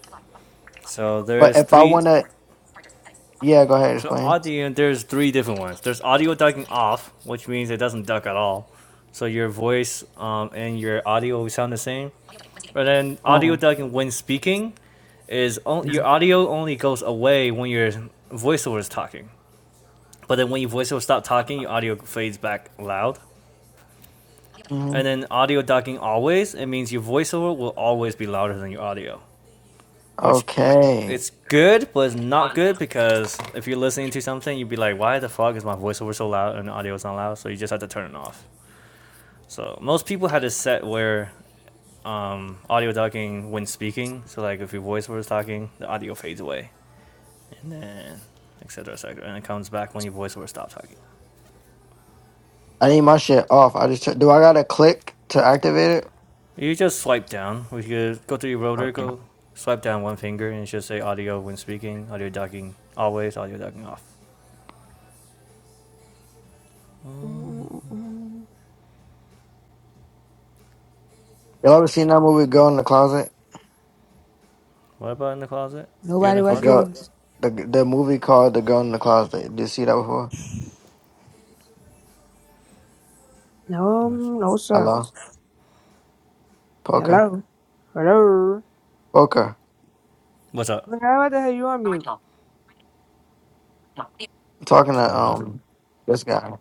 [SPEAKER 5] So
[SPEAKER 1] But
[SPEAKER 5] there's
[SPEAKER 1] if I
[SPEAKER 5] three.
[SPEAKER 1] wanna, yeah, go ahead
[SPEAKER 5] So
[SPEAKER 1] explain.
[SPEAKER 5] audio there's three different ones. There's audio ducking off, which means it doesn't duck at all. So your voice um, and your audio will sound the same. But then audio
[SPEAKER 1] Oh.
[SPEAKER 5] ducking when speaking is on, your audio only goes away when your voiceover is talking. But then when your voiceover stops talking, your audio fades back loud.
[SPEAKER 1] hmm
[SPEAKER 5] And then audio ducking always, it means your voiceover will always be louder than your audio, which
[SPEAKER 1] Okay.
[SPEAKER 5] It's good, but it's not good because if you're listening to something, you'd be like, "Why the fuck is my voiceover so loud and the audio is not loud?" So you just have to turn it off. So most people had a set where um, audio ducking when speaking. So like if your voiceover is talking, the audio fades away, and then etc. etc. and it comes back when your voiceover stops talking.
[SPEAKER 1] I need my shit off. I just do. I gotta click to activate it.
[SPEAKER 5] You just swipe down. We could go through your rotor,
[SPEAKER 1] Okay.
[SPEAKER 5] go swipe down one finger, and it should say audio when speaking, audio ducking always, audio ducking off.
[SPEAKER 1] Y'all ever seen that movie Girl in the Closet?
[SPEAKER 5] What about in the closet? You're in
[SPEAKER 4] Nobody
[SPEAKER 5] the
[SPEAKER 1] The
[SPEAKER 4] watch
[SPEAKER 5] closet.
[SPEAKER 1] girl,
[SPEAKER 4] movies.
[SPEAKER 1] the the movie called The Girl in the Closet. Did you see that before?
[SPEAKER 4] No, no, sir.
[SPEAKER 1] Hello, poker,
[SPEAKER 4] Hello. Hello.
[SPEAKER 1] poker.
[SPEAKER 5] What's up?
[SPEAKER 4] Well, What the hell you on mute?
[SPEAKER 1] I'm talking to
[SPEAKER 5] Sorry, I was.
[SPEAKER 1] um this guy.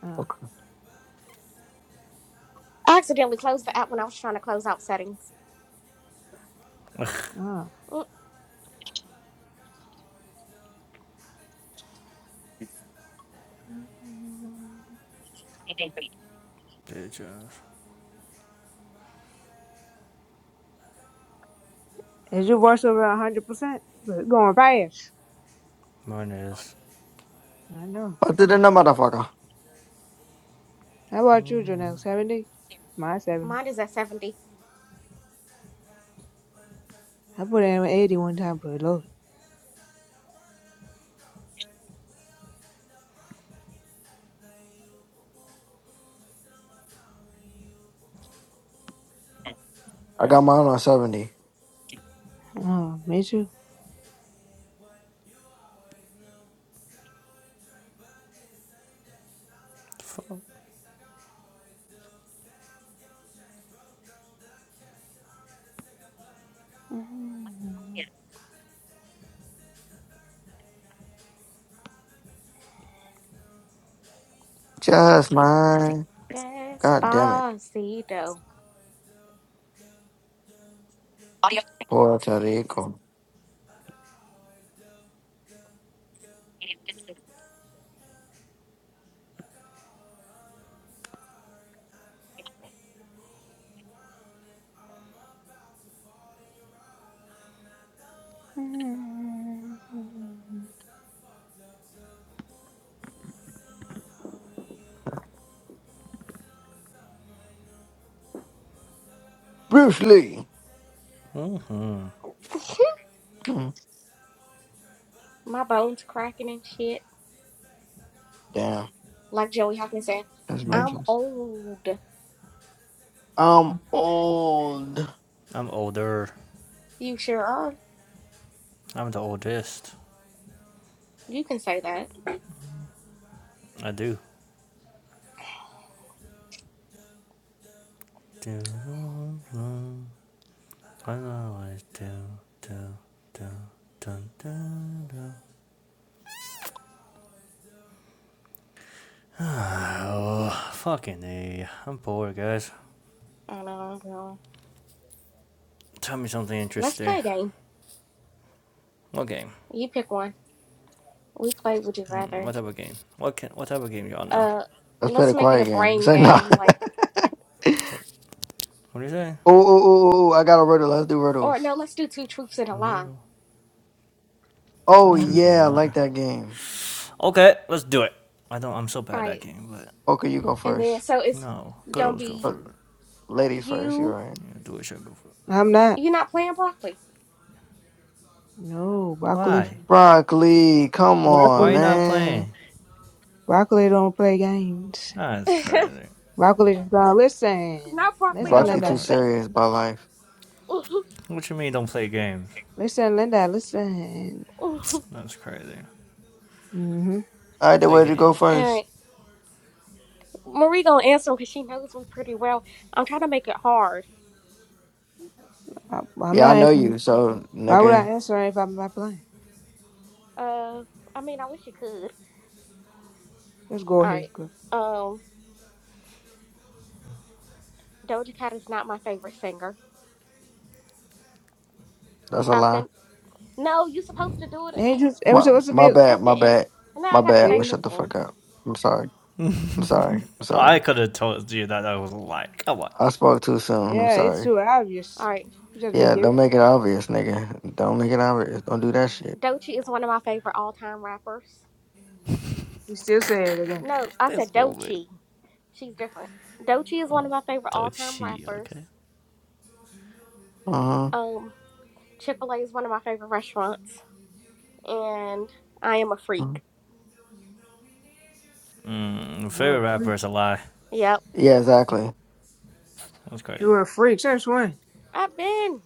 [SPEAKER 4] Uh,
[SPEAKER 2] I accidentally closed the app when I was trying to close out settings.
[SPEAKER 4] uh.
[SPEAKER 2] Mm,
[SPEAKER 5] Bitch
[SPEAKER 4] Is your voice over 100%? But Going fast.
[SPEAKER 5] Mine is.
[SPEAKER 4] I know.
[SPEAKER 1] I did in that motherfucker.
[SPEAKER 4] How about you, Janelle? 70? My 70.
[SPEAKER 2] mine is at seventy.
[SPEAKER 4] I put in 80 one time for a load.
[SPEAKER 1] I got mine on 70.
[SPEAKER 4] Oh, me too. Yeah.
[SPEAKER 1] Just mine. God damn it.
[SPEAKER 2] Despacito.
[SPEAKER 1] Puerto Rico. Bruce Lee. Hmm.
[SPEAKER 2] my bones cracking and shit.
[SPEAKER 1] Damn.
[SPEAKER 2] Like Joey Hawkins said,
[SPEAKER 1] That's
[SPEAKER 2] I'm
[SPEAKER 1] righteous.
[SPEAKER 2] old.
[SPEAKER 1] I'm old.
[SPEAKER 5] I'm older.
[SPEAKER 2] You sure are.
[SPEAKER 5] I'm the oldest.
[SPEAKER 2] You can say that.
[SPEAKER 5] I do. Do. I always do, do. Do. Do. do, do. Oh, fucking A. I'm bored, guys.
[SPEAKER 2] I know, I'm
[SPEAKER 5] Tell me something
[SPEAKER 2] Let's
[SPEAKER 5] interesting.
[SPEAKER 2] play a game.
[SPEAKER 5] What game?
[SPEAKER 2] You pick one. We play Would You
[SPEAKER 5] Mm,
[SPEAKER 2] Rather.
[SPEAKER 5] What type of game? What can, What type of game y'all know?
[SPEAKER 2] Uh,
[SPEAKER 1] Let's play
[SPEAKER 2] let's
[SPEAKER 1] the
[SPEAKER 2] make it a
[SPEAKER 1] quiet game.
[SPEAKER 2] brain
[SPEAKER 1] Say nah.
[SPEAKER 2] game, like,
[SPEAKER 1] oh,
[SPEAKER 5] What, what do you say?
[SPEAKER 1] oh, oh, oh, oh, I got a riddle. Let's do
[SPEAKER 2] or
[SPEAKER 1] riddles.
[SPEAKER 2] no, let's do two truths and a lie.
[SPEAKER 5] Riddle. To
[SPEAKER 1] Oh,
[SPEAKER 5] choose
[SPEAKER 4] Mhm.
[SPEAKER 5] from
[SPEAKER 1] yeah. I
[SPEAKER 5] what?
[SPEAKER 1] like that game.
[SPEAKER 5] Okay, let's do it. I don't. I'm so bad
[SPEAKER 2] All
[SPEAKER 5] at
[SPEAKER 2] right,
[SPEAKER 5] that game, but
[SPEAKER 1] Okay, you go
[SPEAKER 2] and then
[SPEAKER 1] first.
[SPEAKER 2] so it's
[SPEAKER 5] no.
[SPEAKER 2] gonna
[SPEAKER 5] Girls go
[SPEAKER 2] be
[SPEAKER 5] for
[SPEAKER 1] Uh,
[SPEAKER 5] it.
[SPEAKER 1] ladies first. You're
[SPEAKER 2] you.
[SPEAKER 1] right.
[SPEAKER 5] I do wish I go for it.
[SPEAKER 4] I'm not.
[SPEAKER 2] You're not playing broccoli.
[SPEAKER 4] No, broccoli.
[SPEAKER 5] Why?
[SPEAKER 1] Broccoli. Come
[SPEAKER 5] Why are
[SPEAKER 1] on,
[SPEAKER 5] you
[SPEAKER 4] Broccoli.
[SPEAKER 5] not
[SPEAKER 1] man.
[SPEAKER 5] playing?
[SPEAKER 4] Broccoli don't play games.
[SPEAKER 5] Nah, That's
[SPEAKER 2] not
[SPEAKER 5] crazy.
[SPEAKER 4] Broccoli just gonna listen.
[SPEAKER 2] broccoli
[SPEAKER 4] Listen,
[SPEAKER 5] That's
[SPEAKER 2] gonna
[SPEAKER 1] Broccoli too
[SPEAKER 4] Linda.
[SPEAKER 5] crazy.
[SPEAKER 2] listen.
[SPEAKER 1] serious by life.
[SPEAKER 5] What you mean don't play games?
[SPEAKER 4] Listen, Linda. Listen.
[SPEAKER 2] All
[SPEAKER 5] That's crazy.
[SPEAKER 4] Mm-hmm.
[SPEAKER 1] I did
[SPEAKER 5] Play
[SPEAKER 1] Where'd you go
[SPEAKER 5] games.
[SPEAKER 1] first.
[SPEAKER 2] right, Marie gonna answer because she knows me pretty well. I'm trying to make it hard.
[SPEAKER 4] I, I'm
[SPEAKER 1] Yeah, I
[SPEAKER 4] not
[SPEAKER 1] know
[SPEAKER 4] answering.
[SPEAKER 1] you, so
[SPEAKER 4] Why would I
[SPEAKER 1] nigga,
[SPEAKER 4] answer if I'm not playing?
[SPEAKER 2] Uh, I mean, I wish you could.
[SPEAKER 4] Just go
[SPEAKER 2] All right.
[SPEAKER 4] ahead, girl.
[SPEAKER 2] Um, Doja Cat is not my favorite singer.
[SPEAKER 1] that's a
[SPEAKER 2] I've
[SPEAKER 1] lie.
[SPEAKER 2] been no, you supposed to do it
[SPEAKER 4] Ain't just it was
[SPEAKER 1] My
[SPEAKER 4] supposed to
[SPEAKER 1] my
[SPEAKER 4] be.
[SPEAKER 2] at
[SPEAKER 1] bad,
[SPEAKER 2] the
[SPEAKER 1] my
[SPEAKER 2] end.
[SPEAKER 1] bad,
[SPEAKER 2] Now
[SPEAKER 1] my
[SPEAKER 2] I gotta
[SPEAKER 1] bad. I'm gonna
[SPEAKER 2] think
[SPEAKER 4] See,
[SPEAKER 1] shut
[SPEAKER 2] of
[SPEAKER 1] the
[SPEAKER 2] one.
[SPEAKER 1] fuck up. I'm sorry. I'm sorry. I'm
[SPEAKER 5] Oh, I
[SPEAKER 1] sorry.
[SPEAKER 5] could have told you that I was a lie. Come on.
[SPEAKER 1] I spoke too soon. I'm
[SPEAKER 4] yeah, it's
[SPEAKER 1] sorry.
[SPEAKER 4] too
[SPEAKER 2] All
[SPEAKER 4] obvious.
[SPEAKER 2] right.
[SPEAKER 4] You just be
[SPEAKER 1] Yeah,
[SPEAKER 4] giving.
[SPEAKER 1] don't make it obvious, nigga. Don't make it obvious. Don't do that shit.
[SPEAKER 2] Dochi is one of my favorite all-time rappers.
[SPEAKER 4] You still say it again.
[SPEAKER 2] No, I said
[SPEAKER 5] This woman.
[SPEAKER 2] Dochi. She's different. Dochi is one of my favorite
[SPEAKER 5] Don't
[SPEAKER 2] all-time
[SPEAKER 5] cheat,
[SPEAKER 2] rappers.
[SPEAKER 5] okay?
[SPEAKER 1] Uh
[SPEAKER 2] Um, Chick-fil-A is one of my favorite restaurants, and I am a
[SPEAKER 1] huh.
[SPEAKER 2] freak.
[SPEAKER 5] Mm,
[SPEAKER 4] You're
[SPEAKER 5] favorite
[SPEAKER 4] a freak.
[SPEAKER 5] rapper is a lie.
[SPEAKER 2] Yep,
[SPEAKER 1] Yeah, exactly.
[SPEAKER 5] That's crazy.
[SPEAKER 4] You're a freak. Since when?
[SPEAKER 2] I've been.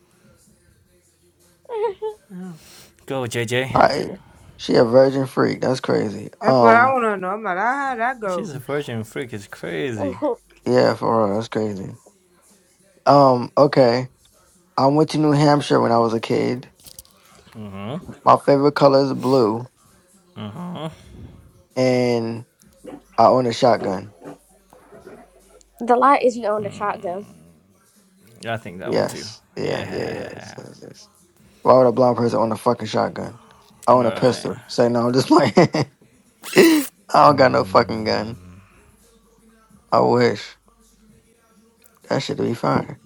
[SPEAKER 4] Oh.
[SPEAKER 5] Go, J J.
[SPEAKER 1] I she a virgin freak. That's crazy.
[SPEAKER 4] That's what I
[SPEAKER 1] Um,
[SPEAKER 4] want to know. I'm like, ah, that
[SPEAKER 5] She's
[SPEAKER 4] goes.
[SPEAKER 5] a virgin freak. It's crazy.
[SPEAKER 1] yeah, for real, that's crazy. Um, okay. I went to New Hampshire when I was a kid.
[SPEAKER 5] Huh?
[SPEAKER 1] My favorite color is blue,
[SPEAKER 5] Huh?
[SPEAKER 1] and I own a shotgun.
[SPEAKER 2] the lie is you owned a shotgun.
[SPEAKER 5] Yeah, I think that one too.
[SPEAKER 1] Yes. Yeah, yeah, yeah. Yes,
[SPEAKER 5] Yeah.
[SPEAKER 1] yes, yes. Why would a blind person own a fucking shotgun? I own a
[SPEAKER 5] Alright.
[SPEAKER 1] pistol. Say no, I'm just playing. I don't got no fucking gun. I wish. That shit be fine.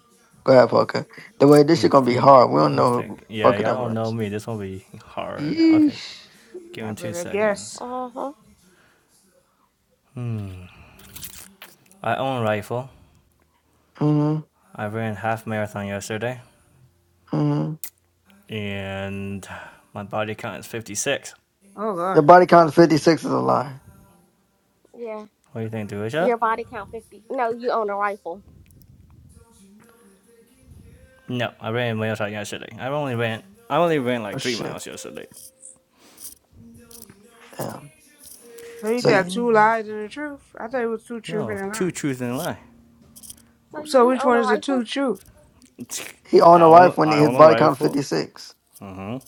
[SPEAKER 1] Go ahead, Poker. The way this
[SPEAKER 5] I'm
[SPEAKER 1] shit gonna be hard.
[SPEAKER 5] thinking.
[SPEAKER 1] We don't
[SPEAKER 5] I'm
[SPEAKER 1] know who
[SPEAKER 5] thinking. Yeah,
[SPEAKER 1] Poker that
[SPEAKER 5] y'all don't know
[SPEAKER 1] much.
[SPEAKER 5] me. This will be hard. Okay.
[SPEAKER 1] Yeesh.
[SPEAKER 5] Give
[SPEAKER 4] I
[SPEAKER 5] me two
[SPEAKER 4] better
[SPEAKER 5] seconds.
[SPEAKER 4] guess.
[SPEAKER 2] Uh huh.
[SPEAKER 5] I own a rifle.
[SPEAKER 1] Mm-hmm.
[SPEAKER 5] I ran half marathon yesterday,
[SPEAKER 1] Mm-hmm.
[SPEAKER 5] and my body count is 56.
[SPEAKER 4] Oh God.
[SPEAKER 1] Your body count of 56 is a lie.
[SPEAKER 2] Yeah.
[SPEAKER 5] What do you think, Duisha?
[SPEAKER 2] Your body count fifty. No, you own a rifle.
[SPEAKER 5] No, I ran a marathon yesterday. I only ran. I only ran
[SPEAKER 1] Oh
[SPEAKER 5] like three
[SPEAKER 1] shit.
[SPEAKER 5] miles yesterday.
[SPEAKER 1] Damn.
[SPEAKER 4] So you
[SPEAKER 1] So
[SPEAKER 4] tell
[SPEAKER 1] he,
[SPEAKER 4] two lies and a truth? I thought it was two truth and
[SPEAKER 5] No,
[SPEAKER 4] a lie.
[SPEAKER 5] two truths and a lie.
[SPEAKER 2] So you
[SPEAKER 4] So
[SPEAKER 2] do
[SPEAKER 4] which
[SPEAKER 2] own
[SPEAKER 4] one
[SPEAKER 2] a
[SPEAKER 4] is the
[SPEAKER 2] rifle?
[SPEAKER 4] two truth?
[SPEAKER 1] he owned
[SPEAKER 5] I
[SPEAKER 1] a
[SPEAKER 5] own.
[SPEAKER 1] rifle when
[SPEAKER 5] I
[SPEAKER 1] his
[SPEAKER 5] own a
[SPEAKER 1] body count of
[SPEAKER 5] rifle.
[SPEAKER 1] 56.
[SPEAKER 5] Uh huh.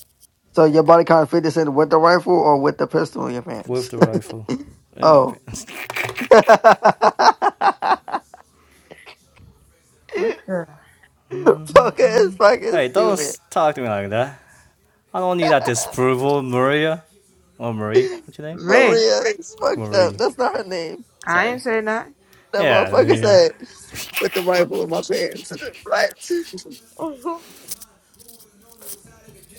[SPEAKER 1] So your body count of 56 with the rifle or with the pistol in your
[SPEAKER 5] With
[SPEAKER 1] pants?
[SPEAKER 5] the rifle in my
[SPEAKER 1] Oh.
[SPEAKER 5] pants.
[SPEAKER 1] Poker
[SPEAKER 4] What the
[SPEAKER 1] is fucking
[SPEAKER 5] hey, don't
[SPEAKER 1] stupid.
[SPEAKER 5] talk to me like that. I don't need that disapproval, Maria or Marie. What's your name?
[SPEAKER 4] man?
[SPEAKER 1] Maria is fucked up.
[SPEAKER 5] Marie.
[SPEAKER 1] That's not her name.
[SPEAKER 4] I ain't
[SPEAKER 5] Sorry.
[SPEAKER 4] say nothing.
[SPEAKER 1] That
[SPEAKER 5] Yeah.
[SPEAKER 1] motherfucker
[SPEAKER 5] yeah.
[SPEAKER 1] said with the rifle in my pants. What?
[SPEAKER 2] Mm-hmm.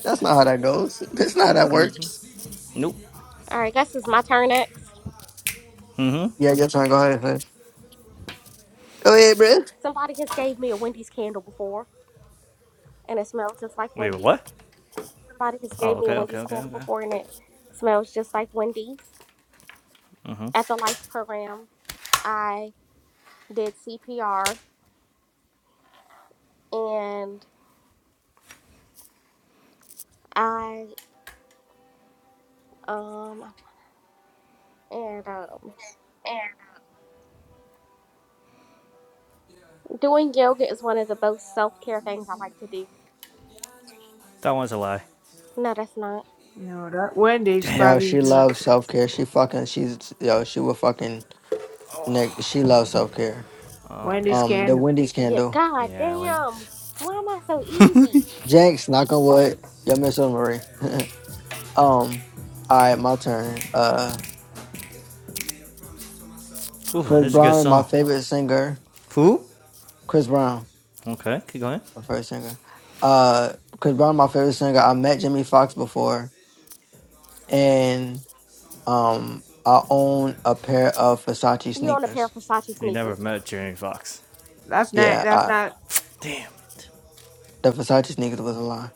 [SPEAKER 1] That's not how that goes. That's not how that works.
[SPEAKER 5] Nope.
[SPEAKER 2] All right, guess it's my turn next.
[SPEAKER 1] Yeah, I guess I go ahead. hun. Go ahead, Britt.
[SPEAKER 2] Somebody has gave me a Wendy's candle before, and it smells just like
[SPEAKER 5] Wait,
[SPEAKER 2] Wendy's.
[SPEAKER 5] what?
[SPEAKER 2] Somebody has
[SPEAKER 5] Oh,
[SPEAKER 2] gave me a
[SPEAKER 5] okay, okay,
[SPEAKER 2] Wendy's
[SPEAKER 5] okay,
[SPEAKER 2] candle
[SPEAKER 5] okay.
[SPEAKER 2] before, and it smells just like Wendy's. At the life program, I did CPR, and I um and um doing yoga is one of the most self care things I like to do.
[SPEAKER 5] That one's a lie.
[SPEAKER 2] No, that's not.
[SPEAKER 4] You know that Wendy's
[SPEAKER 5] Damn
[SPEAKER 1] No,
[SPEAKER 4] probably
[SPEAKER 1] she
[SPEAKER 4] the
[SPEAKER 5] it.
[SPEAKER 4] lie.
[SPEAKER 1] loves self care. She fucking she's yo, she will fucking Nick. she loves self care.
[SPEAKER 5] Oh,
[SPEAKER 4] Wendy's
[SPEAKER 5] damn.
[SPEAKER 1] Um the
[SPEAKER 4] scandal.
[SPEAKER 1] Wendy's
[SPEAKER 2] Yeah,
[SPEAKER 1] candle.
[SPEAKER 2] god
[SPEAKER 5] Yeah,
[SPEAKER 2] damn.
[SPEAKER 5] Wendy's.
[SPEAKER 2] Why am I so easy?
[SPEAKER 1] Jenks, knock on wood. Yo, Miss Marie. Um, all right, my turn. Uh,
[SPEAKER 5] Ooh,
[SPEAKER 1] Chris
[SPEAKER 5] this is a good
[SPEAKER 1] Brown is my
[SPEAKER 5] song.
[SPEAKER 1] favorite singer.
[SPEAKER 5] Who?
[SPEAKER 1] Chris Brown,
[SPEAKER 5] Okay, keep going.
[SPEAKER 1] my favorite singer. Uh, Chris Brown, my favorite singer. I met Jimmy Fox before, and um, I own a pair of Versace
[SPEAKER 2] You on a pair
[SPEAKER 1] sneakers.
[SPEAKER 2] of Versace
[SPEAKER 5] We
[SPEAKER 2] sneakers.
[SPEAKER 5] never met Jeremy Fox.
[SPEAKER 4] That's not.
[SPEAKER 1] Yeah,
[SPEAKER 4] That's
[SPEAKER 1] I,
[SPEAKER 4] not.
[SPEAKER 5] Damn it.
[SPEAKER 1] the Versace sneakers was a lie.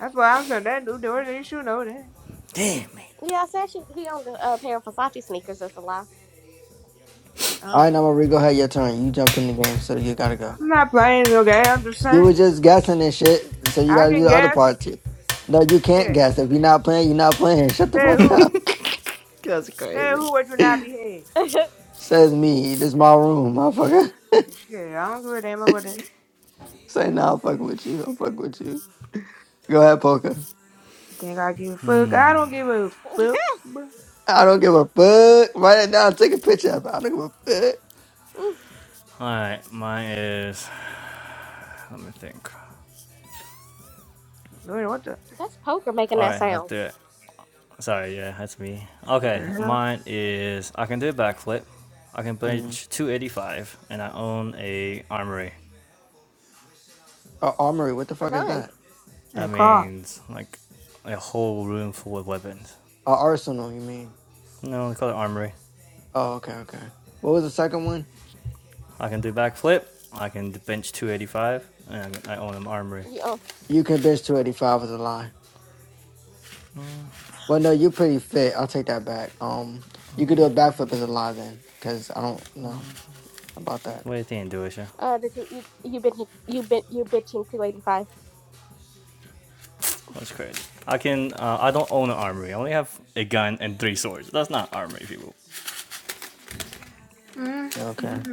[SPEAKER 4] That's what I'm saying. That new doors, you should know that.
[SPEAKER 5] Damn it.
[SPEAKER 2] Yeah, I said she, he owned a, a pair of Versace sneakers. That's a lie.
[SPEAKER 1] All
[SPEAKER 4] Oh,
[SPEAKER 1] right, now Marie, go ahead. Your turn. You jumped in the game, so you gotta go.
[SPEAKER 4] I'm not playing no game. I'm just
[SPEAKER 1] You were
[SPEAKER 4] saying.
[SPEAKER 1] just guessing and shit, so you
[SPEAKER 4] I
[SPEAKER 1] gotta do
[SPEAKER 4] can
[SPEAKER 1] the other
[SPEAKER 4] guess.
[SPEAKER 1] part too. No, you can't
[SPEAKER 4] Shit.
[SPEAKER 1] guess. If you're not playing, you're not playing. Shut the
[SPEAKER 4] Say
[SPEAKER 1] fuck
[SPEAKER 4] who?
[SPEAKER 1] up.
[SPEAKER 5] That's
[SPEAKER 4] Say who
[SPEAKER 5] crazy.
[SPEAKER 4] would you not be
[SPEAKER 1] Says me. This my room, motherfucker.
[SPEAKER 4] here? Shit. I don't give a damn about that.
[SPEAKER 1] Say now, I'm fucking with you. I'm fucking with you. Go ahead, poker.
[SPEAKER 4] You think I give a fuck? I don't give a fuck. Wait,
[SPEAKER 1] I don't give a fuck. Write it down. Take a picture of it. I don't give a fuck.
[SPEAKER 5] Alright, mine is. Let me think.
[SPEAKER 4] what the?
[SPEAKER 2] That's poker making that
[SPEAKER 5] Alright, let's
[SPEAKER 2] sound.
[SPEAKER 5] do it. Sorry, yeah, that's me.
[SPEAKER 4] What
[SPEAKER 5] Okay,
[SPEAKER 4] the hell?
[SPEAKER 5] mine is. I can do a backflip. I can
[SPEAKER 1] Mm.
[SPEAKER 5] bench 285, and I own a armory.
[SPEAKER 1] A armory. What the
[SPEAKER 2] A
[SPEAKER 1] fuck is
[SPEAKER 2] gun.
[SPEAKER 1] that?
[SPEAKER 4] Hey,
[SPEAKER 5] That
[SPEAKER 4] car.
[SPEAKER 5] means like a whole room full of weapons.
[SPEAKER 1] A arsenal. You mean?
[SPEAKER 5] No, they call it armory.
[SPEAKER 1] Oh, okay, okay. What was the second one?
[SPEAKER 5] I can do backflip. I can bench 285, and I own an armory.
[SPEAKER 2] You oh,
[SPEAKER 1] You can bitch two eighty five is a lie. Well, no, you're pretty fit. I'll take that back. Um, you could do a backflip as a lie then, because I don't know about that.
[SPEAKER 5] What do you think, Duisha?
[SPEAKER 2] uh the two you you been you been you bitching two eighty five.
[SPEAKER 5] That's crazy. I can. Uh, I don't own an armory. I only have a gun and three swords. That's not armory, people.
[SPEAKER 4] Mm-hmm.
[SPEAKER 1] Okay.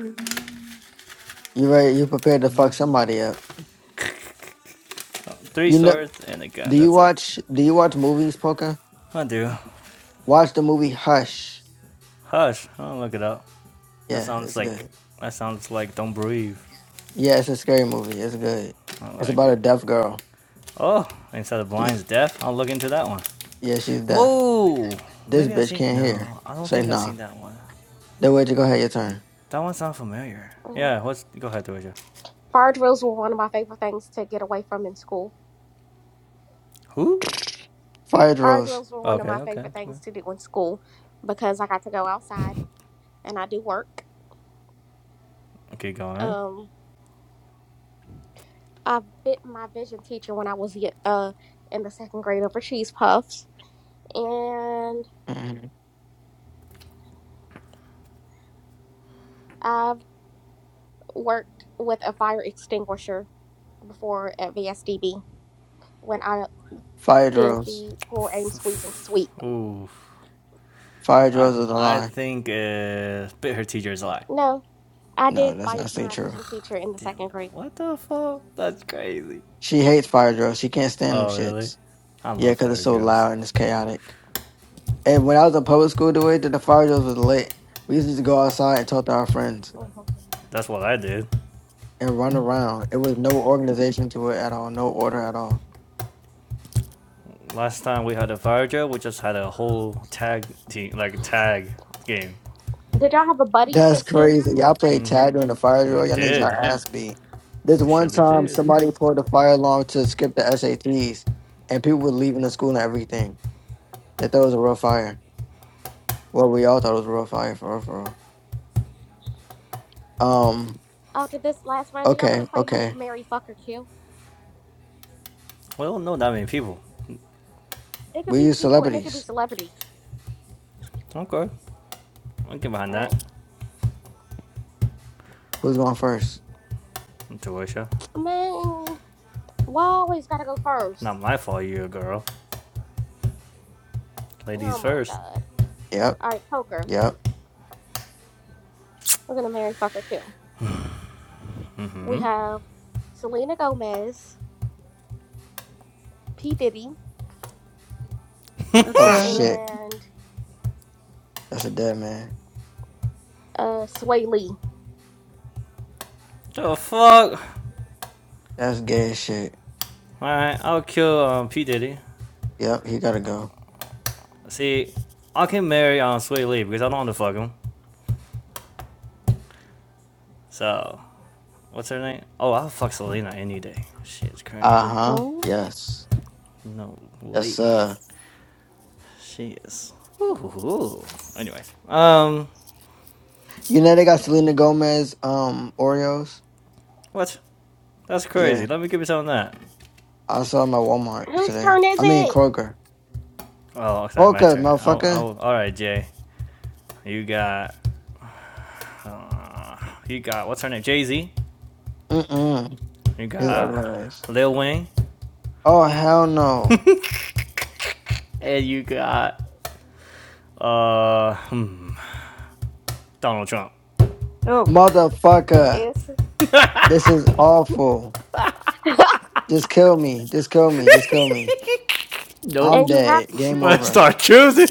[SPEAKER 1] You ready? You prepared to fuck somebody up?
[SPEAKER 5] Uh, Three
[SPEAKER 1] You know?
[SPEAKER 5] swords and a gun.
[SPEAKER 1] Do you
[SPEAKER 5] That's it.
[SPEAKER 1] watch? Do you watch movies, poker?
[SPEAKER 5] I do.
[SPEAKER 1] Watch the movie Hush.
[SPEAKER 5] Hush. I don't look it up. That
[SPEAKER 1] Yeah,
[SPEAKER 5] sounds
[SPEAKER 1] it's
[SPEAKER 5] like.
[SPEAKER 1] good.
[SPEAKER 5] That sounds like don't breathe.
[SPEAKER 1] Yeah, it's a scary movie. It's good.
[SPEAKER 5] I
[SPEAKER 1] It's
[SPEAKER 5] like
[SPEAKER 1] about a
[SPEAKER 5] it.
[SPEAKER 1] deaf girl.
[SPEAKER 5] Oh, inside the blind's
[SPEAKER 1] She's
[SPEAKER 5] death. I'll look into that one.
[SPEAKER 1] yeah, she's deaf.
[SPEAKER 5] Whoa!
[SPEAKER 1] This
[SPEAKER 5] Maybe I
[SPEAKER 1] bitch
[SPEAKER 5] seen.
[SPEAKER 1] can't hear.
[SPEAKER 5] No, I don't
[SPEAKER 1] Say
[SPEAKER 5] think I
[SPEAKER 1] nah.
[SPEAKER 5] seen that one.
[SPEAKER 1] Then where'd you go ahead your turn?
[SPEAKER 5] That one sounds familiar. Yeah.
[SPEAKER 2] Fire
[SPEAKER 5] What's? Go ahead, Doja.
[SPEAKER 2] drills were one of my favorite things to get away from in school.
[SPEAKER 5] Who?
[SPEAKER 1] Fire
[SPEAKER 2] Fire
[SPEAKER 1] drills.
[SPEAKER 2] drills were one of my
[SPEAKER 5] Okay. Okay. Okay.
[SPEAKER 2] favorite things to do in school because I got to go outside and I do work.
[SPEAKER 5] Okay. Going.
[SPEAKER 2] Um, I bit my vision teacher when I was uh in the second grade over cheese puffs, and
[SPEAKER 1] hmm
[SPEAKER 2] I've worked with a fire extinguisher before at VSDB when I
[SPEAKER 1] Fire
[SPEAKER 2] did
[SPEAKER 1] drills.
[SPEAKER 2] the pull, aim, squeeze, and sweep.
[SPEAKER 1] Fire
[SPEAKER 5] I
[SPEAKER 1] drills is a
[SPEAKER 5] I
[SPEAKER 1] lie.
[SPEAKER 5] think uh, bit her teacher's lie.
[SPEAKER 2] No, I
[SPEAKER 1] No,
[SPEAKER 2] did
[SPEAKER 1] that's
[SPEAKER 2] bite
[SPEAKER 1] not stay
[SPEAKER 2] my
[SPEAKER 1] true.
[SPEAKER 2] vision teacher in the
[SPEAKER 5] Damn
[SPEAKER 2] second
[SPEAKER 5] it!
[SPEAKER 2] grade.
[SPEAKER 5] What the fuck? That's crazy.
[SPEAKER 1] She hates fire drills. She can't stand them
[SPEAKER 5] Oh really?
[SPEAKER 1] shits.
[SPEAKER 5] I
[SPEAKER 1] Yeah,
[SPEAKER 5] love
[SPEAKER 1] 'cause it's
[SPEAKER 5] fire
[SPEAKER 1] so
[SPEAKER 5] drills.
[SPEAKER 1] loud and it's chaotic. And when I was in public school, the way that the fire drills was lit, we used to go outside and talk to our friends
[SPEAKER 2] Mhm.
[SPEAKER 5] That's what I did.
[SPEAKER 1] and run around. It was no organization to it at all, no order at all.
[SPEAKER 5] Last time we had a fire drill, we just had a whole tag team, like tag game.
[SPEAKER 2] Did y'all have a buddy
[SPEAKER 1] That's
[SPEAKER 2] system
[SPEAKER 1] crazy. Y'all played tag during the fire
[SPEAKER 5] We
[SPEAKER 1] drill. Y'all need your
[SPEAKER 5] did.
[SPEAKER 1] ass beat. This
[SPEAKER 5] We
[SPEAKER 1] one
[SPEAKER 5] surely
[SPEAKER 1] time,
[SPEAKER 5] did.
[SPEAKER 1] somebody pulled the fire alarm to skip the SATs, and people were leaving the school and everything. They thought it was a real fire. Well, we all thought it was a real fire for real, for real. Um.
[SPEAKER 2] after this last round? Do y'all want to
[SPEAKER 1] Okay.
[SPEAKER 2] play my
[SPEAKER 1] Okay.
[SPEAKER 2] Mary Fucker Kill?
[SPEAKER 5] We don't know that many people.
[SPEAKER 2] It could
[SPEAKER 1] We
[SPEAKER 2] be
[SPEAKER 1] use
[SPEAKER 2] people and it could be
[SPEAKER 1] celebrities.
[SPEAKER 2] celebrities.
[SPEAKER 5] Okay. I will get behind
[SPEAKER 2] All right,
[SPEAKER 5] that.
[SPEAKER 1] Who's going first?
[SPEAKER 5] Joycia.
[SPEAKER 2] man. Why always gotta go first?
[SPEAKER 5] Not my fault you're a girl.
[SPEAKER 2] Oh
[SPEAKER 5] Ladies
[SPEAKER 2] my
[SPEAKER 5] first.
[SPEAKER 2] god.
[SPEAKER 1] Yep.
[SPEAKER 2] All right, poker.
[SPEAKER 1] Yep.
[SPEAKER 2] We're gonna marry Fucker Kill. We have Selena Gomez, P Diddy,
[SPEAKER 4] What
[SPEAKER 1] Oh
[SPEAKER 4] the hell?
[SPEAKER 1] shit.
[SPEAKER 2] and
[SPEAKER 1] That's a dead man.
[SPEAKER 2] uh Sway Lee.
[SPEAKER 5] The fuck?
[SPEAKER 1] That's gay as shit.
[SPEAKER 5] Alright, I'll kill um, P. Diddy.
[SPEAKER 1] Yep. He gotta go.
[SPEAKER 5] See, I can marry um, Sweet Lee because I don't want to fuck him. So, what's her name? Oh, I'll fuck Selena any day. She is crazy.
[SPEAKER 1] Uh
[SPEAKER 2] Uh
[SPEAKER 1] huh.
[SPEAKER 2] huh.
[SPEAKER 1] Yes.
[SPEAKER 5] No
[SPEAKER 1] Yes,
[SPEAKER 5] way.
[SPEAKER 1] sir.
[SPEAKER 5] She is. Ooh. Anyway. Um,
[SPEAKER 1] You know they got Selena Gomez um Oreos.
[SPEAKER 5] what? That's crazy.
[SPEAKER 1] Yeah.
[SPEAKER 5] Let me give you some of that.
[SPEAKER 1] I saw them at Walmart
[SPEAKER 2] Whose
[SPEAKER 1] today.
[SPEAKER 2] turn is
[SPEAKER 1] I mean
[SPEAKER 2] it?
[SPEAKER 1] Kroger.
[SPEAKER 5] Oh, okay, my
[SPEAKER 1] Kroger,
[SPEAKER 5] turn. I'll,
[SPEAKER 1] motherfucker.
[SPEAKER 5] I'll, all right, Jay. You got, you got, what's her name? Jay Z.
[SPEAKER 1] Mm-mm.
[SPEAKER 5] You
[SPEAKER 1] It's
[SPEAKER 5] got
[SPEAKER 1] organized.
[SPEAKER 5] Lil Wayne,
[SPEAKER 1] Oh hell no.
[SPEAKER 5] and you got uh hmm, Donald Trump.
[SPEAKER 4] Oh.
[SPEAKER 1] Motherfucker.
[SPEAKER 2] It's
[SPEAKER 1] This is awful. Just kill me. Just kill me. Just kill me.
[SPEAKER 5] nope.
[SPEAKER 1] I'm
[SPEAKER 2] and you have
[SPEAKER 1] dead.
[SPEAKER 2] to
[SPEAKER 1] Game
[SPEAKER 5] Let's
[SPEAKER 1] over.
[SPEAKER 2] choose.
[SPEAKER 5] start choosing.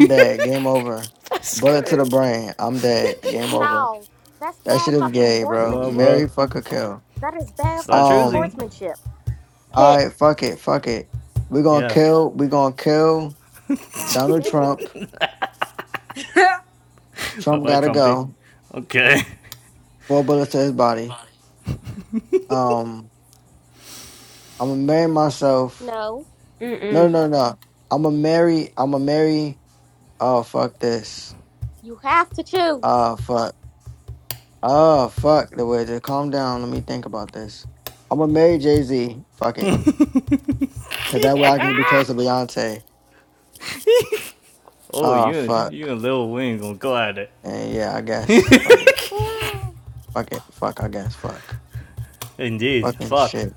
[SPEAKER 1] dead. Game over.
[SPEAKER 5] That's
[SPEAKER 1] Bullet to the
[SPEAKER 5] crazy.
[SPEAKER 1] brain. I'm dead. Game over.
[SPEAKER 2] No, that's
[SPEAKER 1] That shit
[SPEAKER 2] bad
[SPEAKER 1] is
[SPEAKER 2] fucking
[SPEAKER 1] gay,
[SPEAKER 5] Come
[SPEAKER 1] bro.
[SPEAKER 5] on,
[SPEAKER 2] sportsmanship.
[SPEAKER 1] Mary
[SPEAKER 5] bro.
[SPEAKER 1] fucker kill.
[SPEAKER 2] That is bad
[SPEAKER 5] Start
[SPEAKER 2] fucking
[SPEAKER 1] Um
[SPEAKER 5] choosing.
[SPEAKER 2] sportsmanship. Pick.
[SPEAKER 1] alright, fuck it. Fuck it. we gonna
[SPEAKER 5] Yeah.
[SPEAKER 1] kill we gonna kill
[SPEAKER 2] God
[SPEAKER 1] Donald
[SPEAKER 2] damn.
[SPEAKER 1] Trump.
[SPEAKER 4] God.
[SPEAKER 5] Bye
[SPEAKER 1] Trump
[SPEAKER 5] bye,
[SPEAKER 1] gotta
[SPEAKER 5] Trumpy.
[SPEAKER 1] go.
[SPEAKER 5] Okay.
[SPEAKER 1] Four bullets to his body. Um I'm gonna marry myself.
[SPEAKER 2] No,
[SPEAKER 1] No,
[SPEAKER 4] Mm-mm.
[SPEAKER 1] no, no. I'm going to marry. I'm going to marry. Oh fuck this.
[SPEAKER 2] you have to choose.
[SPEAKER 1] Oh fuck. Oh fuck the wizard, Calm down. Let me think about this. I'm gonna marry Jay Z. Fuck it. Cause that way I can be close to Beyonce.
[SPEAKER 5] Oh,
[SPEAKER 1] Oh
[SPEAKER 5] you and you
[SPEAKER 1] fuck.
[SPEAKER 5] and Lil Wayne gonna go at it.
[SPEAKER 1] And yeah, I guess. Fuck it.
[SPEAKER 2] No.
[SPEAKER 1] Fuck it. Fuck. I guess. Fuck.
[SPEAKER 5] Indeed.
[SPEAKER 1] Fucking
[SPEAKER 5] Fuck.
[SPEAKER 1] shit.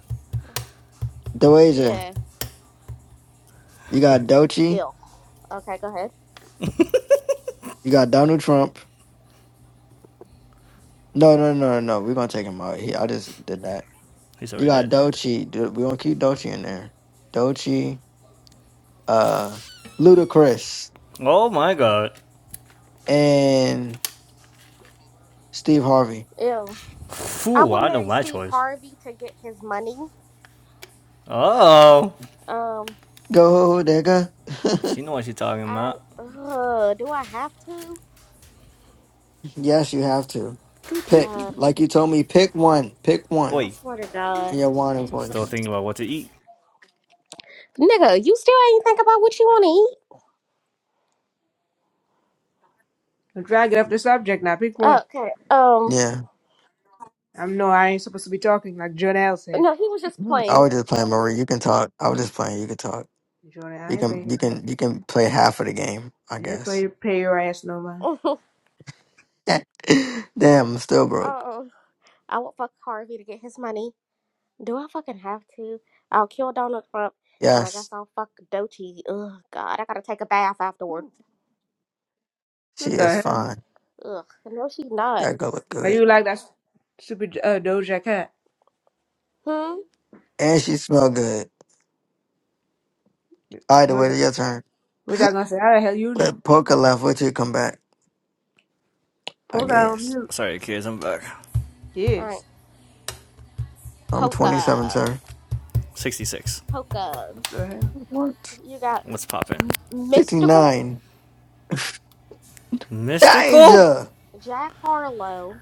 [SPEAKER 1] Doja,
[SPEAKER 2] Yeah.
[SPEAKER 1] you got Dochi.
[SPEAKER 2] Ew. Okay, go ahead.
[SPEAKER 1] You got Donald Trump. No, no, no, no. We're gonna take him out. He, I just did that.
[SPEAKER 5] He's
[SPEAKER 1] You
[SPEAKER 5] already
[SPEAKER 1] got
[SPEAKER 5] dead.
[SPEAKER 1] Dochi. Dude, we gonna keep Dochi in there. Dochi. uh Ludacris
[SPEAKER 5] Oh my god.
[SPEAKER 1] and Steve Harvey.
[SPEAKER 2] Ew. I
[SPEAKER 5] Phew,
[SPEAKER 2] would
[SPEAKER 5] I know
[SPEAKER 2] marry
[SPEAKER 5] my
[SPEAKER 2] Steve
[SPEAKER 5] choice.
[SPEAKER 2] Harvey to get his money.
[SPEAKER 5] Uh Oh.
[SPEAKER 2] Um,
[SPEAKER 1] Go nigga.
[SPEAKER 5] She know what she's talking
[SPEAKER 2] I.
[SPEAKER 5] about.
[SPEAKER 2] Ugh, do I have to?
[SPEAKER 1] yes, you have to. Pick.
[SPEAKER 2] God,
[SPEAKER 1] Like you told me, pick one. Pick one
[SPEAKER 2] I
[SPEAKER 5] Oi.
[SPEAKER 2] swear to God.
[SPEAKER 1] in your wanted
[SPEAKER 5] I'm still
[SPEAKER 1] voice.
[SPEAKER 5] thinking about what to eat.
[SPEAKER 2] Nigga, you still ain't think about what you want to eat?
[SPEAKER 4] I'm trying to get off the subject now. Pick one.
[SPEAKER 2] Okay. Um,
[SPEAKER 1] Yeah.
[SPEAKER 4] I know I ain't supposed to be talking like Jordan L
[SPEAKER 2] but
[SPEAKER 4] said.
[SPEAKER 2] no, he was just
[SPEAKER 1] I
[SPEAKER 2] playing.
[SPEAKER 1] was just playing Marie. You can talk. I was just playing, you can talk.
[SPEAKER 4] Jordan, I
[SPEAKER 1] You
[SPEAKER 4] ain't
[SPEAKER 1] can you
[SPEAKER 4] been.
[SPEAKER 1] can you can play half of the game, I guess.
[SPEAKER 4] Everybody pay your ass no mind.
[SPEAKER 2] um,
[SPEAKER 1] Damn, I'm still broke.
[SPEAKER 2] I would fuck Harvey to get his money. Do I fucking have to? I'll kill Donald Trump, and I guess
[SPEAKER 1] Yes,
[SPEAKER 2] I'll fuck Dochi. Ugh, God, I gotta take a bath afterward.
[SPEAKER 1] she
[SPEAKER 4] What
[SPEAKER 1] is
[SPEAKER 4] the hell?
[SPEAKER 1] fine.
[SPEAKER 2] Ugh, no, she's not.
[SPEAKER 1] That girl look
[SPEAKER 4] Why
[SPEAKER 1] good.
[SPEAKER 4] you like that stupid uh, Doja Cat?
[SPEAKER 2] Hmm.
[SPEAKER 1] And she smell good. All right, the
[SPEAKER 4] Doja.
[SPEAKER 1] way, your turn.
[SPEAKER 4] What y'all gonna say? How the hell you know?
[SPEAKER 1] But Poker left, Wait till you come back, I
[SPEAKER 4] Poor guy on
[SPEAKER 1] guess.
[SPEAKER 4] mute.
[SPEAKER 5] Sorry, kids, I'm back.
[SPEAKER 2] All right,
[SPEAKER 4] Yes.
[SPEAKER 1] I'm 27,
[SPEAKER 2] Polka,
[SPEAKER 1] sir.
[SPEAKER 5] 66.
[SPEAKER 2] Polka.
[SPEAKER 4] What the hell?
[SPEAKER 1] What?
[SPEAKER 2] You got
[SPEAKER 5] What's poppin'?
[SPEAKER 2] M- Mystical,
[SPEAKER 1] 69.
[SPEAKER 5] Mystical?
[SPEAKER 1] Danger!
[SPEAKER 2] Jack Harlow,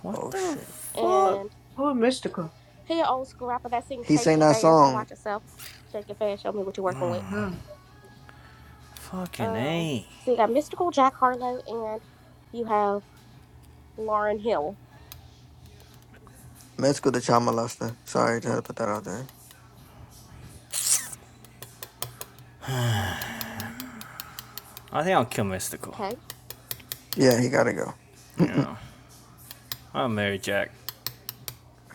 [SPEAKER 5] What
[SPEAKER 1] Oh,
[SPEAKER 5] the
[SPEAKER 1] shit.
[SPEAKER 5] fuck?
[SPEAKER 2] and
[SPEAKER 4] Who mystical?
[SPEAKER 2] he an old school rapper that sings
[SPEAKER 1] He
[SPEAKER 2] "Shake
[SPEAKER 1] sang
[SPEAKER 2] Your
[SPEAKER 1] that
[SPEAKER 2] Fast,
[SPEAKER 1] song,
[SPEAKER 2] Watch Yourself." Shake your fast, show me what you're working with.
[SPEAKER 4] Huh.
[SPEAKER 5] Fucking
[SPEAKER 2] Oh,
[SPEAKER 5] A.
[SPEAKER 2] so you got Mystical Jack Harlow and you have Lauren Hill.
[SPEAKER 1] Mexico the Child Molester. Sorry, I to put that out there.
[SPEAKER 5] I think I'll kill Mystical.
[SPEAKER 2] Okay.
[SPEAKER 1] Yeah, he gotta go.
[SPEAKER 5] Yeah. I'll marry Jack.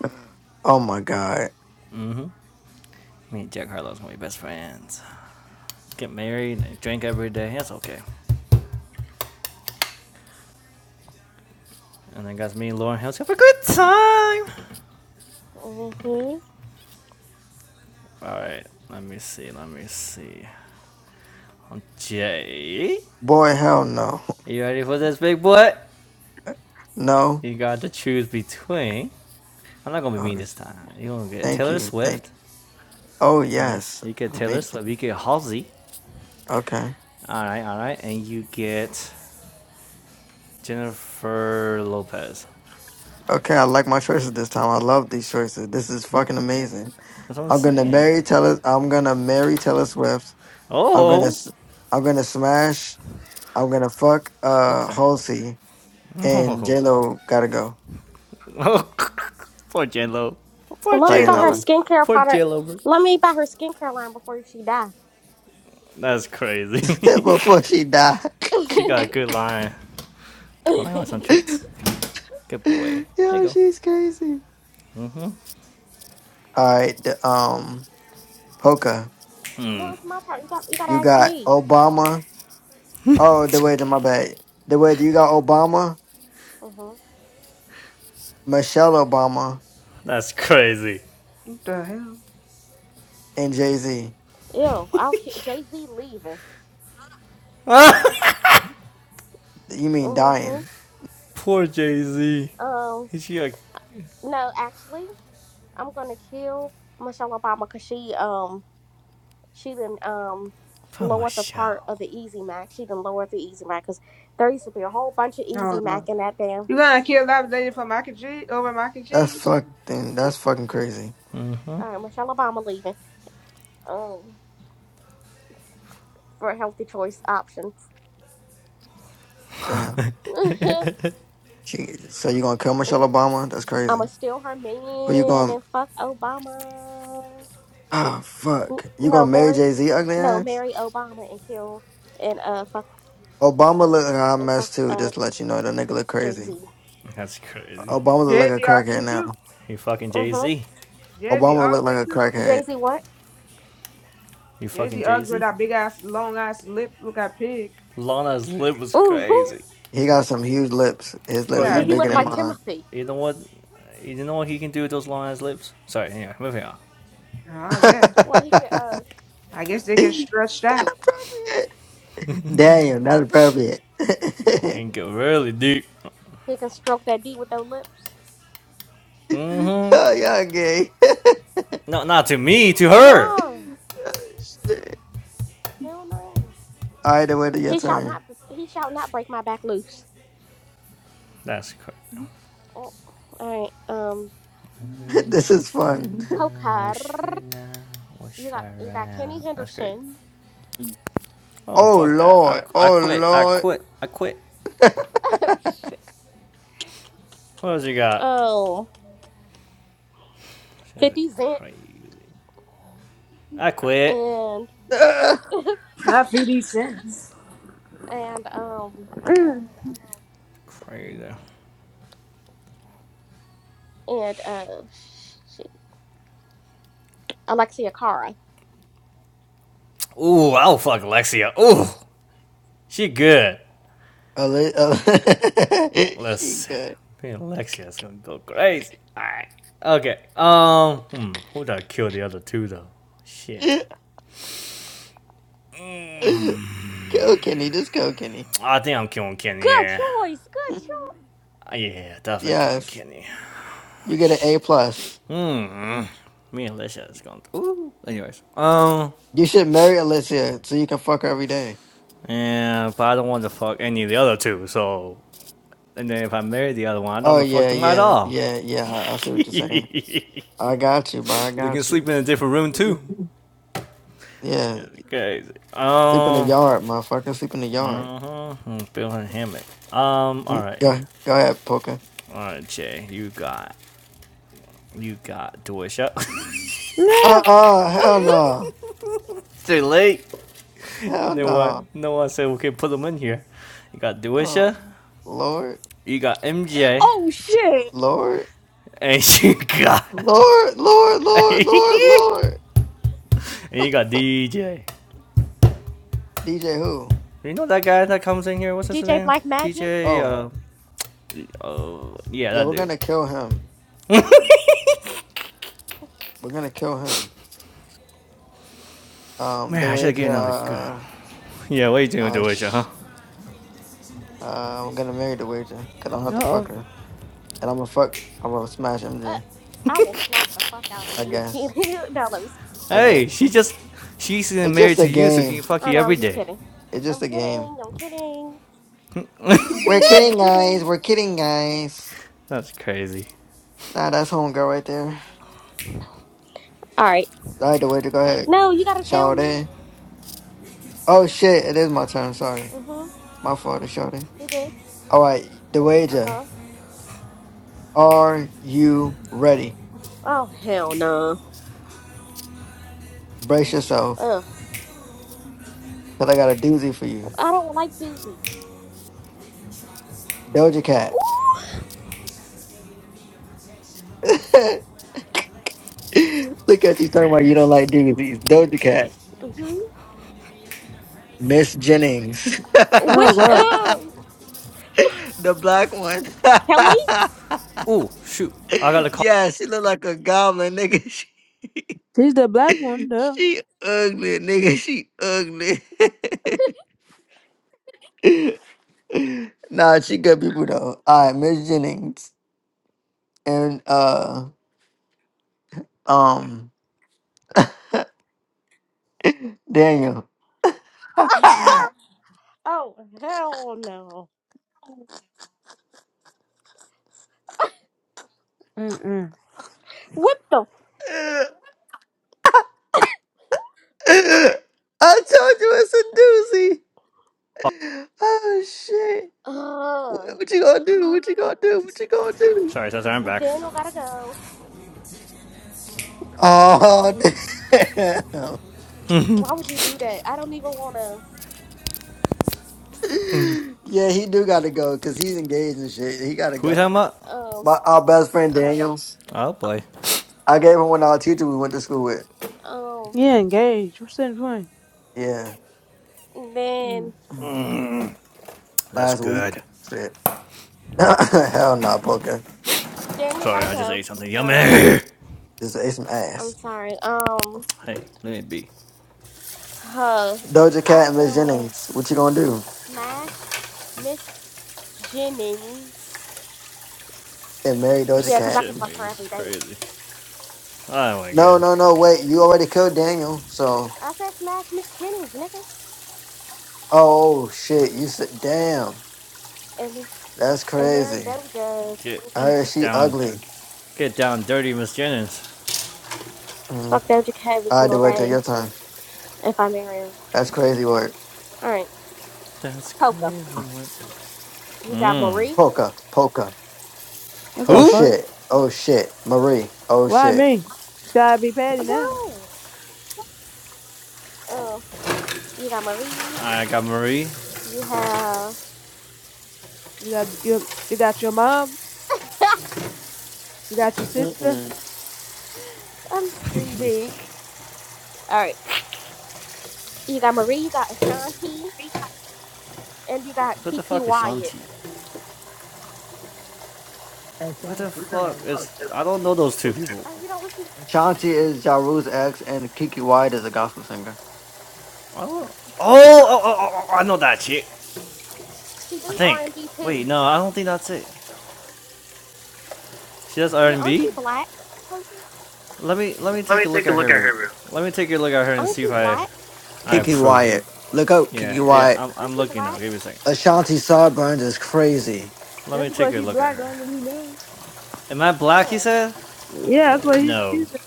[SPEAKER 1] Mm-mm. oh, my God.
[SPEAKER 5] Mm hmm. Me and Jack Harlow's gonna be best friends. Get married and drink every day. That's okay. And then guys, me and Lauren Hill's have a good time.
[SPEAKER 2] Mm-hmm.
[SPEAKER 5] Alright, let me see, let me see. Um, Jay,
[SPEAKER 1] Boy, hell no.
[SPEAKER 5] you ready for this, big boy?
[SPEAKER 1] No?
[SPEAKER 5] You got to choose between. I'm not gonna be
[SPEAKER 1] Oh,
[SPEAKER 5] mean this
[SPEAKER 1] it's-
[SPEAKER 5] time. You're gonna get
[SPEAKER 1] thank
[SPEAKER 5] Taylor
[SPEAKER 1] you. Thank
[SPEAKER 5] Swift
[SPEAKER 1] you. Oh,
[SPEAKER 5] Uh,
[SPEAKER 1] yes.
[SPEAKER 5] you get Taylor
[SPEAKER 1] Amazing.
[SPEAKER 5] Swift, you get Halsey.
[SPEAKER 1] Okay.
[SPEAKER 5] All right, all right, and you get Jennifer Lopez.
[SPEAKER 1] Okay, I like my choices this time. I love these choices. This is fucking amazing.
[SPEAKER 5] That's what I'm
[SPEAKER 1] I'm gonna
[SPEAKER 5] saying.
[SPEAKER 1] marry Taylor. I'm gonna marry Taylor Swift. I'm gonna.
[SPEAKER 5] Oh,
[SPEAKER 1] s- I'm gonna smash. I'm gonna fuck
[SPEAKER 5] oh,
[SPEAKER 1] uh
[SPEAKER 5] sorry.
[SPEAKER 1] Halsey and
[SPEAKER 5] Oh,
[SPEAKER 1] J Lo gotta go.
[SPEAKER 5] oh. poor J Lo, poor
[SPEAKER 2] Let me
[SPEAKER 5] J
[SPEAKER 2] buy her
[SPEAKER 5] Lo,
[SPEAKER 1] Sayonara.
[SPEAKER 2] skincare
[SPEAKER 5] poor J
[SPEAKER 2] product.
[SPEAKER 5] Lo.
[SPEAKER 2] Let me buy her skincare line before she die.
[SPEAKER 5] That's crazy.
[SPEAKER 1] Before she died.
[SPEAKER 5] she
[SPEAKER 2] no,
[SPEAKER 5] got a good line. Come on, you want some
[SPEAKER 2] it's
[SPEAKER 1] Yo,
[SPEAKER 5] treats? Good boy. There you go.
[SPEAKER 1] she's crazy. Alright, the um Polka.
[SPEAKER 2] my turn. You got you gotta
[SPEAKER 1] You
[SPEAKER 2] ask
[SPEAKER 1] got
[SPEAKER 2] me.
[SPEAKER 1] Obama. Oh, the way to my bad. The way you got Obama,
[SPEAKER 2] Mm-hmm.
[SPEAKER 1] Michelle Obama,
[SPEAKER 5] That's crazy.
[SPEAKER 4] What the hell?
[SPEAKER 1] and Jay Z.
[SPEAKER 2] Ew, I'll kill Jay Z leaving.
[SPEAKER 1] You mean dying.
[SPEAKER 2] Mm-hmm.
[SPEAKER 5] Poor Jay Z.
[SPEAKER 2] Um,
[SPEAKER 5] She got
[SPEAKER 2] no, actually, I'm gonna kill Michelle Obama because she um she didn't um
[SPEAKER 5] from a
[SPEAKER 2] lower the
[SPEAKER 5] show.
[SPEAKER 2] part of the Easy Mac. She didn't lower the Easy Mac because there used to be a whole bunch of
[SPEAKER 4] I
[SPEAKER 2] Easy
[SPEAKER 4] don't know.
[SPEAKER 2] Mac in that damn
[SPEAKER 4] You gonna kill that lady for mac and cheese over mac and
[SPEAKER 1] That's
[SPEAKER 4] cheese?
[SPEAKER 1] fucking that's fucking crazy.
[SPEAKER 2] uh, Michelle Obama leaving um for healthy choice options.
[SPEAKER 1] Damn. She, so you gonna kill Michelle Obama? That's
[SPEAKER 2] I'ma
[SPEAKER 1] crazy.
[SPEAKER 2] steal her
[SPEAKER 1] Who you
[SPEAKER 2] man
[SPEAKER 1] gonna?
[SPEAKER 2] and fuck Obama.
[SPEAKER 1] Ah,
[SPEAKER 2] N-
[SPEAKER 1] fuck. You
[SPEAKER 2] No,
[SPEAKER 1] gonna marry
[SPEAKER 2] marry,
[SPEAKER 1] Jay Z ugly
[SPEAKER 2] no,
[SPEAKER 1] ass?
[SPEAKER 2] marry Obama and kill and uh fuck
[SPEAKER 1] Obama look like a hot
[SPEAKER 2] and fuck
[SPEAKER 1] mess too.
[SPEAKER 2] uh
[SPEAKER 1] Just to let you know that nigga look
[SPEAKER 2] Jay
[SPEAKER 1] crazy.
[SPEAKER 2] Z.
[SPEAKER 5] That's crazy.
[SPEAKER 1] Obama look like a
[SPEAKER 4] Jersey
[SPEAKER 1] crackhead
[SPEAKER 4] ugly too.
[SPEAKER 1] now.
[SPEAKER 5] You fucking Jay
[SPEAKER 2] Mm-hmm.
[SPEAKER 5] Z.
[SPEAKER 4] Jersey
[SPEAKER 1] Obama look
[SPEAKER 4] ugly
[SPEAKER 1] like a
[SPEAKER 4] too.
[SPEAKER 2] Jay
[SPEAKER 1] crackhead.
[SPEAKER 2] Z what?
[SPEAKER 5] You fucking
[SPEAKER 4] Jersey
[SPEAKER 5] Jay
[SPEAKER 4] ugly with
[SPEAKER 5] Z.
[SPEAKER 4] that big ass, long ass lip. Look at pig.
[SPEAKER 5] Lana's lip was
[SPEAKER 2] Mm-hmm.
[SPEAKER 5] crazy,
[SPEAKER 1] He got some huge lips. His
[SPEAKER 4] They
[SPEAKER 5] bro.
[SPEAKER 1] lips is
[SPEAKER 5] You
[SPEAKER 2] Did
[SPEAKER 4] got.
[SPEAKER 2] he
[SPEAKER 1] bigger
[SPEAKER 2] look
[SPEAKER 5] you
[SPEAKER 1] than
[SPEAKER 2] like
[SPEAKER 1] mine.
[SPEAKER 2] Timothy?
[SPEAKER 5] you know what you know what he can do with those long ass lips. Sorry, anyway, moving on.
[SPEAKER 4] I guess.
[SPEAKER 2] Well, he could uh
[SPEAKER 4] I guess they get
[SPEAKER 1] Inappropriate.
[SPEAKER 4] stretched out.
[SPEAKER 1] Damn, not appropriate.
[SPEAKER 5] He can go really deep.
[SPEAKER 2] he can stroke that D with those lips.
[SPEAKER 5] hmm
[SPEAKER 1] oh, y'all gay. oh,
[SPEAKER 5] No, not to me, to her.
[SPEAKER 2] No,
[SPEAKER 1] shit.
[SPEAKER 2] hell no.
[SPEAKER 1] All right, then wait till your
[SPEAKER 2] He shall
[SPEAKER 1] turn.
[SPEAKER 2] not. He shall not break my back loose.
[SPEAKER 5] That's crazy.
[SPEAKER 2] Oh, all right. Um,
[SPEAKER 1] this is
[SPEAKER 5] Wish right
[SPEAKER 1] fun.
[SPEAKER 5] now,
[SPEAKER 2] Pokar.
[SPEAKER 5] wish right now,
[SPEAKER 2] You
[SPEAKER 5] wish
[SPEAKER 2] got
[SPEAKER 5] right
[SPEAKER 2] you got
[SPEAKER 5] now.
[SPEAKER 2] Kenny
[SPEAKER 5] That's great.
[SPEAKER 2] Henderson.
[SPEAKER 5] Oh
[SPEAKER 1] Oh
[SPEAKER 5] fuck that! I
[SPEAKER 1] Lord,
[SPEAKER 5] I
[SPEAKER 1] oh
[SPEAKER 5] quit. I
[SPEAKER 1] Lord.
[SPEAKER 5] quit. I quit. What else you got?
[SPEAKER 2] Oh,
[SPEAKER 5] Shit,
[SPEAKER 2] fifty Cent
[SPEAKER 5] Crazy. I quit.
[SPEAKER 2] and
[SPEAKER 4] Not fifty cents.
[SPEAKER 2] and um
[SPEAKER 4] Mm.
[SPEAKER 5] Crazy.
[SPEAKER 2] and uh shit, Alexia Cara.
[SPEAKER 5] Ooh, I'll fuck Alexia. Ooh, she good.
[SPEAKER 1] Ale- Ale- she
[SPEAKER 5] Let's.
[SPEAKER 1] good.
[SPEAKER 5] Man, Alexia's gonna go crazy. Alright. Okay. Um. Hmm. Who did I kill the other two though? Shit.
[SPEAKER 1] Go Kenny, just go Kenny.
[SPEAKER 5] I think I'm killing Kenny.
[SPEAKER 2] Good
[SPEAKER 5] Yeah.
[SPEAKER 2] choice. Good
[SPEAKER 5] Uh, Yeah. Definitely killing
[SPEAKER 1] Yes,
[SPEAKER 5] Kenny.
[SPEAKER 1] you get an A
[SPEAKER 5] Shit.
[SPEAKER 1] plus.
[SPEAKER 5] Hmm. Me and Alicia is going. To, ooh. Anyways. Um.
[SPEAKER 1] You should marry Alicia so you can fuck her every day.
[SPEAKER 5] Yeah. But I don't want to fuck any of the other two. So. And then if I marry the other one, I don't
[SPEAKER 1] Oh
[SPEAKER 5] want to fuck
[SPEAKER 1] yeah,
[SPEAKER 5] them at
[SPEAKER 1] yeah,
[SPEAKER 5] all.
[SPEAKER 1] yeah, yeah. I, I see
[SPEAKER 5] they
[SPEAKER 1] what you're saying. I got you, bro. I
[SPEAKER 5] can
[SPEAKER 1] got you.
[SPEAKER 5] sleep in a different room too.
[SPEAKER 1] Yeah,
[SPEAKER 5] It's crazy.
[SPEAKER 1] sleep in the
[SPEAKER 5] Um.
[SPEAKER 1] yard, motherfucker. Sleep in the yard.
[SPEAKER 5] Mm-hmm. Bill and Hammock. Um. All
[SPEAKER 1] Mm,
[SPEAKER 5] right.
[SPEAKER 1] Go, go ahead, Poker.
[SPEAKER 5] All right, Jay. You got. You got Duisha.
[SPEAKER 4] Yeah.
[SPEAKER 1] Uh uh hell
[SPEAKER 2] choice.
[SPEAKER 1] no,
[SPEAKER 5] Too late.
[SPEAKER 1] hell
[SPEAKER 5] No one.
[SPEAKER 1] no.
[SPEAKER 5] No one said we can put them in here. You got
[SPEAKER 1] Oh
[SPEAKER 5] Duisha.
[SPEAKER 1] Lord,
[SPEAKER 5] You got MJ.
[SPEAKER 2] oh shit.
[SPEAKER 1] Lord.
[SPEAKER 5] And you got.
[SPEAKER 1] Lord, Lord,
[SPEAKER 5] and
[SPEAKER 1] Lord,
[SPEAKER 5] you
[SPEAKER 1] Lord, Lord.
[SPEAKER 5] got DJ.
[SPEAKER 1] DJ who?
[SPEAKER 5] You know that guy that comes in here. What's his
[SPEAKER 2] DJ
[SPEAKER 5] name?
[SPEAKER 2] Black Magic.
[SPEAKER 5] DJ.
[SPEAKER 1] Oh,
[SPEAKER 5] Uh. Oh. Yeah,
[SPEAKER 1] yeah,
[SPEAKER 5] that
[SPEAKER 1] we're
[SPEAKER 5] dude.
[SPEAKER 1] gonna kill him.
[SPEAKER 2] Uh,
[SPEAKER 1] We're gonna kill him. Um, the
[SPEAKER 5] Man, I should get
[SPEAKER 1] wager.
[SPEAKER 5] another girl.
[SPEAKER 1] Uh,
[SPEAKER 5] Yeah. What are you doing,
[SPEAKER 1] uh,
[SPEAKER 5] Duisha? Huh?
[SPEAKER 1] sh- uh I'm gonna marry the wager cause I'm
[SPEAKER 4] Uh
[SPEAKER 1] not
[SPEAKER 4] oh.
[SPEAKER 1] fuck her, and I'm gonna fuck. I'm gonna smash MJ.
[SPEAKER 2] I will slap the fuck out of
[SPEAKER 1] I
[SPEAKER 2] you.
[SPEAKER 1] guess.
[SPEAKER 2] no, let me. s-
[SPEAKER 1] I
[SPEAKER 5] Hey, she
[SPEAKER 1] guess.
[SPEAKER 5] just. She's
[SPEAKER 1] It's
[SPEAKER 5] married
[SPEAKER 1] just
[SPEAKER 5] to
[SPEAKER 1] a
[SPEAKER 5] you, so can you
[SPEAKER 1] game.
[SPEAKER 5] fuck
[SPEAKER 2] Oh
[SPEAKER 5] you
[SPEAKER 2] no, I'm
[SPEAKER 5] every
[SPEAKER 2] just
[SPEAKER 5] day.
[SPEAKER 2] kidding.
[SPEAKER 1] It's just
[SPEAKER 2] I'm
[SPEAKER 1] a game.
[SPEAKER 2] kidding. I'm kidding. I'm
[SPEAKER 1] We're
[SPEAKER 2] kidding. I'm
[SPEAKER 1] kidding, guys.
[SPEAKER 2] kidding.
[SPEAKER 1] We're kidding, guys.
[SPEAKER 5] That's crazy.
[SPEAKER 1] Nah, that's homegirl right there.
[SPEAKER 2] All right.
[SPEAKER 1] All right, the wager. Go ahead.
[SPEAKER 2] No, you gotta tell
[SPEAKER 1] Shout it.
[SPEAKER 2] me.
[SPEAKER 1] Oh shit! It is my turn. Sorry,
[SPEAKER 2] Mhm.
[SPEAKER 1] my fault. Shout
[SPEAKER 2] You good?
[SPEAKER 1] All right,
[SPEAKER 2] Uh
[SPEAKER 1] DeWager,
[SPEAKER 2] huh.
[SPEAKER 1] are you ready?
[SPEAKER 2] Oh hell no.
[SPEAKER 1] Brace yourself,
[SPEAKER 2] Ugh.
[SPEAKER 1] cause I got a doozy for you.
[SPEAKER 2] I don't like doozies.
[SPEAKER 1] Doja Cat.
[SPEAKER 2] Ooh.
[SPEAKER 1] Look at you talking about you don't like doozies. Doja Cat.
[SPEAKER 2] Mhm.
[SPEAKER 1] Miss Jennings.
[SPEAKER 4] Oh
[SPEAKER 2] Which?
[SPEAKER 4] God,
[SPEAKER 2] Ugh.
[SPEAKER 1] the black one.
[SPEAKER 2] Kelly.
[SPEAKER 5] Oh, shoot. I got a call.
[SPEAKER 1] yeah, she look like a goblin, nigga.
[SPEAKER 4] he's the black one,
[SPEAKER 1] She,
[SPEAKER 4] though.
[SPEAKER 1] she ugly, nigga. She ugly. nah, she good people though. All right, Miss Jennings. and uh um Daniel.
[SPEAKER 4] Mm-mm.
[SPEAKER 2] Oh, hell no.
[SPEAKER 4] Mm-mm.
[SPEAKER 2] What the?
[SPEAKER 1] I told you it's a doozy. Oh shit. What,
[SPEAKER 2] Ugh.
[SPEAKER 1] what you gonna do? What you gonna do? What you gonna do?
[SPEAKER 5] Sorry, Cesar, I'm back.
[SPEAKER 2] Daniel gotta go.
[SPEAKER 1] Oh damn.
[SPEAKER 2] Why would you do that? I don't even wanna.
[SPEAKER 1] Yeah, he do gotta go because he's engaged and shit. He gotta
[SPEAKER 5] Who are you
[SPEAKER 1] go.
[SPEAKER 5] talking about?
[SPEAKER 2] Um,
[SPEAKER 1] My our best friend Daniel.
[SPEAKER 5] Oh, boy.
[SPEAKER 1] I gave him one of our teacher we went to school with.
[SPEAKER 2] um,
[SPEAKER 4] Yeah, engaged. What's the point?
[SPEAKER 1] Yeah.
[SPEAKER 4] Mm.
[SPEAKER 2] then
[SPEAKER 5] That's
[SPEAKER 1] Last week.
[SPEAKER 5] good.
[SPEAKER 1] Shit. Hell no, poker.
[SPEAKER 2] Daniel
[SPEAKER 5] Sorry,
[SPEAKER 2] gotta
[SPEAKER 5] I just
[SPEAKER 2] go.
[SPEAKER 5] ate something yummy.
[SPEAKER 2] Um,
[SPEAKER 5] hey,
[SPEAKER 1] Just ate some ass.
[SPEAKER 2] I'm sorry. Um,
[SPEAKER 5] let me be.
[SPEAKER 2] huh.
[SPEAKER 1] Doja
[SPEAKER 2] I
[SPEAKER 1] Cat and Miss
[SPEAKER 2] will
[SPEAKER 1] Jennings. What you gonna do?
[SPEAKER 2] smash Miss Jennings.
[SPEAKER 1] And marry Doja
[SPEAKER 2] Yeah, cause
[SPEAKER 5] This
[SPEAKER 2] I
[SPEAKER 1] Cat?
[SPEAKER 2] can
[SPEAKER 5] chimney
[SPEAKER 2] fuck her
[SPEAKER 5] This
[SPEAKER 2] every
[SPEAKER 5] is
[SPEAKER 2] day.
[SPEAKER 5] crazy. Oh, my
[SPEAKER 1] No,
[SPEAKER 5] God.
[SPEAKER 1] no, no. Wait, you already killed Daniel. So,
[SPEAKER 2] I said smash Miss Jennings, nigga.
[SPEAKER 1] oh shit, you said, damn,
[SPEAKER 2] And,
[SPEAKER 1] that's
[SPEAKER 2] and marry
[SPEAKER 1] crazy.
[SPEAKER 2] Doja.
[SPEAKER 5] Get
[SPEAKER 1] I heard she
[SPEAKER 5] down.
[SPEAKER 1] ugly.
[SPEAKER 5] Get down dirty, Miss Jennings.
[SPEAKER 1] hmm
[SPEAKER 2] Fuck Doja Cat every
[SPEAKER 1] I
[SPEAKER 2] single
[SPEAKER 1] do it to
[SPEAKER 2] day
[SPEAKER 1] your time.
[SPEAKER 2] if I marry her.
[SPEAKER 1] That's crazy work.
[SPEAKER 2] All right,
[SPEAKER 5] That's
[SPEAKER 2] Poker.
[SPEAKER 5] crazy.
[SPEAKER 2] You got
[SPEAKER 5] Mmm.
[SPEAKER 2] Marie.
[SPEAKER 1] Polka, polka.
[SPEAKER 4] What the
[SPEAKER 1] Oh
[SPEAKER 5] Who?
[SPEAKER 4] fuck?
[SPEAKER 1] shit. Oh shit. Marie. Oh
[SPEAKER 4] Why
[SPEAKER 1] shit.
[SPEAKER 4] me? Gotta be petty now.
[SPEAKER 2] No. Oh, you got Marie.
[SPEAKER 5] I got Marie.
[SPEAKER 2] You have.
[SPEAKER 4] You got you, you got your mom. You got your sister.
[SPEAKER 1] Mm-mm.
[SPEAKER 2] I'm screaming. All right. You got Marie. You got Ashanti, and you got
[SPEAKER 5] What the
[SPEAKER 2] Kiki
[SPEAKER 5] fuck is
[SPEAKER 2] Wyatt.
[SPEAKER 5] Shanti? What the fuck is... I don't know those two people.
[SPEAKER 2] Oh, you don't listen. To...
[SPEAKER 1] Ashanti is Jaru's ex, and Kiki White is a gospel singer.
[SPEAKER 5] I don't... Oh, oh, oh, oh, oh, I know that chick.
[SPEAKER 2] She
[SPEAKER 5] I
[SPEAKER 2] do R
[SPEAKER 5] think.
[SPEAKER 2] and B
[SPEAKER 5] Wait,
[SPEAKER 2] too.
[SPEAKER 5] no, I don't think that's it. She does R
[SPEAKER 2] Yeah.
[SPEAKER 5] and
[SPEAKER 2] Aren't
[SPEAKER 5] B.
[SPEAKER 2] you black, Poker?
[SPEAKER 5] Let me let me take a look at her real. quick. Let me take a look at her and
[SPEAKER 2] Aren't
[SPEAKER 5] see if
[SPEAKER 2] you
[SPEAKER 5] I
[SPEAKER 2] black?
[SPEAKER 5] I
[SPEAKER 1] Kiki
[SPEAKER 5] approve.
[SPEAKER 1] Wyatt. Look out,
[SPEAKER 5] Yeah,
[SPEAKER 1] Kiki
[SPEAKER 5] yeah,
[SPEAKER 1] Wyatt.
[SPEAKER 5] I'm
[SPEAKER 2] Aren't
[SPEAKER 5] I'm
[SPEAKER 2] you
[SPEAKER 5] looking now.
[SPEAKER 2] black?
[SPEAKER 5] Give me a second.
[SPEAKER 1] Ashanti Sarburns is crazy.
[SPEAKER 5] Let
[SPEAKER 4] Just
[SPEAKER 5] me take
[SPEAKER 4] because
[SPEAKER 5] a
[SPEAKER 4] he
[SPEAKER 5] look at
[SPEAKER 4] black
[SPEAKER 5] her.
[SPEAKER 4] don't mean he knows.
[SPEAKER 5] Am I black? You
[SPEAKER 2] Yeah.
[SPEAKER 5] said?
[SPEAKER 4] Yeah, that's what he
[SPEAKER 5] No,
[SPEAKER 4] she said.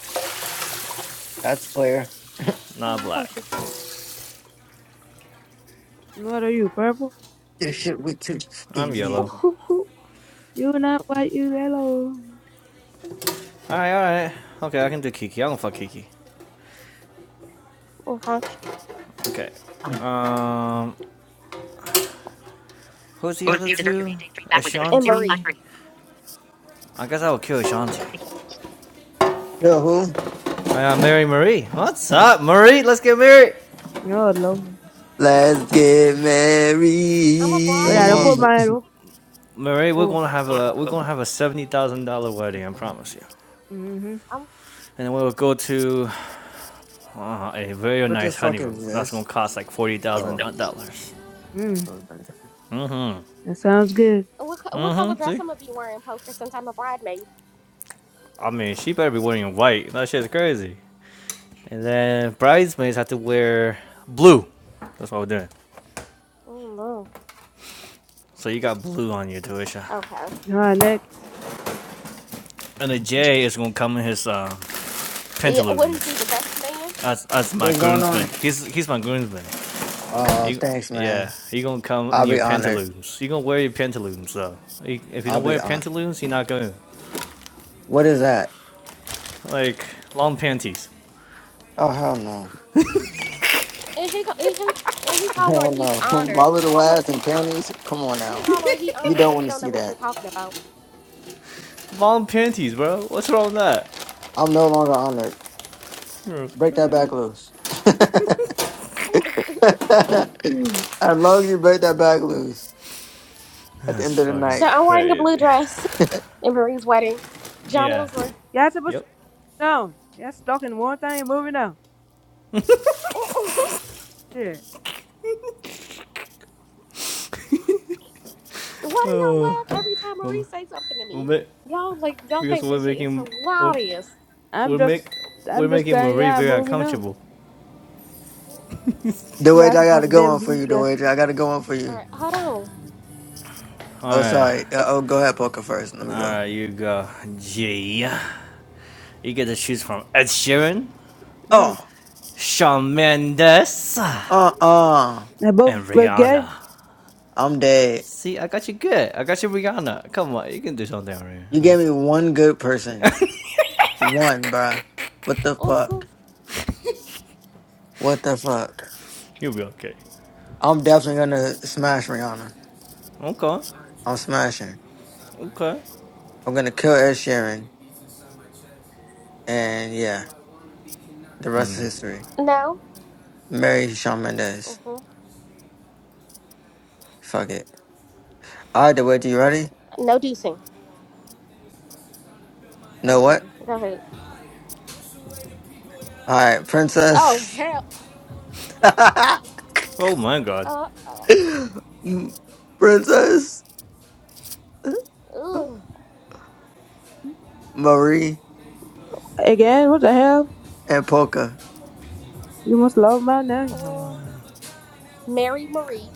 [SPEAKER 1] That's clear.
[SPEAKER 5] not
[SPEAKER 2] Oh, I
[SPEAKER 5] black.
[SPEAKER 2] thought you.
[SPEAKER 4] What are you, purple?
[SPEAKER 1] This shit we too
[SPEAKER 5] I'm
[SPEAKER 1] easy.
[SPEAKER 5] yellow.
[SPEAKER 2] were.
[SPEAKER 4] You not white, you yellow.
[SPEAKER 5] All right, all right. Okay, I can do Kiki. I don't fuck Kiki.
[SPEAKER 2] okay.
[SPEAKER 5] Okay. Um, who's the other two?
[SPEAKER 2] And Marie.
[SPEAKER 5] Ashanti. I guess I will kill Ashanti.
[SPEAKER 1] Yo, who?
[SPEAKER 5] I got Mary Marie. What's up, Marie? Let's get married.
[SPEAKER 4] Oh Lord.
[SPEAKER 1] Let's get
[SPEAKER 2] I'm a
[SPEAKER 4] Oh,
[SPEAKER 5] What
[SPEAKER 4] yeah, don't
[SPEAKER 5] going?
[SPEAKER 4] put
[SPEAKER 2] bridemaid.
[SPEAKER 5] on?
[SPEAKER 1] married.
[SPEAKER 4] my head up.
[SPEAKER 5] Marie, we're
[SPEAKER 4] Oh.
[SPEAKER 5] gonna have a we're gonna have a seventy thousand dollar wedding. I promise you.
[SPEAKER 4] Mm-hmm.
[SPEAKER 2] I'm.
[SPEAKER 5] And we'll go to uh, a very
[SPEAKER 1] What the
[SPEAKER 5] nice
[SPEAKER 1] fuck
[SPEAKER 5] honeymoon.
[SPEAKER 1] is
[SPEAKER 5] That's gonna
[SPEAKER 1] this?
[SPEAKER 5] cost like forty thousand
[SPEAKER 1] Oh.
[SPEAKER 5] dollars.
[SPEAKER 4] Mm.
[SPEAKER 1] okay.
[SPEAKER 5] Mm-hmm.
[SPEAKER 4] That sounds good.
[SPEAKER 2] What, what color
[SPEAKER 5] Mm-hmm.
[SPEAKER 2] dress
[SPEAKER 5] See,
[SPEAKER 2] I'm gonna be wearing, Poker? Since I'm a bridemaid.
[SPEAKER 5] I mean, she better be wearing white. That shit's crazy. And then bridesmaids have to wear blue. That's what we're doing.
[SPEAKER 2] Mm-hmm.
[SPEAKER 5] So you got blue on your tuition.
[SPEAKER 2] Okay.
[SPEAKER 4] All right, next.
[SPEAKER 5] And the Jay is gonna come in his uh,
[SPEAKER 2] Yeah.
[SPEAKER 5] pantaloons.
[SPEAKER 2] What is he? The best man?
[SPEAKER 5] That's that's my
[SPEAKER 1] What's going
[SPEAKER 5] groomsman.
[SPEAKER 1] on?
[SPEAKER 5] He's he's my groomsman.
[SPEAKER 1] Oh,
[SPEAKER 5] You,
[SPEAKER 1] thanks, man.
[SPEAKER 5] yeah, you gonna come in
[SPEAKER 1] I'll
[SPEAKER 5] your
[SPEAKER 1] be honored.
[SPEAKER 5] pantaloons. You gonna wear your pantaloons though. You- If you
[SPEAKER 1] I'll
[SPEAKER 5] don't
[SPEAKER 1] be
[SPEAKER 5] wear
[SPEAKER 1] honored.
[SPEAKER 5] pantaloons, you're not gonna
[SPEAKER 1] What is that?
[SPEAKER 5] like long panties.
[SPEAKER 1] Oh hell no.
[SPEAKER 2] And he go- and he and he hollering
[SPEAKER 1] Hell
[SPEAKER 2] he's
[SPEAKER 1] no. My
[SPEAKER 2] honored.
[SPEAKER 1] little ass and panties? Come on
[SPEAKER 2] He
[SPEAKER 1] now.
[SPEAKER 2] hollering he
[SPEAKER 1] You
[SPEAKER 2] honored
[SPEAKER 1] don't
[SPEAKER 2] and he
[SPEAKER 1] want to
[SPEAKER 2] don't know
[SPEAKER 1] see
[SPEAKER 2] what you're
[SPEAKER 1] that.
[SPEAKER 2] talking about.
[SPEAKER 5] Long panties, bro. What's wrong with that?
[SPEAKER 1] I'm no longer honored.
[SPEAKER 5] That's
[SPEAKER 1] Break that back
[SPEAKER 5] crazy.
[SPEAKER 1] loose. I love you, break that back loose. At the
[SPEAKER 5] That's
[SPEAKER 1] end of the
[SPEAKER 5] fucking
[SPEAKER 2] so
[SPEAKER 1] night.
[SPEAKER 2] I'm wearing the blue
[SPEAKER 5] crazy.
[SPEAKER 2] dress in Marie's wedding. John
[SPEAKER 5] Yeah.
[SPEAKER 2] Ilsley.
[SPEAKER 4] Y'all supposed to
[SPEAKER 5] Yep.
[SPEAKER 4] be down. Y'all stuck in one thing, moving on.
[SPEAKER 2] Why
[SPEAKER 4] Yeah.
[SPEAKER 2] do y'all
[SPEAKER 5] Oh,
[SPEAKER 2] laugh every time Marie
[SPEAKER 5] we'll,
[SPEAKER 2] say something to
[SPEAKER 5] we'll
[SPEAKER 2] me?
[SPEAKER 5] make,
[SPEAKER 2] Y'all like y'all
[SPEAKER 5] because
[SPEAKER 2] think
[SPEAKER 5] we're
[SPEAKER 2] this shit is
[SPEAKER 5] making we're,
[SPEAKER 2] hilarious.
[SPEAKER 4] I'm
[SPEAKER 5] we're
[SPEAKER 4] just,
[SPEAKER 5] make we're
[SPEAKER 4] I'm just
[SPEAKER 5] making
[SPEAKER 4] telling
[SPEAKER 5] Marie
[SPEAKER 4] y'all,
[SPEAKER 5] very
[SPEAKER 4] moving on.
[SPEAKER 5] uncomfortable.
[SPEAKER 4] You
[SPEAKER 1] Dewage, I
[SPEAKER 4] asking for
[SPEAKER 1] gotta
[SPEAKER 4] the
[SPEAKER 1] go
[SPEAKER 4] damn
[SPEAKER 1] on for
[SPEAKER 4] blue
[SPEAKER 1] you,
[SPEAKER 4] dress.
[SPEAKER 1] Dewage. I gotta go on for
[SPEAKER 2] All
[SPEAKER 1] you.
[SPEAKER 2] right, hold on.
[SPEAKER 5] All
[SPEAKER 1] Oh
[SPEAKER 5] right,
[SPEAKER 1] sorry. Uh,
[SPEAKER 2] It's
[SPEAKER 1] oh go ahead, poker first. Let
[SPEAKER 5] all
[SPEAKER 1] me
[SPEAKER 5] right,
[SPEAKER 1] go.
[SPEAKER 5] you go. Gee, you get to choose from Ed Sheeran,
[SPEAKER 4] Mm.
[SPEAKER 1] Oh.
[SPEAKER 5] Shawn Mendes,
[SPEAKER 1] Uh uh.
[SPEAKER 4] They
[SPEAKER 5] and
[SPEAKER 4] both again,
[SPEAKER 5] Rihanna.
[SPEAKER 1] I'm dead.
[SPEAKER 5] See, I got you good. I got you Rihanna. Come on, you can do something around here.
[SPEAKER 1] You
[SPEAKER 5] Huh?
[SPEAKER 1] gave me one good person. One, bruh. What the fuck?
[SPEAKER 2] mhm.
[SPEAKER 1] What the fuck?
[SPEAKER 5] You'll be okay.
[SPEAKER 1] I'm definitely gonna smash Rihanna.
[SPEAKER 5] Okay.
[SPEAKER 1] I'm smashing.
[SPEAKER 5] Okay.
[SPEAKER 1] I'm gonna kill Ed Sheeran. And yeah, the rest is history.
[SPEAKER 2] no,
[SPEAKER 1] Marry Shawn Mendes.
[SPEAKER 2] hmm
[SPEAKER 1] Fuck it. Alright, the way you ready?
[SPEAKER 2] no deucing. I'm
[SPEAKER 1] Know what?
[SPEAKER 2] kidding. Go ahead.
[SPEAKER 1] Alright,
[SPEAKER 2] Oh
[SPEAKER 1] princess.
[SPEAKER 2] hell.
[SPEAKER 5] Oh my god.
[SPEAKER 2] Uh
[SPEAKER 1] princess
[SPEAKER 2] oh. Ugh.
[SPEAKER 1] Marie
[SPEAKER 4] again. What the hell?
[SPEAKER 1] and Polka.
[SPEAKER 4] You must love my name.
[SPEAKER 2] Uh, Mary Marie.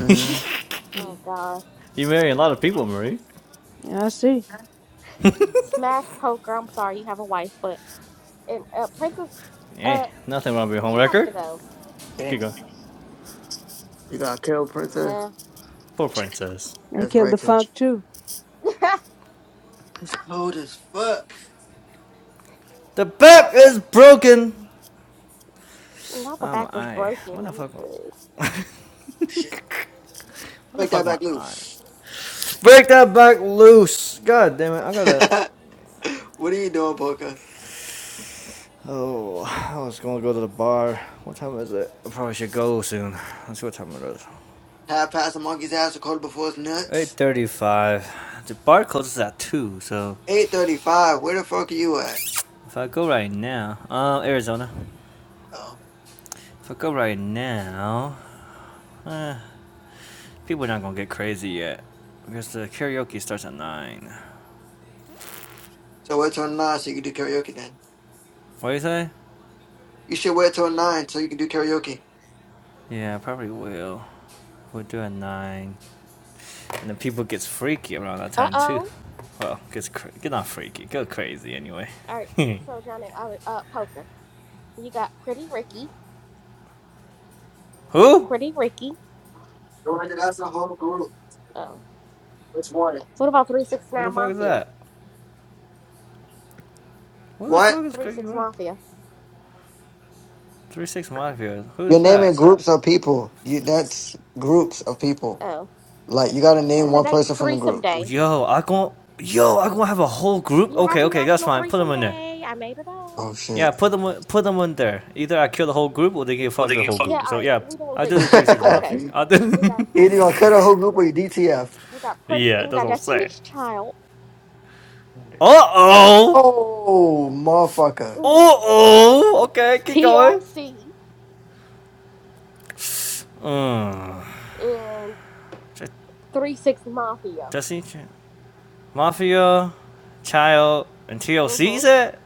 [SPEAKER 1] Mm-hmm.
[SPEAKER 2] Oh
[SPEAKER 4] Mm.
[SPEAKER 2] God.
[SPEAKER 5] You're a lot of people, Marie.
[SPEAKER 4] I see.
[SPEAKER 2] Smash Poker. I'm sorry, you have a wife, but and uh, Princess,
[SPEAKER 5] Eh,
[SPEAKER 2] uh,
[SPEAKER 5] nothing wrong with your home
[SPEAKER 2] she has to
[SPEAKER 5] record.
[SPEAKER 2] go.
[SPEAKER 1] Damn.
[SPEAKER 5] Keep going.
[SPEAKER 1] You gonna kill Princess?
[SPEAKER 2] Yeah.
[SPEAKER 5] Poor princess.
[SPEAKER 4] And
[SPEAKER 1] That's
[SPEAKER 4] kill the
[SPEAKER 1] righteous.
[SPEAKER 4] funk too.
[SPEAKER 1] It's cold as fuck.
[SPEAKER 5] The back is broken!
[SPEAKER 2] Not the
[SPEAKER 5] Oh my
[SPEAKER 2] back was
[SPEAKER 5] eye. What
[SPEAKER 2] broken.
[SPEAKER 5] the
[SPEAKER 2] I'm
[SPEAKER 5] fuck my what
[SPEAKER 2] good.
[SPEAKER 1] Oh, Shit.
[SPEAKER 5] the
[SPEAKER 1] Break
[SPEAKER 5] fuck
[SPEAKER 1] that
[SPEAKER 5] my
[SPEAKER 1] back
[SPEAKER 5] eye?
[SPEAKER 1] loose.
[SPEAKER 5] Break that back loose! God damn it, I gotta
[SPEAKER 1] what are you doing, Polka?
[SPEAKER 5] Oh I was gonna go to the bar. What time is it? I probably should go soon. Let's see what time it is.
[SPEAKER 1] Half past a monkey's ass a quarter before it's nuts?
[SPEAKER 5] 8:35. The bar closes at two, so
[SPEAKER 1] 8.35, where the fuck are you at?
[SPEAKER 5] if I go right now, uh, Arizona.
[SPEAKER 1] Oh.
[SPEAKER 5] If I go right now, uh, people are not gonna get crazy yet because the karaoke starts at nine.
[SPEAKER 1] So wait till 9 so you can do karaoke then.
[SPEAKER 5] What do you say?
[SPEAKER 1] You should wait till 9 so you can do karaoke.
[SPEAKER 5] Yeah, I probably will. We'll do at nine, and then people gets freaky around that
[SPEAKER 2] Uh
[SPEAKER 5] time too.
[SPEAKER 2] oh.
[SPEAKER 5] Well, gets cra- get not freaky, go crazy anyway.
[SPEAKER 2] All right. So Johnny, I uh, poker. You got Pretty Ricky.
[SPEAKER 5] Who?
[SPEAKER 2] Pretty Ricky.
[SPEAKER 1] Jordan, that's a whole group.
[SPEAKER 2] Oh.
[SPEAKER 1] Which one?
[SPEAKER 2] What about Three Six
[SPEAKER 5] What the
[SPEAKER 2] Nine
[SPEAKER 5] fuck is
[SPEAKER 2] Mafia?
[SPEAKER 5] that? What the
[SPEAKER 1] What?
[SPEAKER 5] fuck is
[SPEAKER 2] Three
[SPEAKER 5] crazy?
[SPEAKER 2] Six
[SPEAKER 5] What?
[SPEAKER 2] Mafia.
[SPEAKER 5] Three six mafia. Who's
[SPEAKER 1] You're
[SPEAKER 5] that?
[SPEAKER 1] naming groups of people. You That's groups of people.
[SPEAKER 2] Oh.
[SPEAKER 1] Like, you gotta name one
[SPEAKER 2] Today is
[SPEAKER 1] person from the
[SPEAKER 2] threesome
[SPEAKER 1] group.
[SPEAKER 2] day.
[SPEAKER 5] Yo, I gon' yo, I gon' have a whole group.
[SPEAKER 2] Yeah.
[SPEAKER 5] Okay,
[SPEAKER 2] Happy
[SPEAKER 5] okay, that's
[SPEAKER 2] National
[SPEAKER 5] fine. Put them
[SPEAKER 2] Threesome
[SPEAKER 5] in there.
[SPEAKER 2] Day. I made it up.
[SPEAKER 1] Oh,
[SPEAKER 5] Yeah,
[SPEAKER 1] shit.
[SPEAKER 5] put them put them in there. Either I kill the whole group or they get fucked the whole
[SPEAKER 2] Yeah.
[SPEAKER 5] group.
[SPEAKER 2] All
[SPEAKER 5] So
[SPEAKER 2] right.
[SPEAKER 5] yeah,
[SPEAKER 2] We doing
[SPEAKER 5] I did
[SPEAKER 2] groups.
[SPEAKER 5] the three six
[SPEAKER 1] Either
[SPEAKER 5] mafia.
[SPEAKER 2] Okay.
[SPEAKER 1] you
[SPEAKER 5] I
[SPEAKER 2] We got
[SPEAKER 5] did.
[SPEAKER 1] gonna cut a whole group or you DTF.
[SPEAKER 2] we got Pretty.
[SPEAKER 5] yeah,
[SPEAKER 2] We
[SPEAKER 5] that's
[SPEAKER 2] got
[SPEAKER 5] what I'm saying.
[SPEAKER 2] Destiny's Child.
[SPEAKER 5] Uh oh.
[SPEAKER 1] Oh, motherfucker.
[SPEAKER 5] Uh
[SPEAKER 2] Ooh.
[SPEAKER 5] oh. Okay, keep going.
[SPEAKER 2] TLC
[SPEAKER 5] Mm.
[SPEAKER 2] and
[SPEAKER 5] J-
[SPEAKER 2] Three Six Mafia.
[SPEAKER 5] Jesse, mafia, child, and TLC. Is
[SPEAKER 2] Mhm.
[SPEAKER 5] it?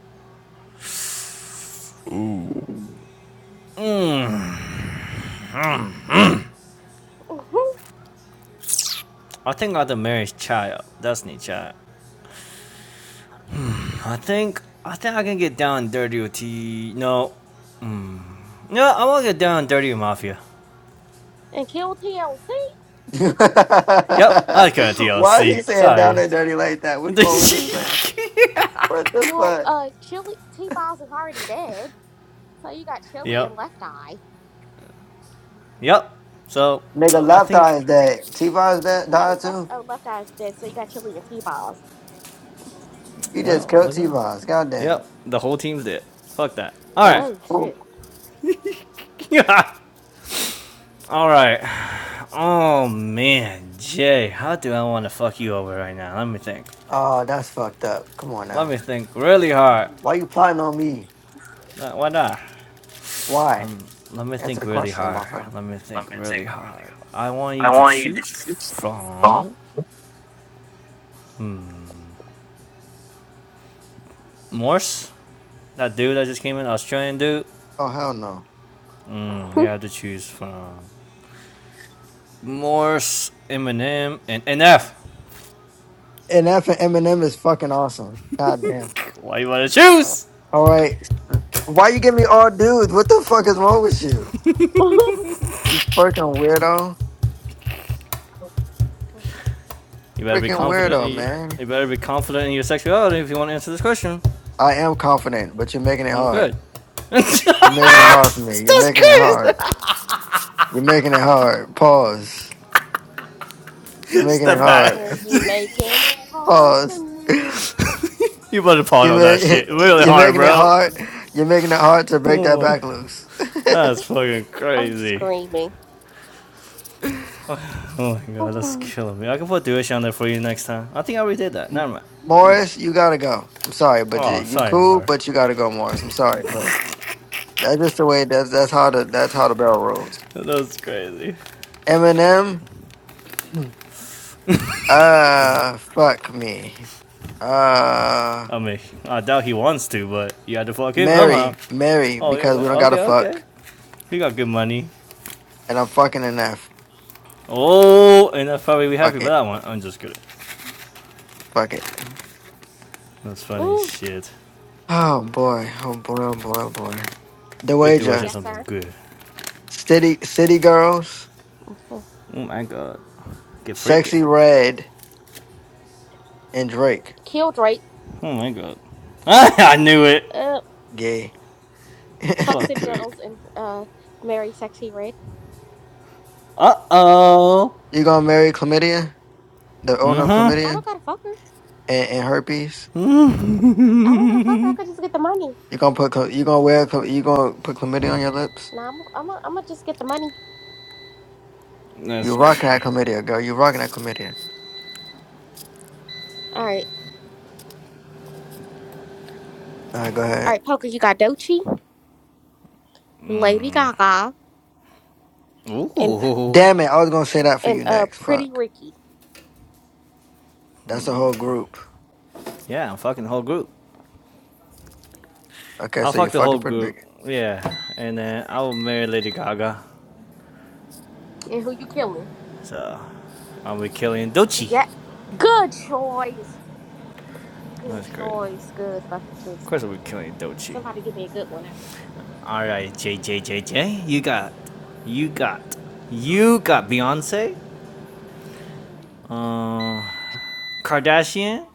[SPEAKER 2] Mhm.
[SPEAKER 5] I think I the marriage child, Destiny child. I think I think I can get down and dirty with T. No, No, I want to get down and dirty with Mafia.
[SPEAKER 2] and kill TLC.
[SPEAKER 5] Yep, I got a D L
[SPEAKER 1] Why is
[SPEAKER 5] C.
[SPEAKER 1] he saying down
[SPEAKER 5] Sorry.
[SPEAKER 1] and dirty like that? What's wrong with this man? What the
[SPEAKER 2] Well,
[SPEAKER 1] fuck?
[SPEAKER 2] uh, Chili T Boz is already dead, so you got Chili
[SPEAKER 5] yep,
[SPEAKER 2] and Left Eye.
[SPEAKER 5] yep. So,
[SPEAKER 1] Nigga,
[SPEAKER 5] I
[SPEAKER 1] left
[SPEAKER 5] think,
[SPEAKER 1] eye is dead. T Von's dead,
[SPEAKER 2] No,
[SPEAKER 1] died
[SPEAKER 2] left.
[SPEAKER 1] too?
[SPEAKER 2] Oh, Left Eye is dead, so you got Chili and T Boz.
[SPEAKER 1] You just
[SPEAKER 5] well,
[SPEAKER 1] killed
[SPEAKER 5] look at
[SPEAKER 1] T
[SPEAKER 5] that.
[SPEAKER 1] Von's. Goddamn.
[SPEAKER 5] Yep, the whole team's dead. Fuck that. Alright.
[SPEAKER 1] Oh,
[SPEAKER 2] Oh
[SPEAKER 1] oh.
[SPEAKER 2] shit.
[SPEAKER 5] Alright. Oh, man. Jay, how do I want to fuck you over right now? Let me think.
[SPEAKER 1] Oh, that's fucked up. Come on
[SPEAKER 5] Let
[SPEAKER 1] now.
[SPEAKER 5] me think really hard.
[SPEAKER 1] Why you plotting on me?
[SPEAKER 5] Uh, Why not?
[SPEAKER 1] Why?
[SPEAKER 5] Um, let me
[SPEAKER 1] Answer
[SPEAKER 5] think
[SPEAKER 1] the
[SPEAKER 5] really
[SPEAKER 1] question, my
[SPEAKER 5] hard.
[SPEAKER 1] friend.
[SPEAKER 5] Let me think really hard. I want you to choose from Morse, That dude that just came in, Australian dude.
[SPEAKER 1] Oh, hell no.
[SPEAKER 5] Mm, you have to choose from Morse, Eminem, and NF.
[SPEAKER 1] And that for Eminem is fucking awesome. Goddamn.
[SPEAKER 5] Why you wanna choose?
[SPEAKER 1] All right. Why you give me all dudes? What the fuck is wrong with you?
[SPEAKER 2] Are
[SPEAKER 1] You fucking weirdo.
[SPEAKER 5] You better be
[SPEAKER 1] Freaking
[SPEAKER 5] confident in
[SPEAKER 1] weirdo,
[SPEAKER 5] you.
[SPEAKER 1] man.
[SPEAKER 5] You better be confident in your sexuality if you want to answer this question.
[SPEAKER 1] I am confident, but you're making it
[SPEAKER 5] Mm,
[SPEAKER 1] hard.
[SPEAKER 5] good.
[SPEAKER 1] You're
[SPEAKER 5] That's
[SPEAKER 1] making it hard for me. You're making it hard.
[SPEAKER 5] crazy.
[SPEAKER 1] You're making it hard. Pause. You're making it
[SPEAKER 5] Step back.
[SPEAKER 1] hard.
[SPEAKER 2] you making it hard for
[SPEAKER 1] Pause.
[SPEAKER 2] me?
[SPEAKER 5] You better pause
[SPEAKER 1] You're,
[SPEAKER 5] on that
[SPEAKER 1] ma-
[SPEAKER 5] shit really
[SPEAKER 1] you're
[SPEAKER 5] hard,
[SPEAKER 1] making it
[SPEAKER 5] bro.
[SPEAKER 1] hard. You're making it hard to break that
[SPEAKER 5] Oh my,
[SPEAKER 1] back loose.
[SPEAKER 5] that's fucking
[SPEAKER 2] I'm
[SPEAKER 5] crazy.
[SPEAKER 2] screaming.
[SPEAKER 5] Oh my god, that's killing me. I can put Duish on there for you next time. I think I already did that. Never mind. Move on.
[SPEAKER 1] Morris, you gotta go. I'm sorry, but you,
[SPEAKER 5] Oh,
[SPEAKER 1] you
[SPEAKER 5] sorry,
[SPEAKER 1] cool,
[SPEAKER 5] Morse.
[SPEAKER 1] but you gotta go, Morris. I'm sorry, but that's just the way. That's that's how the that's how the bell rolls.
[SPEAKER 5] That was crazy.
[SPEAKER 1] Eminem, uh, fuck me. Uh,
[SPEAKER 5] I mean, I doubt he wants to, but you had to fuck him somehow.
[SPEAKER 1] Mary, Mary,
[SPEAKER 5] Oh, yo,
[SPEAKER 1] because
[SPEAKER 5] man.
[SPEAKER 1] we don't gotta
[SPEAKER 5] okay, okay.
[SPEAKER 1] fuck,
[SPEAKER 5] He got good money.
[SPEAKER 1] and I'm fucking enough.
[SPEAKER 5] Oh, and that's probably we happy
[SPEAKER 1] Fuck
[SPEAKER 5] with
[SPEAKER 1] it,
[SPEAKER 5] that one. I'm just kidding.
[SPEAKER 1] fuck it.
[SPEAKER 5] That's funny
[SPEAKER 2] Ooh.
[SPEAKER 5] shit.
[SPEAKER 1] Oh boy, oh boy, oh boy, oh boy. The
[SPEAKER 5] Get to watch
[SPEAKER 1] wager,
[SPEAKER 2] Yes,
[SPEAKER 5] something
[SPEAKER 2] sir.
[SPEAKER 5] good.
[SPEAKER 1] city, city girls,
[SPEAKER 2] Mhm.
[SPEAKER 5] Oh my god. Get freaky.
[SPEAKER 1] sexy red, and Drake,
[SPEAKER 2] Kill Drake.
[SPEAKER 5] Oh my god. I knew it.
[SPEAKER 2] Uh,
[SPEAKER 1] gay.
[SPEAKER 2] fuck
[SPEAKER 5] Fuck
[SPEAKER 2] City
[SPEAKER 5] Drake.
[SPEAKER 2] Girls and uh, marry Sexy Red.
[SPEAKER 5] Uh oh.
[SPEAKER 1] you gonna marry chlamydia, the owner of
[SPEAKER 2] I don't
[SPEAKER 1] chlamydia
[SPEAKER 2] gotta fuck her.
[SPEAKER 1] and, and herpes?
[SPEAKER 2] I don't gotta fuck her. I could just get the money.
[SPEAKER 1] You gonna put chla- you gonna wear chla- you gonna put chlamydia on your lips?
[SPEAKER 2] Nah, i I'm am going to just get the money.
[SPEAKER 1] You
[SPEAKER 5] That's
[SPEAKER 1] rocking that
[SPEAKER 5] great.
[SPEAKER 1] chlamydia, girl. You rocking that chlamydia.
[SPEAKER 2] All right,
[SPEAKER 1] All right, go
[SPEAKER 2] all
[SPEAKER 1] ahead.
[SPEAKER 2] right, Poker. You got Dochi, Lady Gaga, and
[SPEAKER 5] Ooh.
[SPEAKER 1] Damn it, I was gonna say that for
[SPEAKER 2] and
[SPEAKER 1] you
[SPEAKER 2] uh,
[SPEAKER 1] next.
[SPEAKER 2] Pretty
[SPEAKER 1] Fuck,
[SPEAKER 2] Ricky.
[SPEAKER 1] that's a whole group.
[SPEAKER 5] Yeah, I'm fucking the whole group.
[SPEAKER 1] Okay,
[SPEAKER 5] I'll
[SPEAKER 1] so you're
[SPEAKER 5] fuck the
[SPEAKER 1] fucking
[SPEAKER 5] whole
[SPEAKER 1] pretty
[SPEAKER 5] group.
[SPEAKER 1] Rican.
[SPEAKER 5] Yeah, and then I will marry Lady Gaga.
[SPEAKER 2] And who you killing?
[SPEAKER 5] So I'll be killing Dochi.
[SPEAKER 2] Yeah, good choice. Good
[SPEAKER 5] That's crazy.
[SPEAKER 2] choice. Good fucking
[SPEAKER 5] Of
[SPEAKER 2] choice.
[SPEAKER 5] course, we're killing Dochi.
[SPEAKER 2] Somebody give me a good one.
[SPEAKER 5] All right, J J J J, you got, you got, you got Beyonce, uh, Kardashian,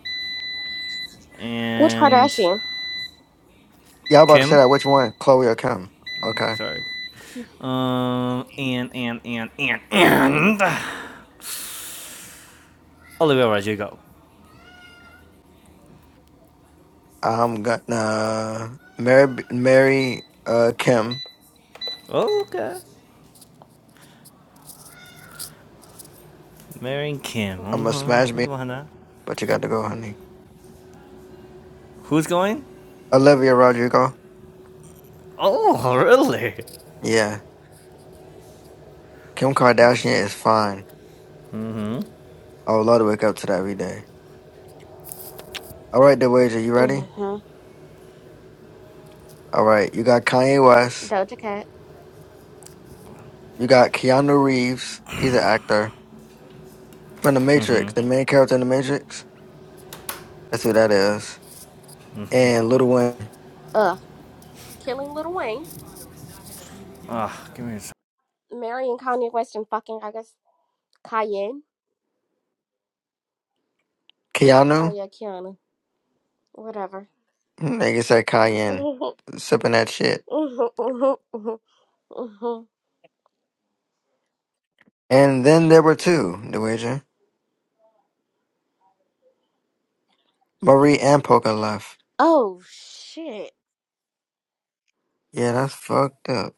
[SPEAKER 2] Which
[SPEAKER 5] and
[SPEAKER 2] Kardashian?
[SPEAKER 1] Y'all about to say
[SPEAKER 5] Kim.
[SPEAKER 1] that. Which one, Chloe or Kim? Okay,
[SPEAKER 5] Sorry. Um, and and and and and Olivia Rodrigo.
[SPEAKER 1] I'm gonna marry marry uh Kim.
[SPEAKER 5] Okay, marrying Kim.
[SPEAKER 1] I'm
[SPEAKER 5] I'm
[SPEAKER 1] gonna
[SPEAKER 5] going.
[SPEAKER 1] smash
[SPEAKER 5] Okay,
[SPEAKER 1] me,
[SPEAKER 5] come on
[SPEAKER 1] but you got to go, honey.
[SPEAKER 5] Who's going?
[SPEAKER 1] Olivia Rodrigo.
[SPEAKER 5] Oh, really?
[SPEAKER 1] Yeah, Kim
[SPEAKER 5] Interesting.
[SPEAKER 1] Kardashian is fine. I would love to wake up to that every day. All right, the wager. You ready?
[SPEAKER 2] Mm-hmm.
[SPEAKER 1] All right, you got Kanye West.
[SPEAKER 2] Doja Cat.
[SPEAKER 1] You got Keanu Reeves. He's an actor from The Matrix, the main character in The Matrix. That's who that is. And Little Wayne.
[SPEAKER 2] Ugh. Killing Little Wayne.
[SPEAKER 5] Ah, oh, give me a
[SPEAKER 2] Marrying Kanye West and fucking I guess Cayenne.
[SPEAKER 1] Keanu.
[SPEAKER 2] Oh yeah, Kiana. Whatever.
[SPEAKER 1] Niggas at Cayenne sipping that shit. And then there were two, the Marie and Poker left.
[SPEAKER 2] oh shit.
[SPEAKER 1] Yeah, that's fucked up.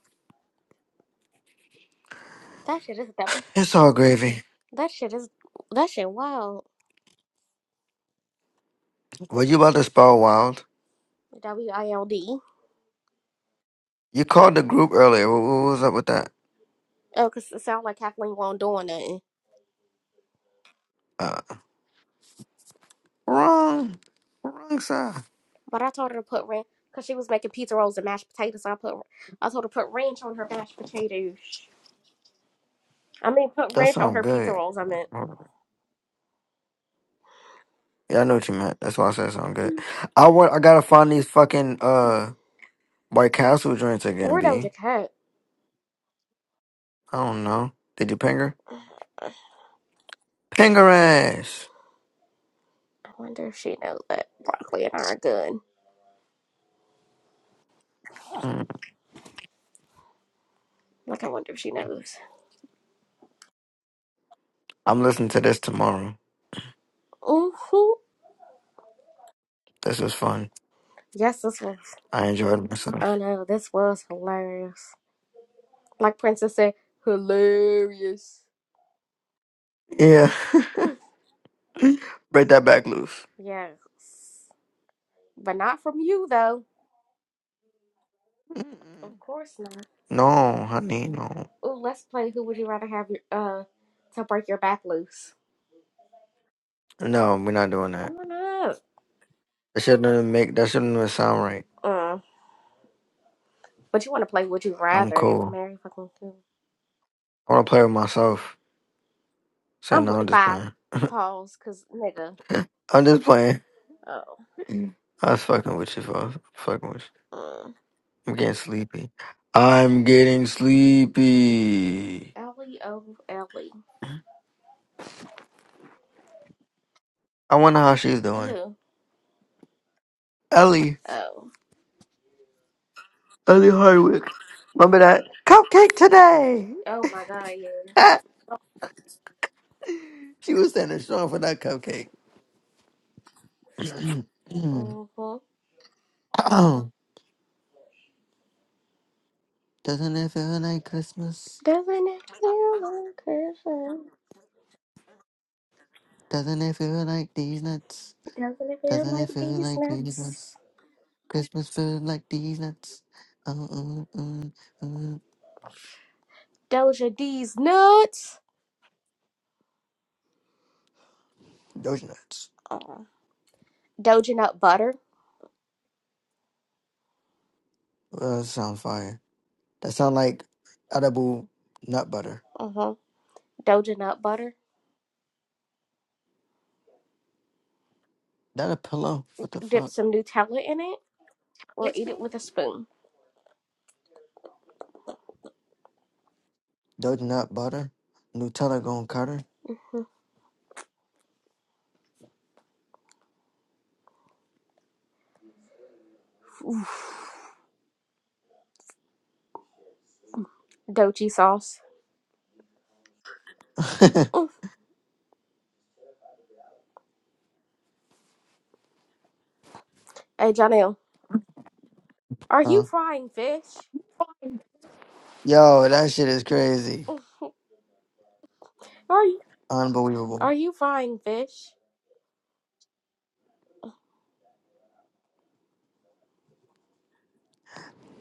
[SPEAKER 2] That shit is that
[SPEAKER 1] It's all gravy.
[SPEAKER 2] That shit is that shit wild.
[SPEAKER 1] Were you about to spell wild?
[SPEAKER 2] W I L D.
[SPEAKER 1] You called the group earlier. What, what was up with that?
[SPEAKER 2] Oh, cause it sounded like Kathleen wasn't doing nothing.
[SPEAKER 1] Uh, wrong. Wrong side.
[SPEAKER 2] But I told her to put ranch cause she was making pizza rolls and mashed potatoes. I put I told her to put ranch on her mashed potatoes. I mean, put
[SPEAKER 1] That
[SPEAKER 2] ranch on
[SPEAKER 1] sound
[SPEAKER 2] her pizza
[SPEAKER 1] good.
[SPEAKER 2] rolls. I meant.
[SPEAKER 1] Yeah, I know what you meant. That's why I said it sound good. I want. I gotta find these fucking uh White Castle joints again.
[SPEAKER 2] Where Doja
[SPEAKER 1] B.
[SPEAKER 2] Cat?
[SPEAKER 1] I don't know. Did you ping her? Ping her ass.
[SPEAKER 2] I wonder if she knows that broccoli and I are good.
[SPEAKER 1] Mm.
[SPEAKER 2] Like I wonder if she knows.
[SPEAKER 1] I'm listening to this tomorrow.
[SPEAKER 2] Ooh.
[SPEAKER 1] This was fun.
[SPEAKER 2] Yes, this was.
[SPEAKER 1] I enjoyed
[SPEAKER 2] Oh
[SPEAKER 1] myself.
[SPEAKER 2] no, this was hilarious. Like Princess said, hilarious.
[SPEAKER 1] Yeah.
[SPEAKER 2] Mm,
[SPEAKER 1] Break that back loose.
[SPEAKER 2] Yes. But not from you, though.
[SPEAKER 1] Mm.
[SPEAKER 2] Of course not.
[SPEAKER 1] No, honey, no.
[SPEAKER 2] Ooh, let's play Who Would You Rather Have Your, uh, to Break Your Back Loose.
[SPEAKER 1] No, we're not doing that.
[SPEAKER 2] Oh no.
[SPEAKER 1] That shouldn't even make that shouldn't even sound right.
[SPEAKER 2] Uh, but you want to play Would You
[SPEAKER 1] I'm
[SPEAKER 2] Rather and
[SPEAKER 1] cool.
[SPEAKER 2] Mary fucking Sue.
[SPEAKER 1] I wanna play with myself. Say
[SPEAKER 2] I'm,
[SPEAKER 1] no, I'm
[SPEAKER 2] li-
[SPEAKER 1] just
[SPEAKER 2] bye.
[SPEAKER 1] playing.
[SPEAKER 2] Pause, cause nigga.
[SPEAKER 1] I'm just playing.
[SPEAKER 2] Oh.
[SPEAKER 1] Mm. I was fucking with you, folks. Fucking with you.
[SPEAKER 2] Uh,
[SPEAKER 1] I'm getting sleepy. I'm getting sleepy.
[SPEAKER 2] Ellie, oh, Ellie.
[SPEAKER 1] I wonder how she's doing.
[SPEAKER 2] Who?
[SPEAKER 1] Ellie.
[SPEAKER 2] Oh.
[SPEAKER 1] Ellie Hardwick. Remember that cupcake today.
[SPEAKER 2] Oh my god, yeah.
[SPEAKER 1] She was standing strong for that cupcake.
[SPEAKER 2] Mm-hmm.
[SPEAKER 1] Doesn't it feel like Christmas?
[SPEAKER 2] Doesn't it feel like Christmas?
[SPEAKER 1] Doesn't it feel like these nuts?
[SPEAKER 2] Doesn't it feel
[SPEAKER 1] Doesn't
[SPEAKER 2] like
[SPEAKER 1] it feel
[SPEAKER 2] these
[SPEAKER 1] like
[SPEAKER 2] nuts?
[SPEAKER 1] Christmas? Christmas feels like these nuts. Uh, uh, uh, uh.
[SPEAKER 2] Doja D's nuts.
[SPEAKER 1] Those nuts.
[SPEAKER 2] Uh, Doja nut butter.
[SPEAKER 1] Uh, that sound fire. That sound like edible nut butter.
[SPEAKER 2] Uh huh. Doja nut butter.
[SPEAKER 1] That a pillow? What the
[SPEAKER 2] Dip
[SPEAKER 1] fuck?
[SPEAKER 2] some Nutella in it or eat it with a spoon.
[SPEAKER 1] Those nut butter? Nutella gonna cut her?
[SPEAKER 2] Doji sauce. Mm. Hey, Janelle, are you
[SPEAKER 1] uh,
[SPEAKER 2] frying fish?
[SPEAKER 1] yo, that shit is crazy.
[SPEAKER 2] Are you,
[SPEAKER 1] Unbelievable.
[SPEAKER 2] are you frying fish?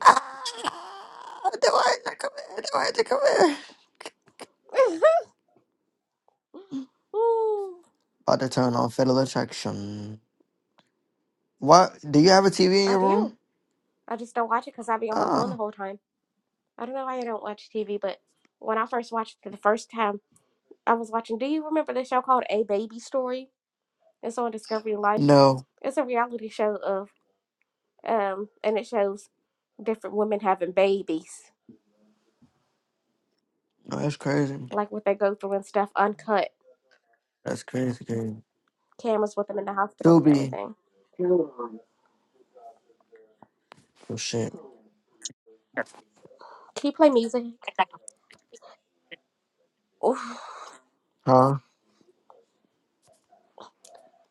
[SPEAKER 1] Ah, the words are coming. The words come coming.
[SPEAKER 2] Ooh,
[SPEAKER 1] About to turn on Fatal Attraction. What? Do you have a TV in
[SPEAKER 2] I
[SPEAKER 1] your
[SPEAKER 2] do.
[SPEAKER 1] room?
[SPEAKER 2] I just don't watch it because I be on my phone the
[SPEAKER 1] Oh,
[SPEAKER 2] whole time. I don't know why I don't watch TV, but when I first watched it for the first time, I was watching. Do you remember the show called A Baby Story? It's on Discovery Life.
[SPEAKER 1] no.
[SPEAKER 2] It's a reality show of, um, and it shows different women having babies.
[SPEAKER 1] No, that's crazy.
[SPEAKER 2] like what they go through and stuff, uncut
[SPEAKER 1] That's crazy, crazy.
[SPEAKER 2] cameras with them in the hospital and
[SPEAKER 1] Tubi.
[SPEAKER 2] everything.
[SPEAKER 1] Oh, shit.
[SPEAKER 2] Can you play music? Oof.
[SPEAKER 1] Huh?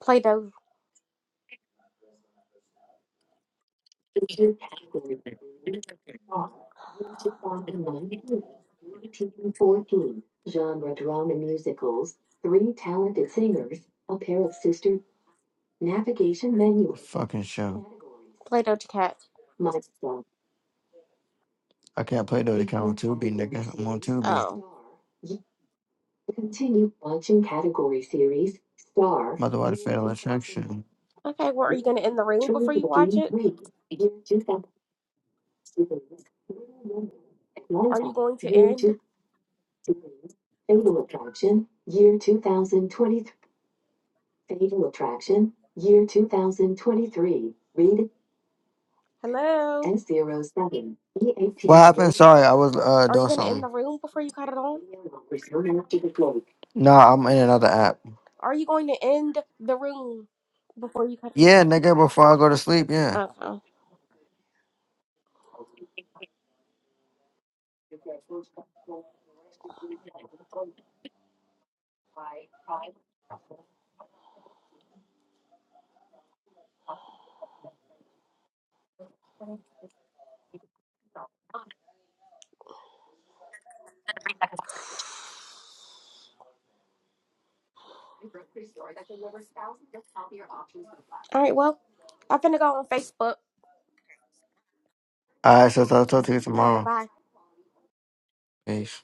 [SPEAKER 2] Play Do
[SPEAKER 1] Fucking
[SPEAKER 2] Play Doja Cat.
[SPEAKER 1] show. I can't play those account on Tubi, nigga. I'm on Tubi.
[SPEAKER 2] Oh,
[SPEAKER 1] Continue watching category series Star. Motherwise, fatal attraction.
[SPEAKER 2] okay. Well, are you gonna end the room
[SPEAKER 1] Two
[SPEAKER 2] before
[SPEAKER 1] to
[SPEAKER 2] you watch
[SPEAKER 1] the
[SPEAKER 2] it?
[SPEAKER 1] Read. Fatal
[SPEAKER 2] Are you going to end?
[SPEAKER 1] Fatal Attraction. Attraction. Year Year two thousand twenty. Fatal Attraction, year two thousand twenty-three. Read
[SPEAKER 2] Hello.
[SPEAKER 1] S zero seven. E A T. What happened? Sorry, I was uh
[SPEAKER 2] Are you
[SPEAKER 1] doing
[SPEAKER 2] gonna end the
[SPEAKER 1] something.
[SPEAKER 2] room before you cut it on?
[SPEAKER 1] Nah, I'm in another app.
[SPEAKER 2] Are you going to end the room before you cut?
[SPEAKER 1] Yeah, nigga, before I go to sleep,
[SPEAKER 2] it?
[SPEAKER 1] yeah.
[SPEAKER 2] Okay. All right. Well, I'm finna go on Facebook.
[SPEAKER 1] Alright, so I'll talk to you
[SPEAKER 2] All right.
[SPEAKER 1] tomorrow.
[SPEAKER 2] Bye.
[SPEAKER 1] Peace.